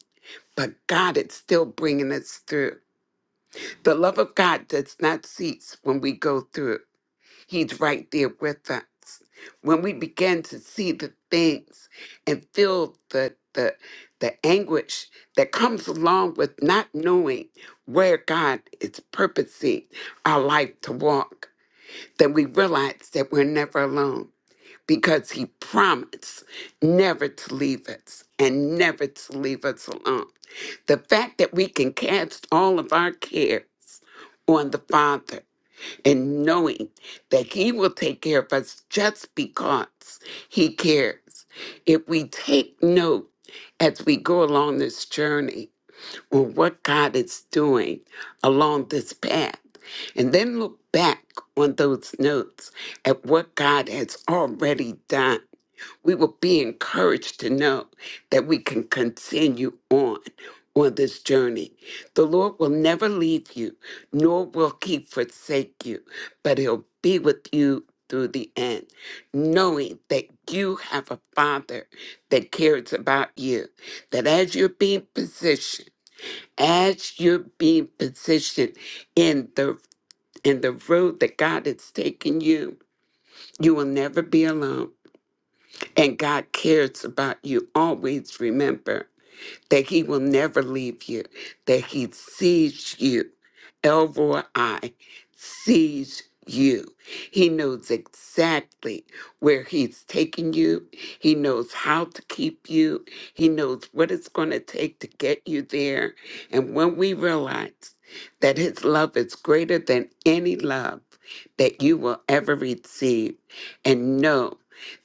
Speaker 19: But God is still bringing us through. The love of God does not cease when we go through. He's right there with us. When we begin to see the things and feel the the the anguish that comes along with not knowing where God is purposing our life to walk, then we realize that we're never alone because He promised never to leave us and never to leave us alone. The fact that we can cast all of our cares on the Father and knowing that He will take care of us just because He cares. If we take note as we go along this journey on what God is doing along this path, and then look back on those notes at what God has already done, we will be encouraged to know that we can continue on on this journey. The Lord will never leave you, nor will he forsake you, but he'll be with you through the end, knowing that you have a father that cares about you, that as you're being positioned, as you're being positioned in the in the road that God has taken you, you will never be alone. And God cares about you. Always remember that He will never leave you, that He sees you. Elroy I sees you. He knows exactly where He's taking you. He knows how to keep you. He knows what it's going to take to get you there. And when we realize that His love is greater than any love that you will ever receive, and know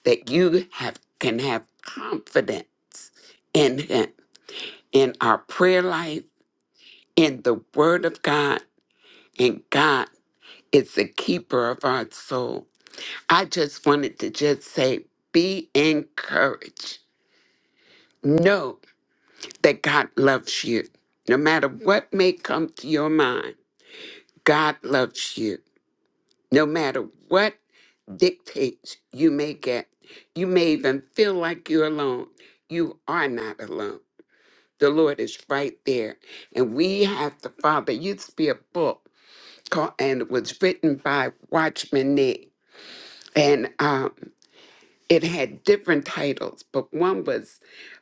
Speaker 19: that you have can have confidence in Him in our prayer life, in the Word of God, and God is the keeper of our soul. I just wanted to just say, be encouraged. Know that God loves you. No matter what may come to your mind, God loves you. No matter what dictates you may get, you may even feel like you're alone. You are not alone. The Lord is right there. And we have to, Father, it used to be a book called, and it was written by Watchman Nee, And um, it had different titles, but one was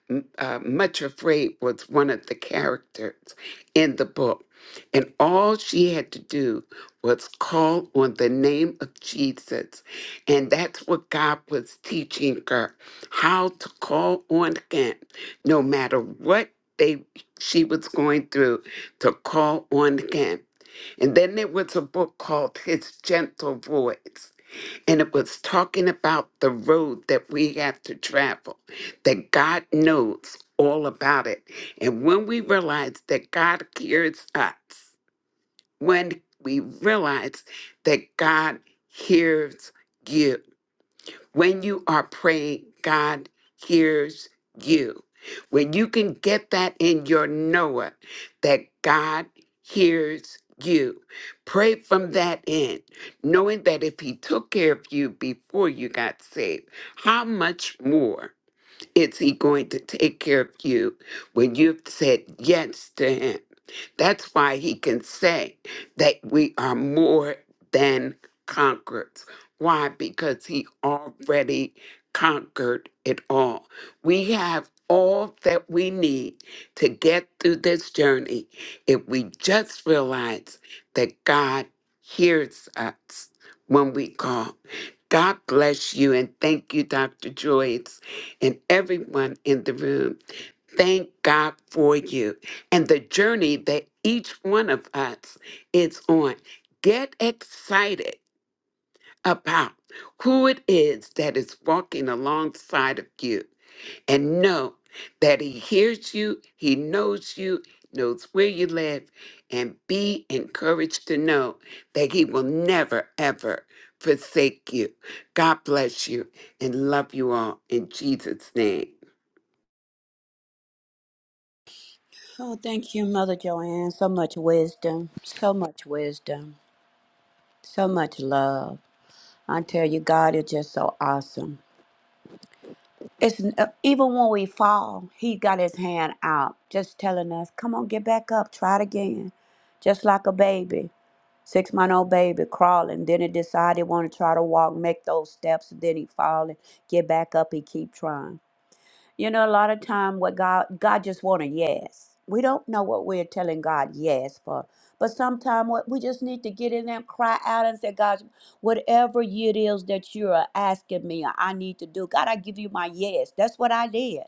Speaker 19: m- uh, Much Afraid was one of the characters in the book. And all she had to do was call on the name of Jesus. And that's what God was teaching her how to call on Him, no matter what they she was going through, to call on Him. And then there was a book called His Gentle Voice and it was talking about the road that we have to travel, that God knows all about it. And when we realize that God hears us, when we realize that God hears you, when you are praying, God hears you. When you can get that in your Noah, that God hears you. Pray from that end, knowing that if He took care of you before you got saved, how much more? Is he going to take care of you when you've said yes to him? That's why he can say that we are more than conquerors. Why? Because he already conquered it all. We have all that we need to get through this journey if we just realize that God hears us when we call. God bless you and thank you, Dr. Joyce and everyone in the room. Thank God for you and the journey that each one of us is on. Get excited about who it is that is walking alongside of you and know that He hears you, He knows you, knows where you live, and be encouraged to know that He will never, ever forsake you. God bless you and love you all in Jesus' name.
Speaker 2: Oh, thank you, Mother Joanne. So much wisdom, so much wisdom, so much love. I tell you, God is just so awesome. It's uh, even when we fall, He got His hand out, just telling us, "Come on, get back up, try it again." Just like a baby, six-month-old baby crawling, then it decided want to try to walk, make those steps, and then he fall and get back up. He keep trying. You know, a lot of time what God God just want a yes. We don't know what we're telling God yes for. But sometimes what we just need to get in there, and cry out and say, God, whatever it is that you are asking me, I need to do. God, I give you my yes. That's what I did.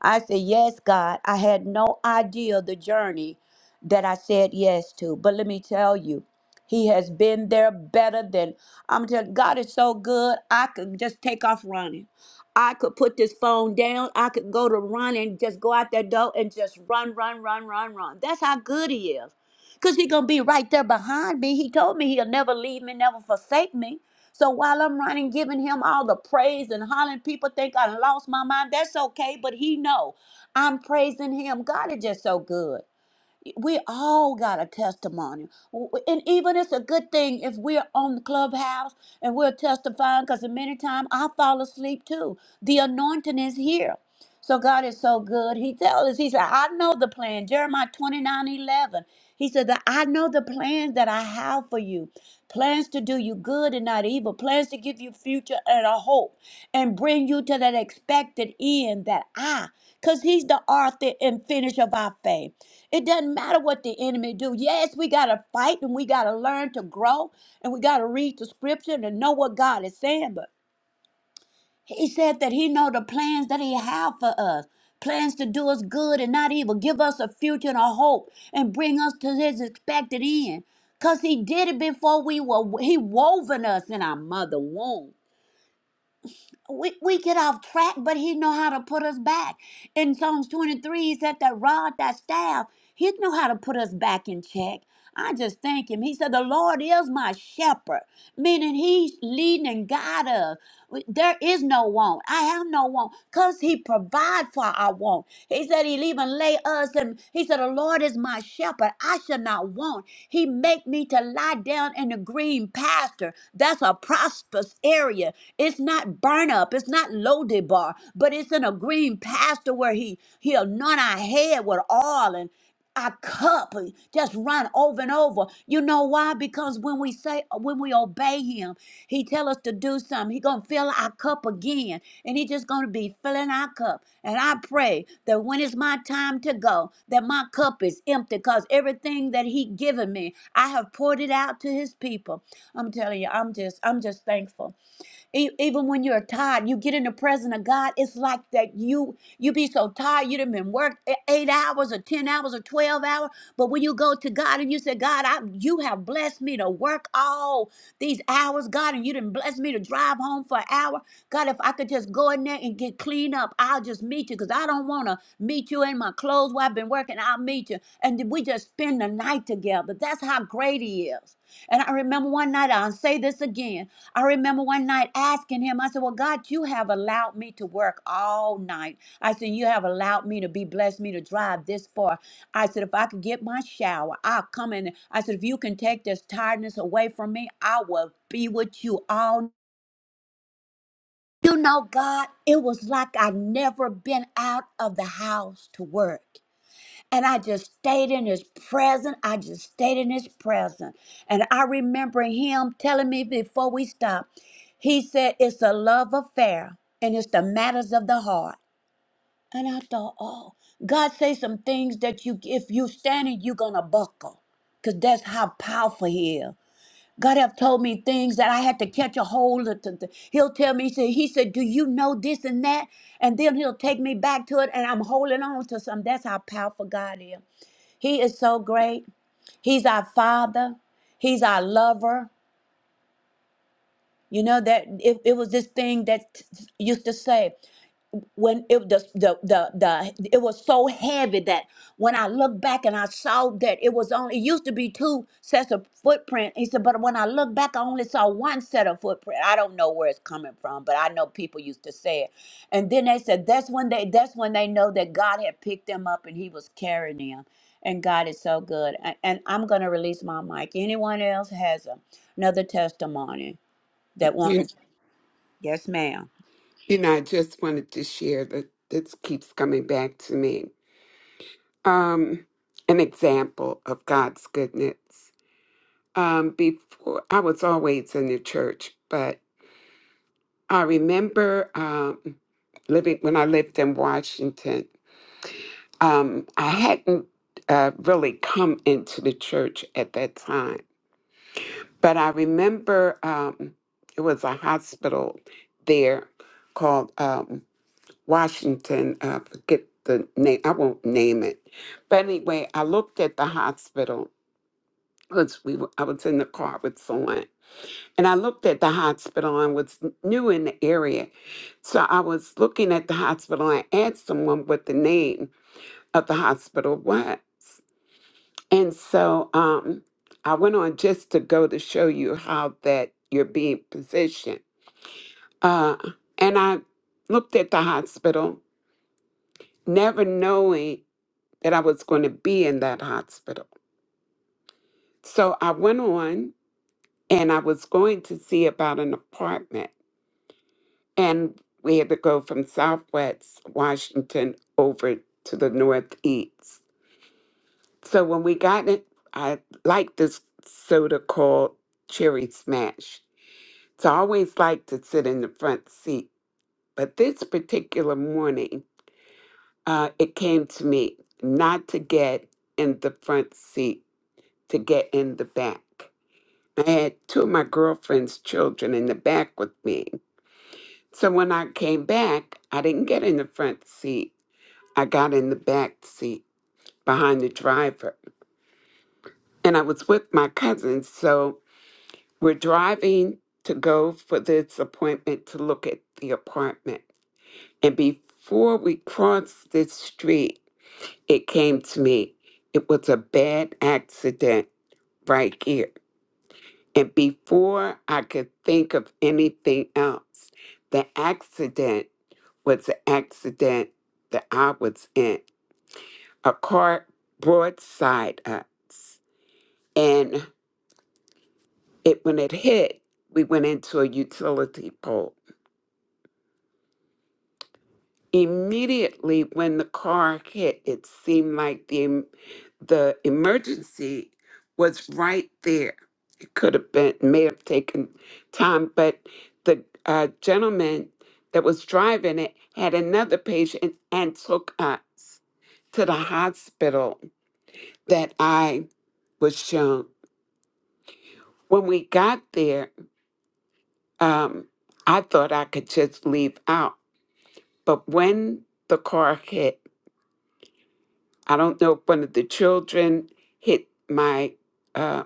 Speaker 2: I said, Yes, God. I had no idea the journey that I said yes to. But let me tell you, He has been there better than I'm telling God is so good. I could just take off running. I could put this phone down. I could go to run and just go out that door and just run, run, run, run, run. That's how good He is. Because He going to be right there behind me. He told me He'll never leave me, never forsake me. So while I'm running, giving him all the praise and hollering, people think I done lost my mind. That's okay, but he know I'm praising him. God is just so good. We all got a testimony. And even it's a good thing if we're on the clubhouse and we're testifying because many times I fall asleep too. The anointing is here. So God is so good. He tells us, He said, I know the plan. Jeremiah 29 11. He said that I know the plans that I have for you. Plans to do you good and not evil. Plans to give you future and a hope and bring you to that expected end that I, because he's the author and finish of our faith. It doesn't matter what the enemy do. Yes, we got to fight and we got to learn to grow and we got to read the scripture and know what God is saying. But he said that he know the plans that he have for us. Plans to do us good and not evil, give us a future and a hope and bring us to his expected end. Cause he did it before we were he woven us in our mother womb we, we get off track, but he know how to put us back. In Psalms 23, he said that rod, that staff, he know how to put us back in check. I just thank him. He said, the Lord is my shepherd, meaning he's leading and guide us. There is no want. I have no want because he provide for our want. He said he'll even lay us and he said, the Lord is my shepherd. I shall not want. He make me to lie down in the green pasture. That's a prosperous area. It's not burn up. It's not loaded bar, but it's in a green pasture where he, he anoint our head with oil our cup uh, just run over and over. You know why? Because when we say uh, when we obey him, he tell us to do something. He gonna fill our cup again, and he just gonna be filling our cup. And I pray that when it's my time to go, that my cup is empty, cause everything that he given me, I have poured it out to his people. I'm telling you, I'm just I'm just thankful. E- Even when you're tired, you get in the presence of God. It's like that you you be so tired, you done been worked e- eight hours or ten hours or twelve hours. But when you go to God and you say, God, I you have blessed me to work all these hours, God, and you didn't bless me to drive home for an hour. God, if I could just go in there and get clean up, I'll just meet you because I don't want to meet you in my clothes while I've been working. I'll meet you. And then we just spend the night together. That's how great He is. And I remember one night, I'll say this again. I remember one night asking him, I said, Well, God, you have allowed me to work all night. I said, You have allowed me to be blessed, me to drive this far. I said, If I could get my shower, I'll come in. I said, If you can take this tiredness away from me, I will be with you all. You know, God, it was like I'd never been out of the house to work. And I just stayed in his presence. I just stayed in his presence. And I remember him telling me before we stopped, he said, It's a love affair and it's the matters of the heart. And I thought, oh, God say some things that you if you standing, you're gonna buckle. Cause that's how powerful he is. God have told me things that I had to catch a hold of. to- to- He'll tell me, he said, he said, do you know this and that? And then he'll take me back to it and I'm holding on to something. That's how powerful God is. He is so great. He's our father. He's our lover. You know that it, it was this thing that used to say when it the, the the the it was so heavy that when I looked back and I saw that it was only it used to be two sets of footprint. He said, but when I look back, I only saw one set of footprint. I don't know where it's coming from, but I know people used to say it. And then they said that's when they that's when they know that God had picked them up and He was carrying them. And God is so good. And, and I'm gonna release my mic. Anyone else has a, another testimony that wanted? Yes, ma'am.
Speaker 19: You know, I just wanted to share that this keeps coming back to me. Um, an example of God's goodness. Um, before I was always in the church, but I remember um, living when I lived in Washington. Um, I hadn't uh, really come into the church at that time, but I remember um, it was a hospital there called. um, Washington, I forget the name, I won't name it. But anyway, I looked at the hospital because we were, I was in the car with someone, and I looked at the hospital and was new in the area. So I was looking at the hospital and I asked someone what the name of the hospital was. And so um, I went on just to go to show you how that you're being positioned. Uh, and I looked at the hospital, never knowing. that I was going to be in that hospital. So I went on and I was going to see about an apartment. And we had to go from Southwest Washington over to the Northeast. So when we got it, I liked this soda called Cherry Smash. So I always liked to sit in the front seat. But this particular morning, uh, it came to me not to get in the front seat, to get in the back. I had two of my girlfriend's children in the back with me. So when I came back, I didn't get in the front seat. I got in the back seat behind the driver. And I was with my cousins. So we're driving to go for this appointment to look at the apartment. And before we crossed this street, it came to me. It was a bad accident right here. And before I could think of anything else, the accident was the accident that I was in. A car broadside us. And it when it hit, we went into a utility pole. Immediately when the car hit, it seemed like the em- the emergency was right there could have been may have taken time but the uh, gentleman that was driving it had another patient and took us to the hospital that i was shown when we got there um, i thought i could just leave out but when the car hit i don't know if one of the children hit my uh,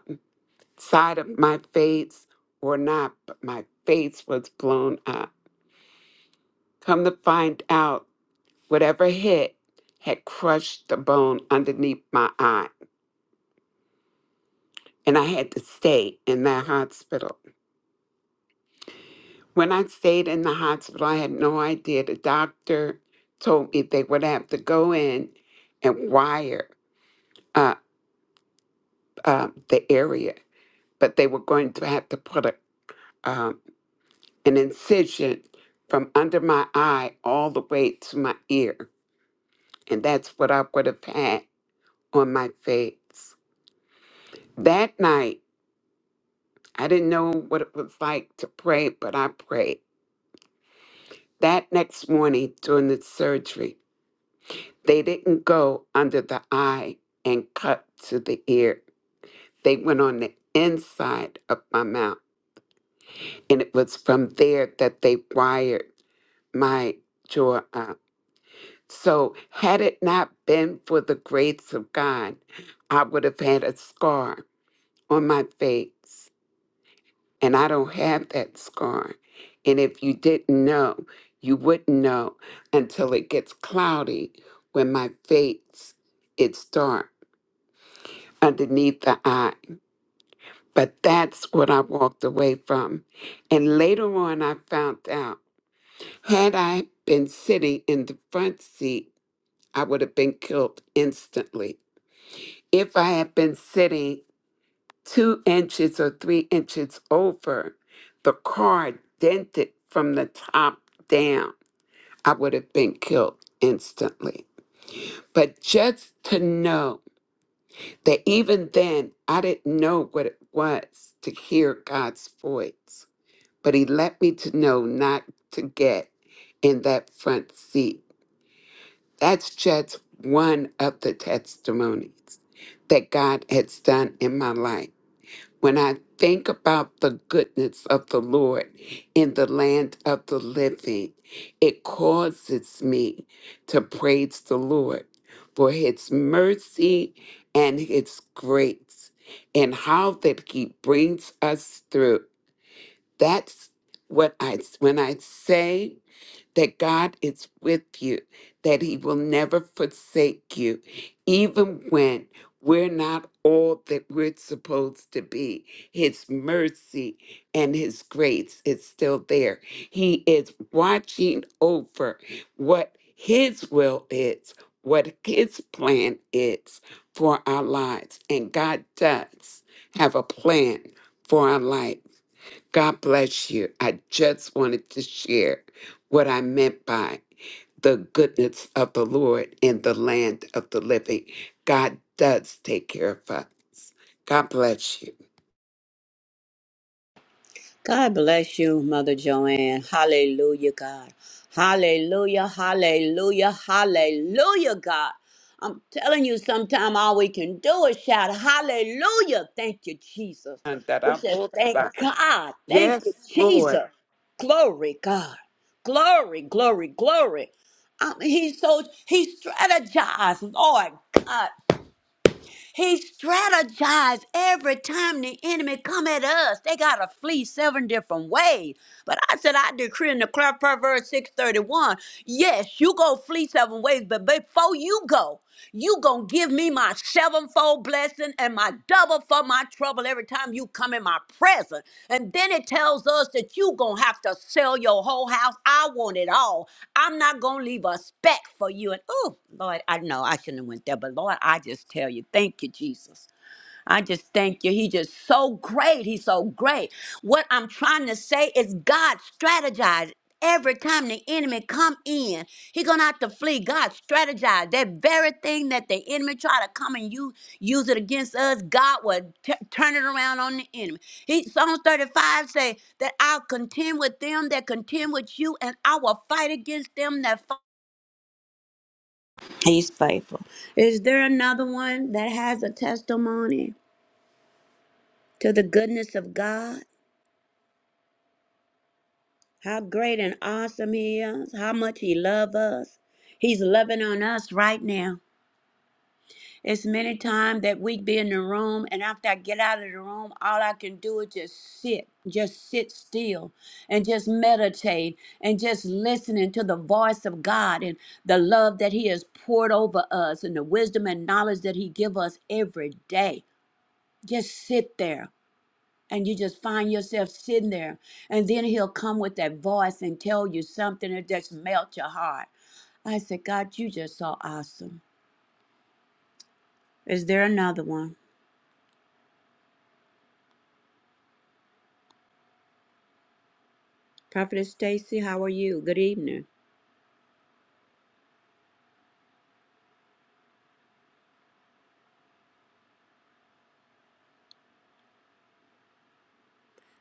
Speaker 19: side of my face or not but my face was blown up Come to find out, whatever hit had crushed the bone underneath my eye, and I had to stay in that hospital. When I stayed in the hospital, I had no idea. The doctor told me they would have to go in and wire up uh, the area, but they were going to have to put a, um, an incision from under my eye all the way to my ear, and that's what I would have had on my face. That night, I didn't know what it was like to pray, but I prayed. That next morning during the surgery, they didn't go under the eye and cut to the ear. They went on the inside of my mouth. And it was from there that they wired my jaw up. So, had it not been for the grace of God, I would have had a scar on my face. and I don't have that scar. And if you didn't know, you wouldn't know until it gets cloudy when my face it's dark underneath the eye. But that's what I walked away from. And later on I found out had I been sitting in the front seat, I would have been killed instantly. If I had been sitting two inches or three inches over, the car dented from the top down. I would have been killed instantly. But just to know that even then, I didn't know what it was to hear God's voice, but He let me to know not to get in that front seat. That's just one of the testimonies that God has done in my life. When I think about the goodness of the Lord in the land of the living, it causes me to praise the Lord for his mercy and his grace and how that he brings us through. That's what I when I say that God is with you, that He will never forsake you, even when we're not all that we're supposed to be. His mercy and His grace is still there. He is watching over what His will is, what His plan is for our lives. And God does have a plan for our life. God bless you. I just wanted to share what I meant by the goodness of the Lord in the land of the living. God does take care of us. God bless you.
Speaker 2: God bless you, Mother Joanne. Hallelujah, God. Hallelujah, hallelujah, hallelujah, God. I'm telling you, sometime all we can do is shout, Hallelujah. Thank you, Jesus.
Speaker 19: Yes, Lord.
Speaker 2: We said, Thank God. Thank you, Jesus. Glory, God. Glory, glory, glory. I mean, he's so, he strategized, Lord God. He strategized every time the enemy come at us. They got to flee seven different ways. But I said, I decree and declare per verse 631, yes, you go flee seven ways, but before you go, you gonna give me my sevenfold blessing blessing and my double for my trouble every time you come in my presence. And then it tells us that you going to have to sell your whole house. I want it all. I'm not going to leave a speck for you. And oh, Lord, I know I shouldn't have went there, but Lord, I just tell you, thank you, Jesus. I just thank you. He just so great. He's so great. What I'm trying to say is God strategized. Every time the enemy come in, he gonna have to flee. God strategized that very thing that the enemy try to come and you use it against us. God would t- turn it around on the enemy. He Psalms 35 say that I'll contend with them that contend with you, and I will fight against them that fight. He's faithful. Is there another one that has a testimony to the goodness of God? How great and awesome He is. How much He loves us. He's loving on us right now. It's many times that we be in the room, and after I get out of the room, all I can do is just sit, just sit still, and just meditate, and just listening to the voice of God and the love that He has poured over us, and the wisdom and knowledge that He give us every day. Just sit there and you just find yourself sitting there and then he'll come with that voice and tell you something that just melt your heart i said god you just so awesome is there another one prophetess stacy how are you good evening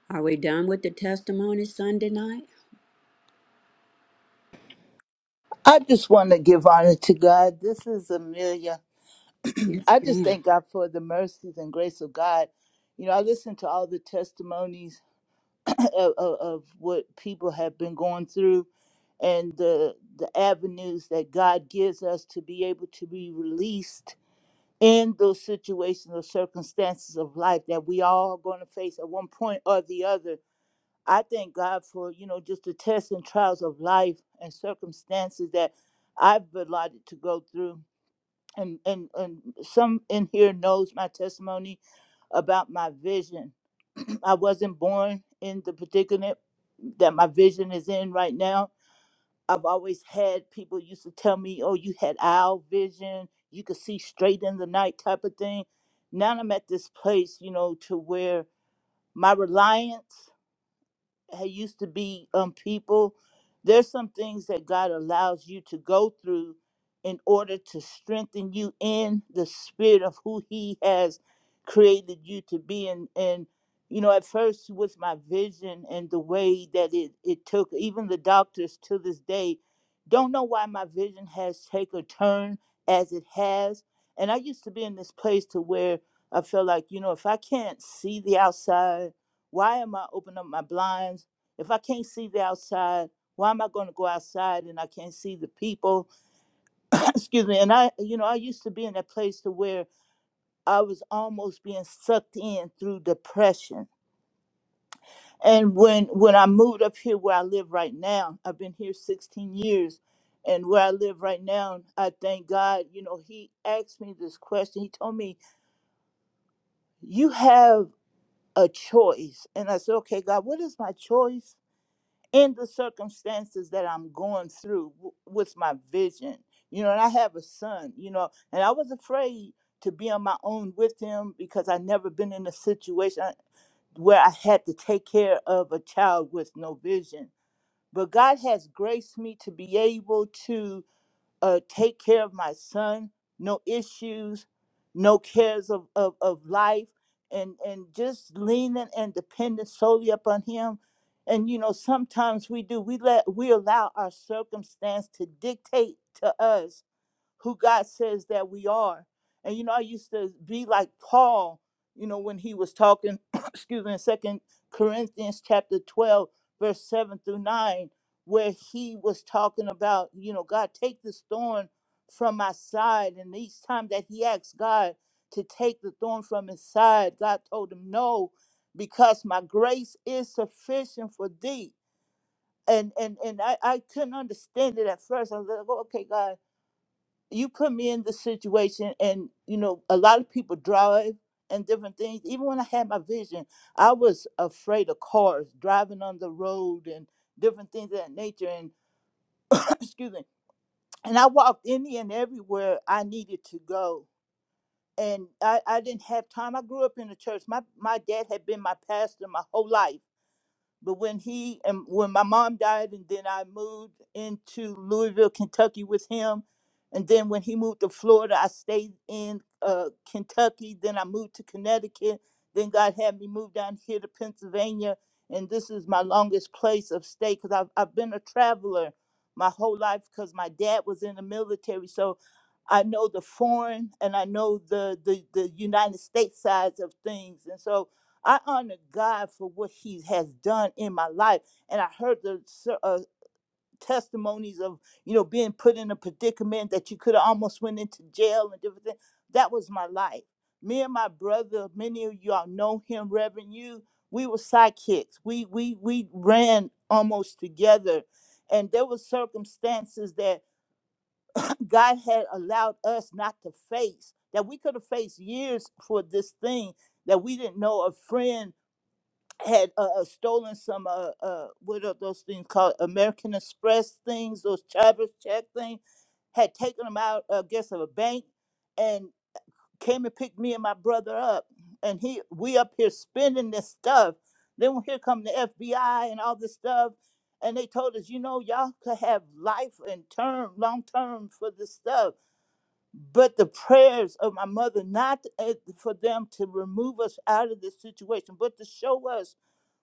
Speaker 2: are we done with the testimony sunday night
Speaker 24: I just want to give honor to God. This is Amelia. *clears throat*
Speaker 2: yes
Speaker 24: I just
Speaker 2: ma'am
Speaker 24: thank God for the mercies and grace of God. You know, I listen to all the testimonies *clears throat* of, of, of what people have been going through and the the avenues that God gives us to be able to be released in those situations or circumstances of life that we all are going to face at one point or the other. I thank God for, you know, just the tests and trials of life and circumstances that I've been allotted to go through. And, and, and some in here knows my testimony about my vision. *clears throat* I wasn't born in the predicament that my vision is in right now I've always had people used to tell me, "Oh, you had owl vision. You could see straight in the night," type of thing. Now I'm at this place, you know, to where my reliance had used to be um people there's some things that god allows you to go through in order to strengthen you in the spirit of who he has created you to be and and you know at first with my vision and the way that it it took even the doctors to this day don't know why my vision has taken a turn as it has and i used to be in this place to where i felt like you know if i can't see the outside why am I opening up my blinds? If I can't see the outside, why am I going to go outside and I can't see the people? *clears throat* Excuse me. And I, you know, I used to be in a place to where I was almost being sucked in through depression. And when when I moved up here where I live right now, I've been here 16 years. And where I live right now, I thank God, you know, he asked me this question. He told me, You have a choice. And I said, Okay, God, what is my choice? in the circumstances that I'm going through w- with my vision. You know, and I have a son, you know, and I was afraid to be on my own with him because i never been in a situation I- where I had to take care of a child with no vision. But God has graced me to be able to uh, take care of my son, no issues, no cares of, of, of life, and, and just leaning and depending solely upon him. And you know, sometimes we do, we let we allow our circumstance to dictate to us who God says that we are. And you know, I used to be like Paul, you know, when he was talking, *coughs* *clears throat* excuse me, in Second Corinthians chapter 12, verse 7 through 9, where he was talking about, you know, God, take this thorn from my side. And each time that he asked God to take the thorn from his side, God told him no, because my grace is sufficient for thee. And and and I, I couldn't understand it at first. I was like, "Oh, okay, God you put me in this situation and you know a lot of people drive and different things even when i had my vision i was afraid of cars driving on the road and different things of that nature and *clears throat* excuse me and i walked any and everywhere i needed to go and I, I didn't have time i grew up in the church my, my dad had been my pastor my whole life but when he and when my mom died, and then I moved into Louisville, Kentucky with him, and then when he moved to Florida, I stayed in uh, Kentucky. Then I moved to Connecticut. Then God had me move down here to Pennsylvania, and this is my longest place of stay because I've I've been a traveler my whole life because my dad was in the military, so I know the foreign and I know the the the United States sides of things, and so I honor God for what He has done in my life. And I heard the ser- uh, testimonies of, you know, being put in a predicament that you could have almost went into jail and different things. That was my life. Me and my brother, many of y'all know him, Reverend You. We were sidekicks. We we we ran almost together. And there were circumstances that *clears throat* God had allowed us not to face, that we could have faced years for this thing that we didn't know a friend had uh, uh, stolen some uh, uh what are those things called American Express things, those Travis check things, had taken them out uh, I guess of a bank and came and picked me and my brother up, and he we up here spending this stuff. Then here come the FBI and all this stuff, and they told us, you know, y'all could have life and term, long term for this stuff. But the prayers of my mother, not uh, for them to remove us out of this situation, but to show us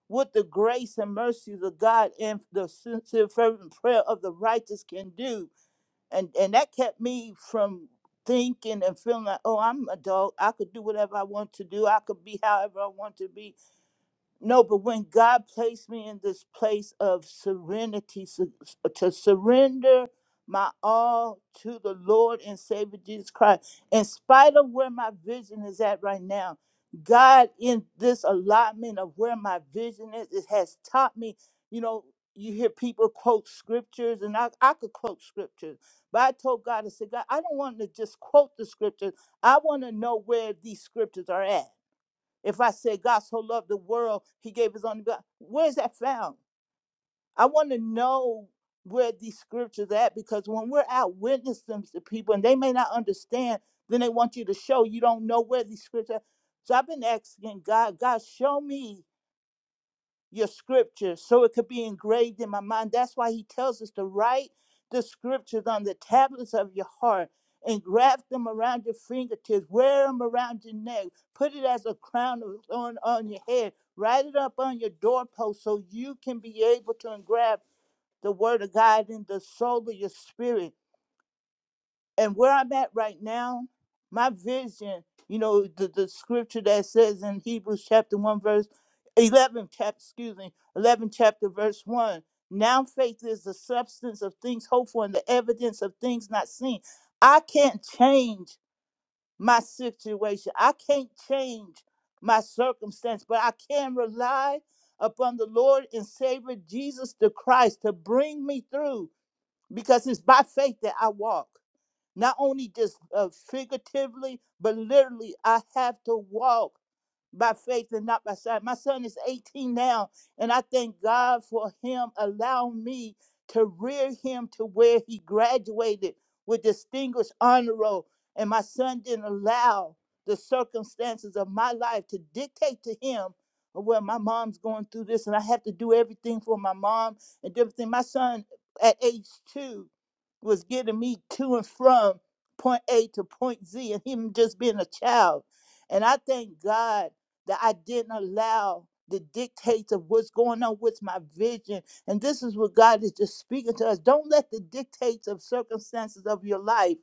Speaker 24: what the grace and mercies of God and the sincere fervent prayer of the righteous can do. And and that kept me from thinking and feeling like, oh, I'm an adult. I could do whatever I want to do. I could be however I want to be. No, but when God placed me in this place of serenity, su- to surrender my all to the Lord and Savior Jesus Christ, in spite of where my vision is at right now, God, in this allotment of where my vision is, it has taught me, you know. You hear people quote scriptures, and I, I could quote scriptures, but I told God, I said, God, I don't want to just quote the scriptures. I want to know where these scriptures are at. If I say God so loved the world, he gave his only begotten, where is that found? I want to know where these scriptures are at because when we're out witnessing to people and they may not understand, then they want you to show you don't know where these scriptures. are. So I've been asking God, God, show me your scripture so it could be engraved in my mind. That's why he tells us to write the scriptures on the tablets of your heart and graft them around your fingertips, wear them around your neck, put it as a crown of thorn on your head, write it up on your doorpost so you can be able to engraft the word of God in the soul of your spirit and where I'm at right now, my vision, you know, the, the scripture that says in Hebrews chapter 1, verse 11, chap, excuse me, 11, chapter verse 1. Now faith is the substance of things hoped for and the evidence of things not seen. I can't change my situation, I can't change my circumstance, but I can rely upon the Lord and Savior Jesus the Christ to bring me through because it's by faith that I walk not only just uh, figuratively, but literally, I have to walk by faith and not by sight. My son is 18 now, and I thank God for him allowing me to rear him to where he graduated with distinguished honor roll. And my son didn't allow the circumstances of my life to dictate to him, well, my mom's going through this, and I have to do everything for my mom and everything. My son at age two was getting me to and from point A to point Z, and him just being a child. And I thank God that I didn't allow the dictates of what's going on with my vision. And this is what God is just speaking to us. Don't let the dictates of circumstances of your life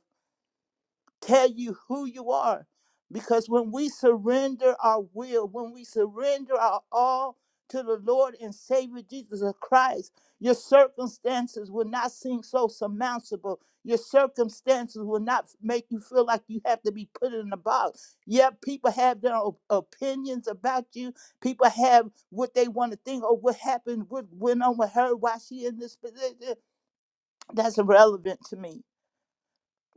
Speaker 24: tell you who you are. Because when we surrender our will, when we surrender our all to the Lord and Savior Jesus Christ, your circumstances will not seem so surmountable. Your circumstances will not make you feel like you have to be put in a box. Yeah, people have their op- opinions about you. People have what they want to think or what happened, what went on with her, why she in this position. That's irrelevant to me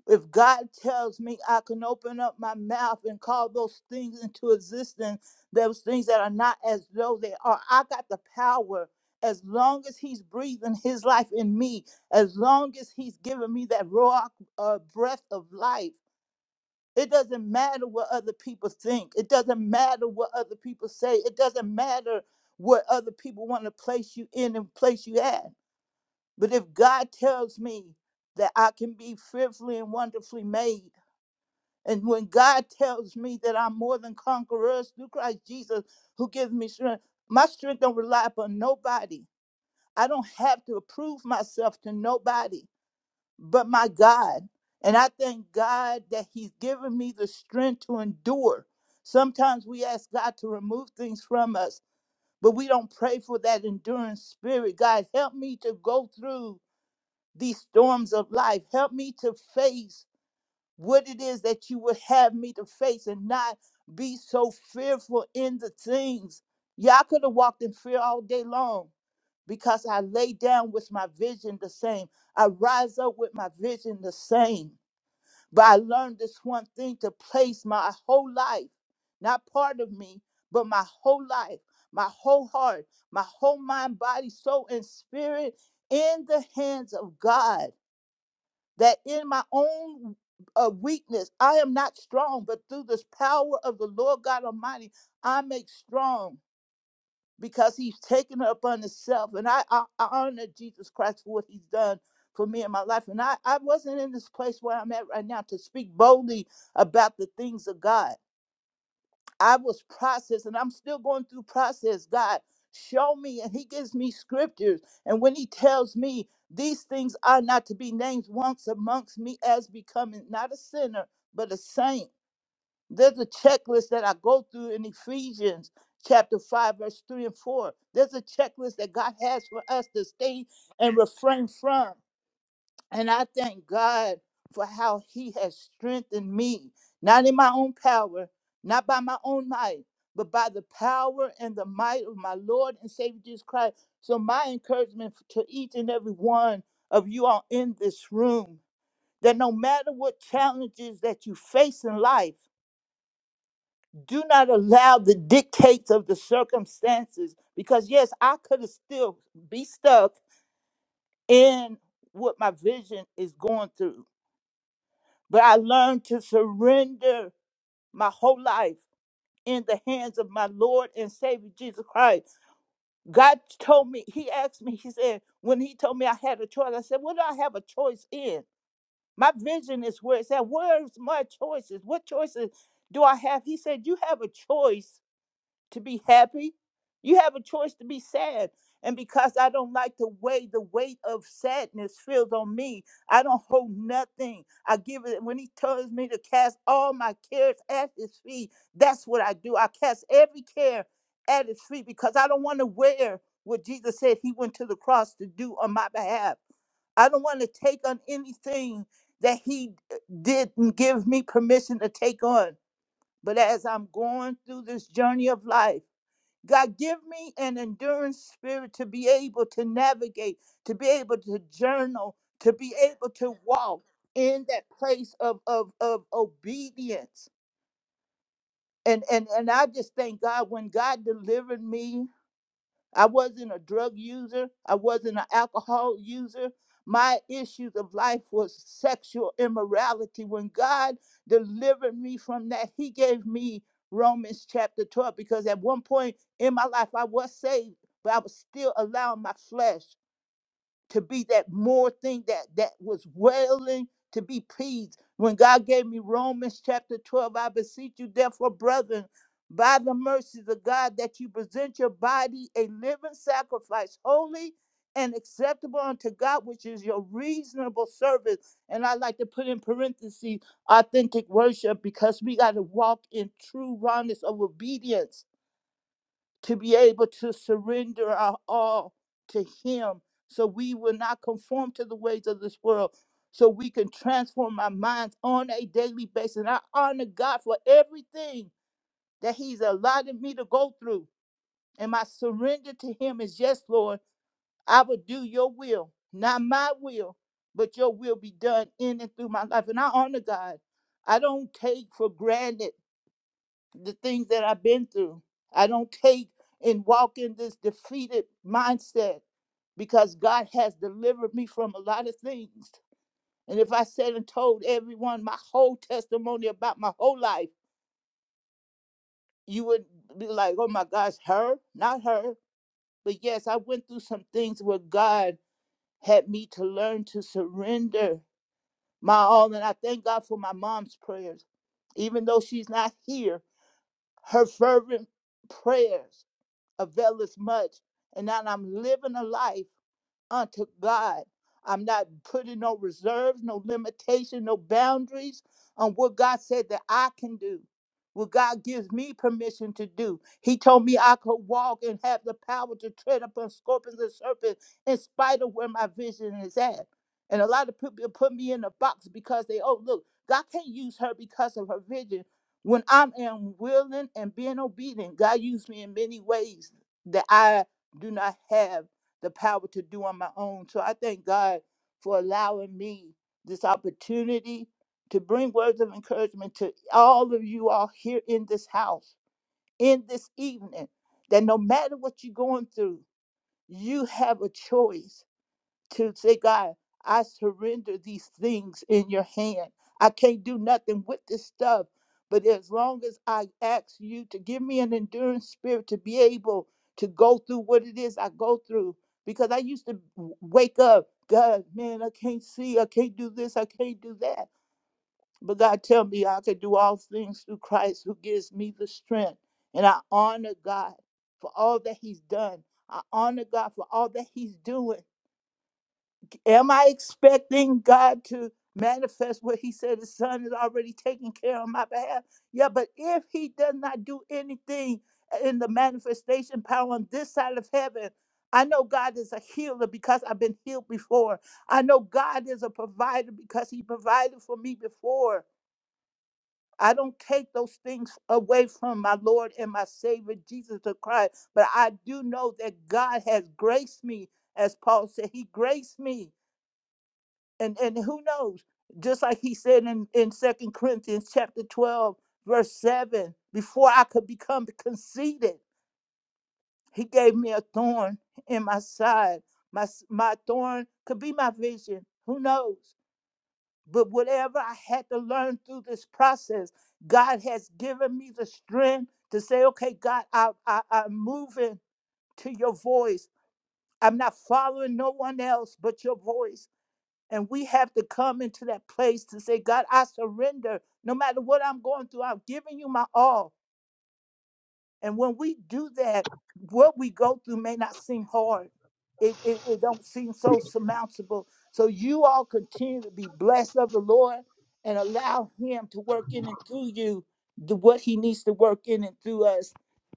Speaker 24: if God tells me I can open up my mouth and call those things into existence, those things that are not as though they are, I got the power. As long as He's breathing His life in me, as long as He's giving me that raw uh, breath of life, it doesn't matter what other people think. It doesn't matter what other people say. It doesn't matter what other people want to place you in and place you at. But if God tells me that I can be fearfully and wonderfully made. And when God tells me that I'm more than conquerors through Christ Jesus who gives me strength, my strength don't rely upon nobody. I don't have to prove myself to nobody but my God. And I thank God that He's given me the strength to endure. Sometimes we ask God to remove things from us, but we don't pray for that endurance spirit. God, help me to go through these storms of life. Help me to face what it is that you would have me to face and not be so fearful in the things. Yeah, I could have walked in fear all day long because I lay down with my vision the same. I rise up with my vision the same. But I learned this one thing to place my whole life, not part of me, but my whole life, my whole heart, my whole mind, body, soul, and spirit in the hands of God that in my own uh, weakness, I am not strong, but through this power of the Lord God Almighty, I make strong because He's taken it upon Himself. And I, I, I honor Jesus Christ for what He's done for me in my life. And I, I wasn't in this place where I'm at right now to speak boldly about the things of God. I was processed and I'm still going through process. God, show me. And he gives me scriptures. And when he tells me these things are not to be named once amongst me as becoming not a sinner, but a saint. There's a checklist that I go through in Ephesians chapter 5, verse 3 and 4. There's a checklist that God has for us to stay and refrain from. And I thank God for how He has strengthened me, not in my own power, not by my own might, but by the power and the might of my Lord and Savior Jesus Christ. So, my encouragement to each and every one of you all in this room that no matter what challenges that you face in life, do not allow the dictates of the circumstances because, yes, I could have still be stuck in what my vision is going through But I learned to surrender my whole life in the hands of my Lord and Savior Jesus Christ. God told me, He asked me, He said, when He told me I had a choice, I said, What do I have a choice in? My vision is where it's at. Where's my choices? What choices do I have? He said, You have a choice to be happy. You have a choice to be sad. And because I don't like the way the weight of sadness feels on me, I don't hold nothing. I give it when he tells me to cast all my cares at his feet. That's what I do. I cast every care at his feet because I don't want to wear what Jesus said he went to the cross to do on my behalf. I don't want to take on anything that he uh, didn't give me permission to take on. But as I'm going through this journey of life, God, give me an endurance spirit to be able to navigate, to be able to journal, to be able to walk in that place of, of, of obedience. And, and and I just thank God when God delivered me I wasn't a drug user. I wasn't an alcohol user. My issues of life was sexual immorality. When God delivered me from that, He gave me Romans chapter 12 because at one point in my life I was saved, but I was still allowing my flesh to be that more thing that that was wailing to be pleased. When God gave me Romans chapter 12, I beseech you, therefore, brethren, by the mercies of God, that you present your body a living sacrifice, holy and acceptable unto God, which is your reasonable service. And I like to put in parentheses authentic worship because we got to walk in true rawness of obedience to be able to surrender our all to Him so we will not conform to the ways of this world, so we can transform our minds on a daily basis. And I honor God for everything that He's allotted me to go through. And my surrender to Him is yes, Lord, I will do your will, not my will, but your will be done in and through my life. And I honor God. I don't take for granted the things that I've been through. I don't take and walk in this defeated mindset because God has delivered me from a lot of things. And if I said and told everyone my whole testimony about my whole life, you would be like, oh my gosh, her, not her. But yes, I went through some things where God had me to learn to surrender my all. And I thank God for my mom's prayers. Even though she's not here, her fervent prayers availeth much. And now I'm living a life unto God. I'm not putting no reserves, no limitation, no boundaries on what God said that I can do, what God gives me permission to do. He told me I could walk and have the power to tread upon scorpions and serpents in spite of where my vision is at. And a lot of people put me in a box because they, oh, look, God can't use her because of her vision. When I am willing and being obedient, God used me in many ways that I do not have the power to do on my own. So I thank God for allowing me this opportunity to bring words of encouragement to all of you all here in this house, in this evening, that no matter what you're going through, you have a choice to say, God, I surrender these things in your hand. I can't do nothing with this stuff. But as long as I ask you to give me an endurance spirit to be able to go through what it is I go through, because I used to w- wake up, God, man, I can't see, I can't do this, I can't do that. But God, tell me I can do all things through Christ who gives me the strength. And I honor God for all that He's done. I honor God for all that He's doing. Am I expecting God to manifest what He said His Son is already taking care on my behalf? Yeah, but if He does not do anything in the manifestation power on this side of heaven, I know God is a healer because I've been healed before. I know God is a provider because He provided for me before. I don't take those things away from my Lord and my Savior Jesus the Christ, but I do know that God has graced me, as Paul said, He graced me and and who knows just like he said in in second corinthians chapter 12 verse 7 before i could become conceited he gave me a thorn in my side my s- my thorn could be my vision who knows but whatever i had to learn through this process god has given me the strength to say okay god i, I i'm moving to your voice i'm not following no one else but your voice and we have to come into that place to say, God, I surrender. No matter what I'm going through, I'm giving you my all. And when we do that, what we go through may not seem hard. It, it, it don't seem so surmountable. So you all continue to be blessed of the Lord and allow him to work in and through you the, what he needs to work in and through us,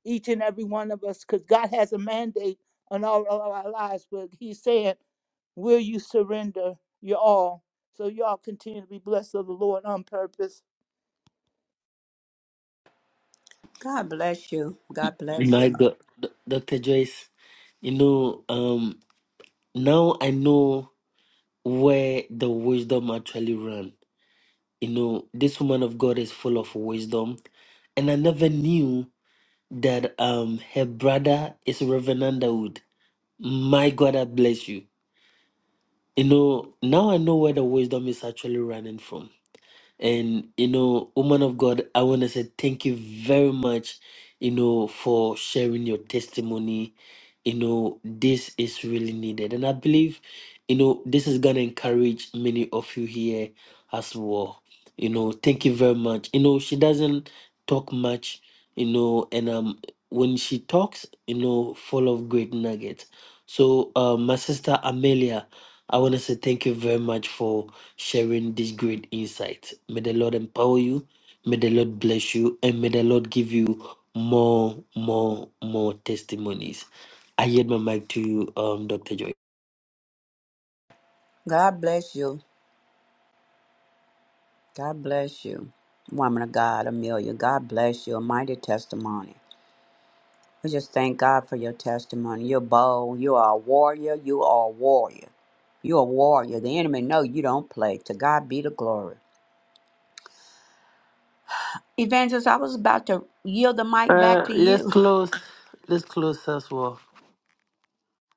Speaker 24: each and every one of us, because God has a mandate on all of our lives. But he's saying, Will you surrender your all so y'all continue to be blessed of the Lord on purpose?
Speaker 2: God bless you. God bless you.
Speaker 3: My do- do- Dr. Joyce, you know, um, now I know where the wisdom actually ran. You know, this woman of God is full of wisdom. And I never knew that um her brother is Reverend Underwood. My God, I bless you. You know, now I know where the wisdom is actually running from. And you know, woman of God, I want to say thank you very much, you know, for sharing your testimony. You know, this is really needed. And I believe, you know, this is gonna encourage many of you here as well. You know, thank you very much. You know, she doesn't talk much, you know, and um when she talks, you know, full of great nuggets. So uh, my sister Amelia, I want to say thank you very much for sharing this great insight. May the Lord empower you. May the Lord bless you. And may the Lord give you more, more, more testimonies. I yield my mic to you, um, Dr. Joy.
Speaker 2: God bless you. God bless you. Woman of God, Amelia, God bless you. A mighty testimony. I just thank God for your testimony. You're bold. You are a warrior. You are a warrior. You're a warrior. The enemy know you don't play. To God be the glory. Evangelist, I was about to yield the mic back
Speaker 3: Uh,
Speaker 2: to
Speaker 3: let's
Speaker 2: you. *laughs*
Speaker 3: close. Let's close as well.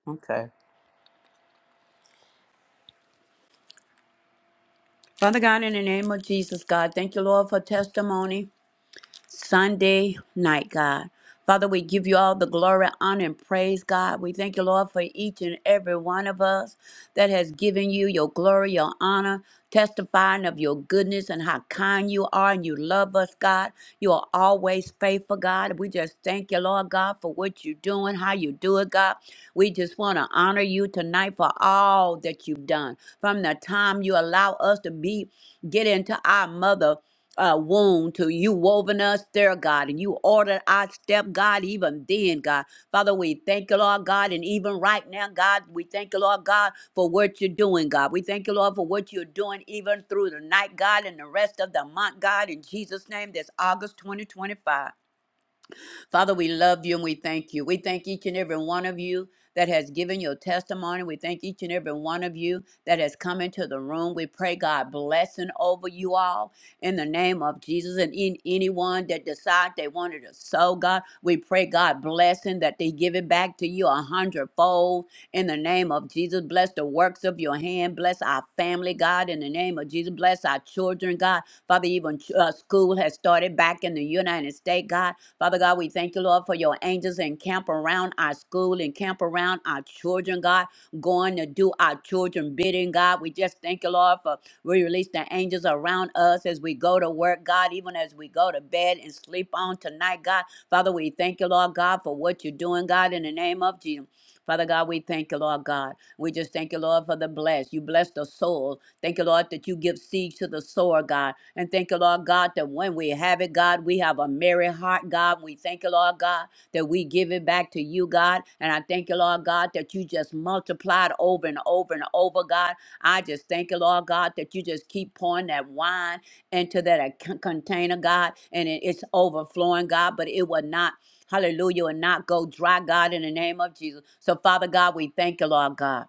Speaker 2: Okay. Father God, in the name of Jesus, God, thank you, Lord, for testimony. Sunday night, God. Father, we give you all the glory, honor, and praise, God. We thank you, Lord, for each and every one of us that has given you your glory, your honor, testifying of your goodness and how kind you are and you love us, God. You are always faithful, God. We just thank you, Lord God, for what you're doing, how you do it, God. We just want to honor you tonight for all that you've done. From the time you allow us to be get into our mother uh, wound to you woven us there, God, and you ordered our step, God, even then, God. Father, we thank you, Lord God, and even right now, God, we thank you, Lord God, for what you're doing, God. We thank you, Lord, for what you're doing even through the night, God, and the rest of the month, God, in Jesus' name, that's August 2025. Father, we love you and we thank you. We thank each and every one of you that has given your testimony. We thank each and every one of you that has come into the room. We pray God blessing over you all in the name of Jesus and in anyone that decide they wanted to sow God. We pray God blessing that they give it back to you a hundredfold in the name of Jesus. Bless the works of your hand. Bless our family, God, in the name of Jesus. Bless our children, God. Father, even uh, school has started back in the United States, God. Father God, we thank you, Lord, for your angels and camp around our school and camp around our children, God, going to do our children bidding, God. We just thank you, Lord, for we release the angels around us as we go to work, God, even as we go to bed and sleep on tonight, God. Father, we thank you, Lord God, for what you're doing, God, in the name of Jesus. Father God, we thank you, Lord God. We just thank you, Lord, for the bless. You bless the soul. Thank you, Lord, that you give seed to the sower, God. And thank you, Lord God, that when we have it, God, we have a merry heart, God. We thank you, Lord God, that we give it back to you, God. And I thank you, Lord God, that you just multiplied over and over and over, God. I just thank you, Lord God, that you just keep pouring that wine into that ac- container, God, and it- it's overflowing, God, but it will not. Hallelujah, will not go dry, God, in the name of Jesus. So, Father God, we thank you, Lord God.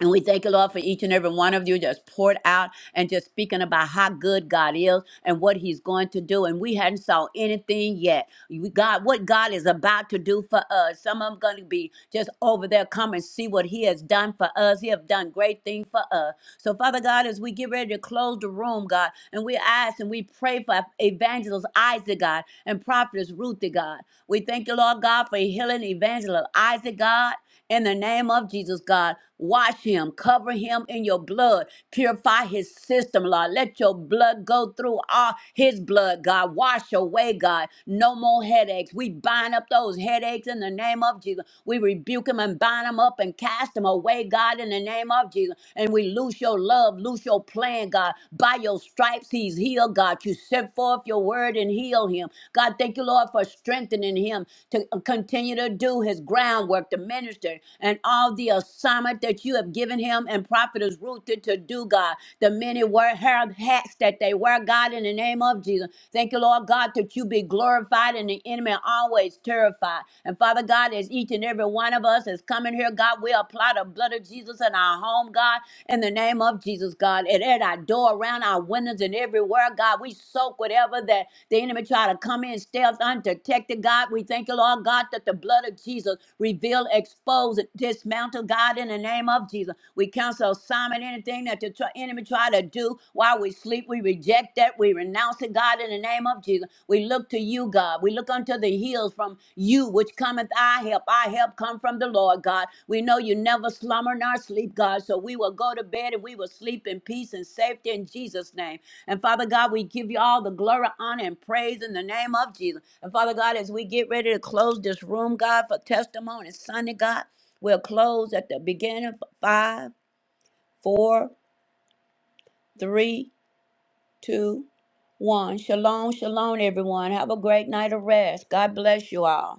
Speaker 2: And we thank you, Lord, for each and every one of you just poured out and just speaking about how good God is and what He's going to do. And we hadn't saw anything yet. We God, what God is about to do for us. Some of them going to be just over there, come and see what He has done for us. He have done great things for us. So, Father God, as we get ready to close the room, God, and we ask and we pray for Evangelist Isaac, God, and Prophetess Ruth, God. We thank you, Lord God, for healing Evangelist Isaac, God in the name of Jesus, God, wash him, cover him in your blood, purify his system, Lord. Let your blood go through all his blood, God. Wash away, God. No more headaches. We bind up those headaches in the name of Jesus. We rebuke them and bind them up and cast them away, God, in the name of Jesus. And we loose your love, loose your plan, God. By your stripes, he's healed, God. You set send forth your word and heal him. God, thank you, Lord, for strengthening him to continue to do his groundwork, to minister, and all the assignment that you have given him and prophetess Ruth to, to do, God. The many wear hair hats that they wear, God, in the name of Jesus. Thank you, Lord God, that you be glorified and the enemy always terrified. And Father God, as each and every one of us is coming here, God, we apply the by the blood of Jesus in our home, God, in the name of Jesus, God, and at our door, around our windows, and everywhere, God. We soak whatever that the enemy try to come in stealth undetected, God. We thank you, Lord God, that the blood of Jesus reveal, expose, and dismantle, God, in the name of Jesus. We cancel, Simon anything that the tr- enemy try to do while we sleep. We reject that. We renounce it, God, in the name of Jesus. We look to you, God. We look unto the hills from you, which cometh our help. Our help come from the Lord, God. We know you never slumber nor sleep, God. So we will go to bed and we will sleep in peace and safety in Jesus' name. And Father God, we give you all the glory, honor, and praise in the name of Jesus. And Father God, as we get ready to close this room, God, for testimony Sunday, God, we'll close at the beginning of five, four, three, two, one. Shalom, shalom, everyone. Have a great night of rest. God bless you all.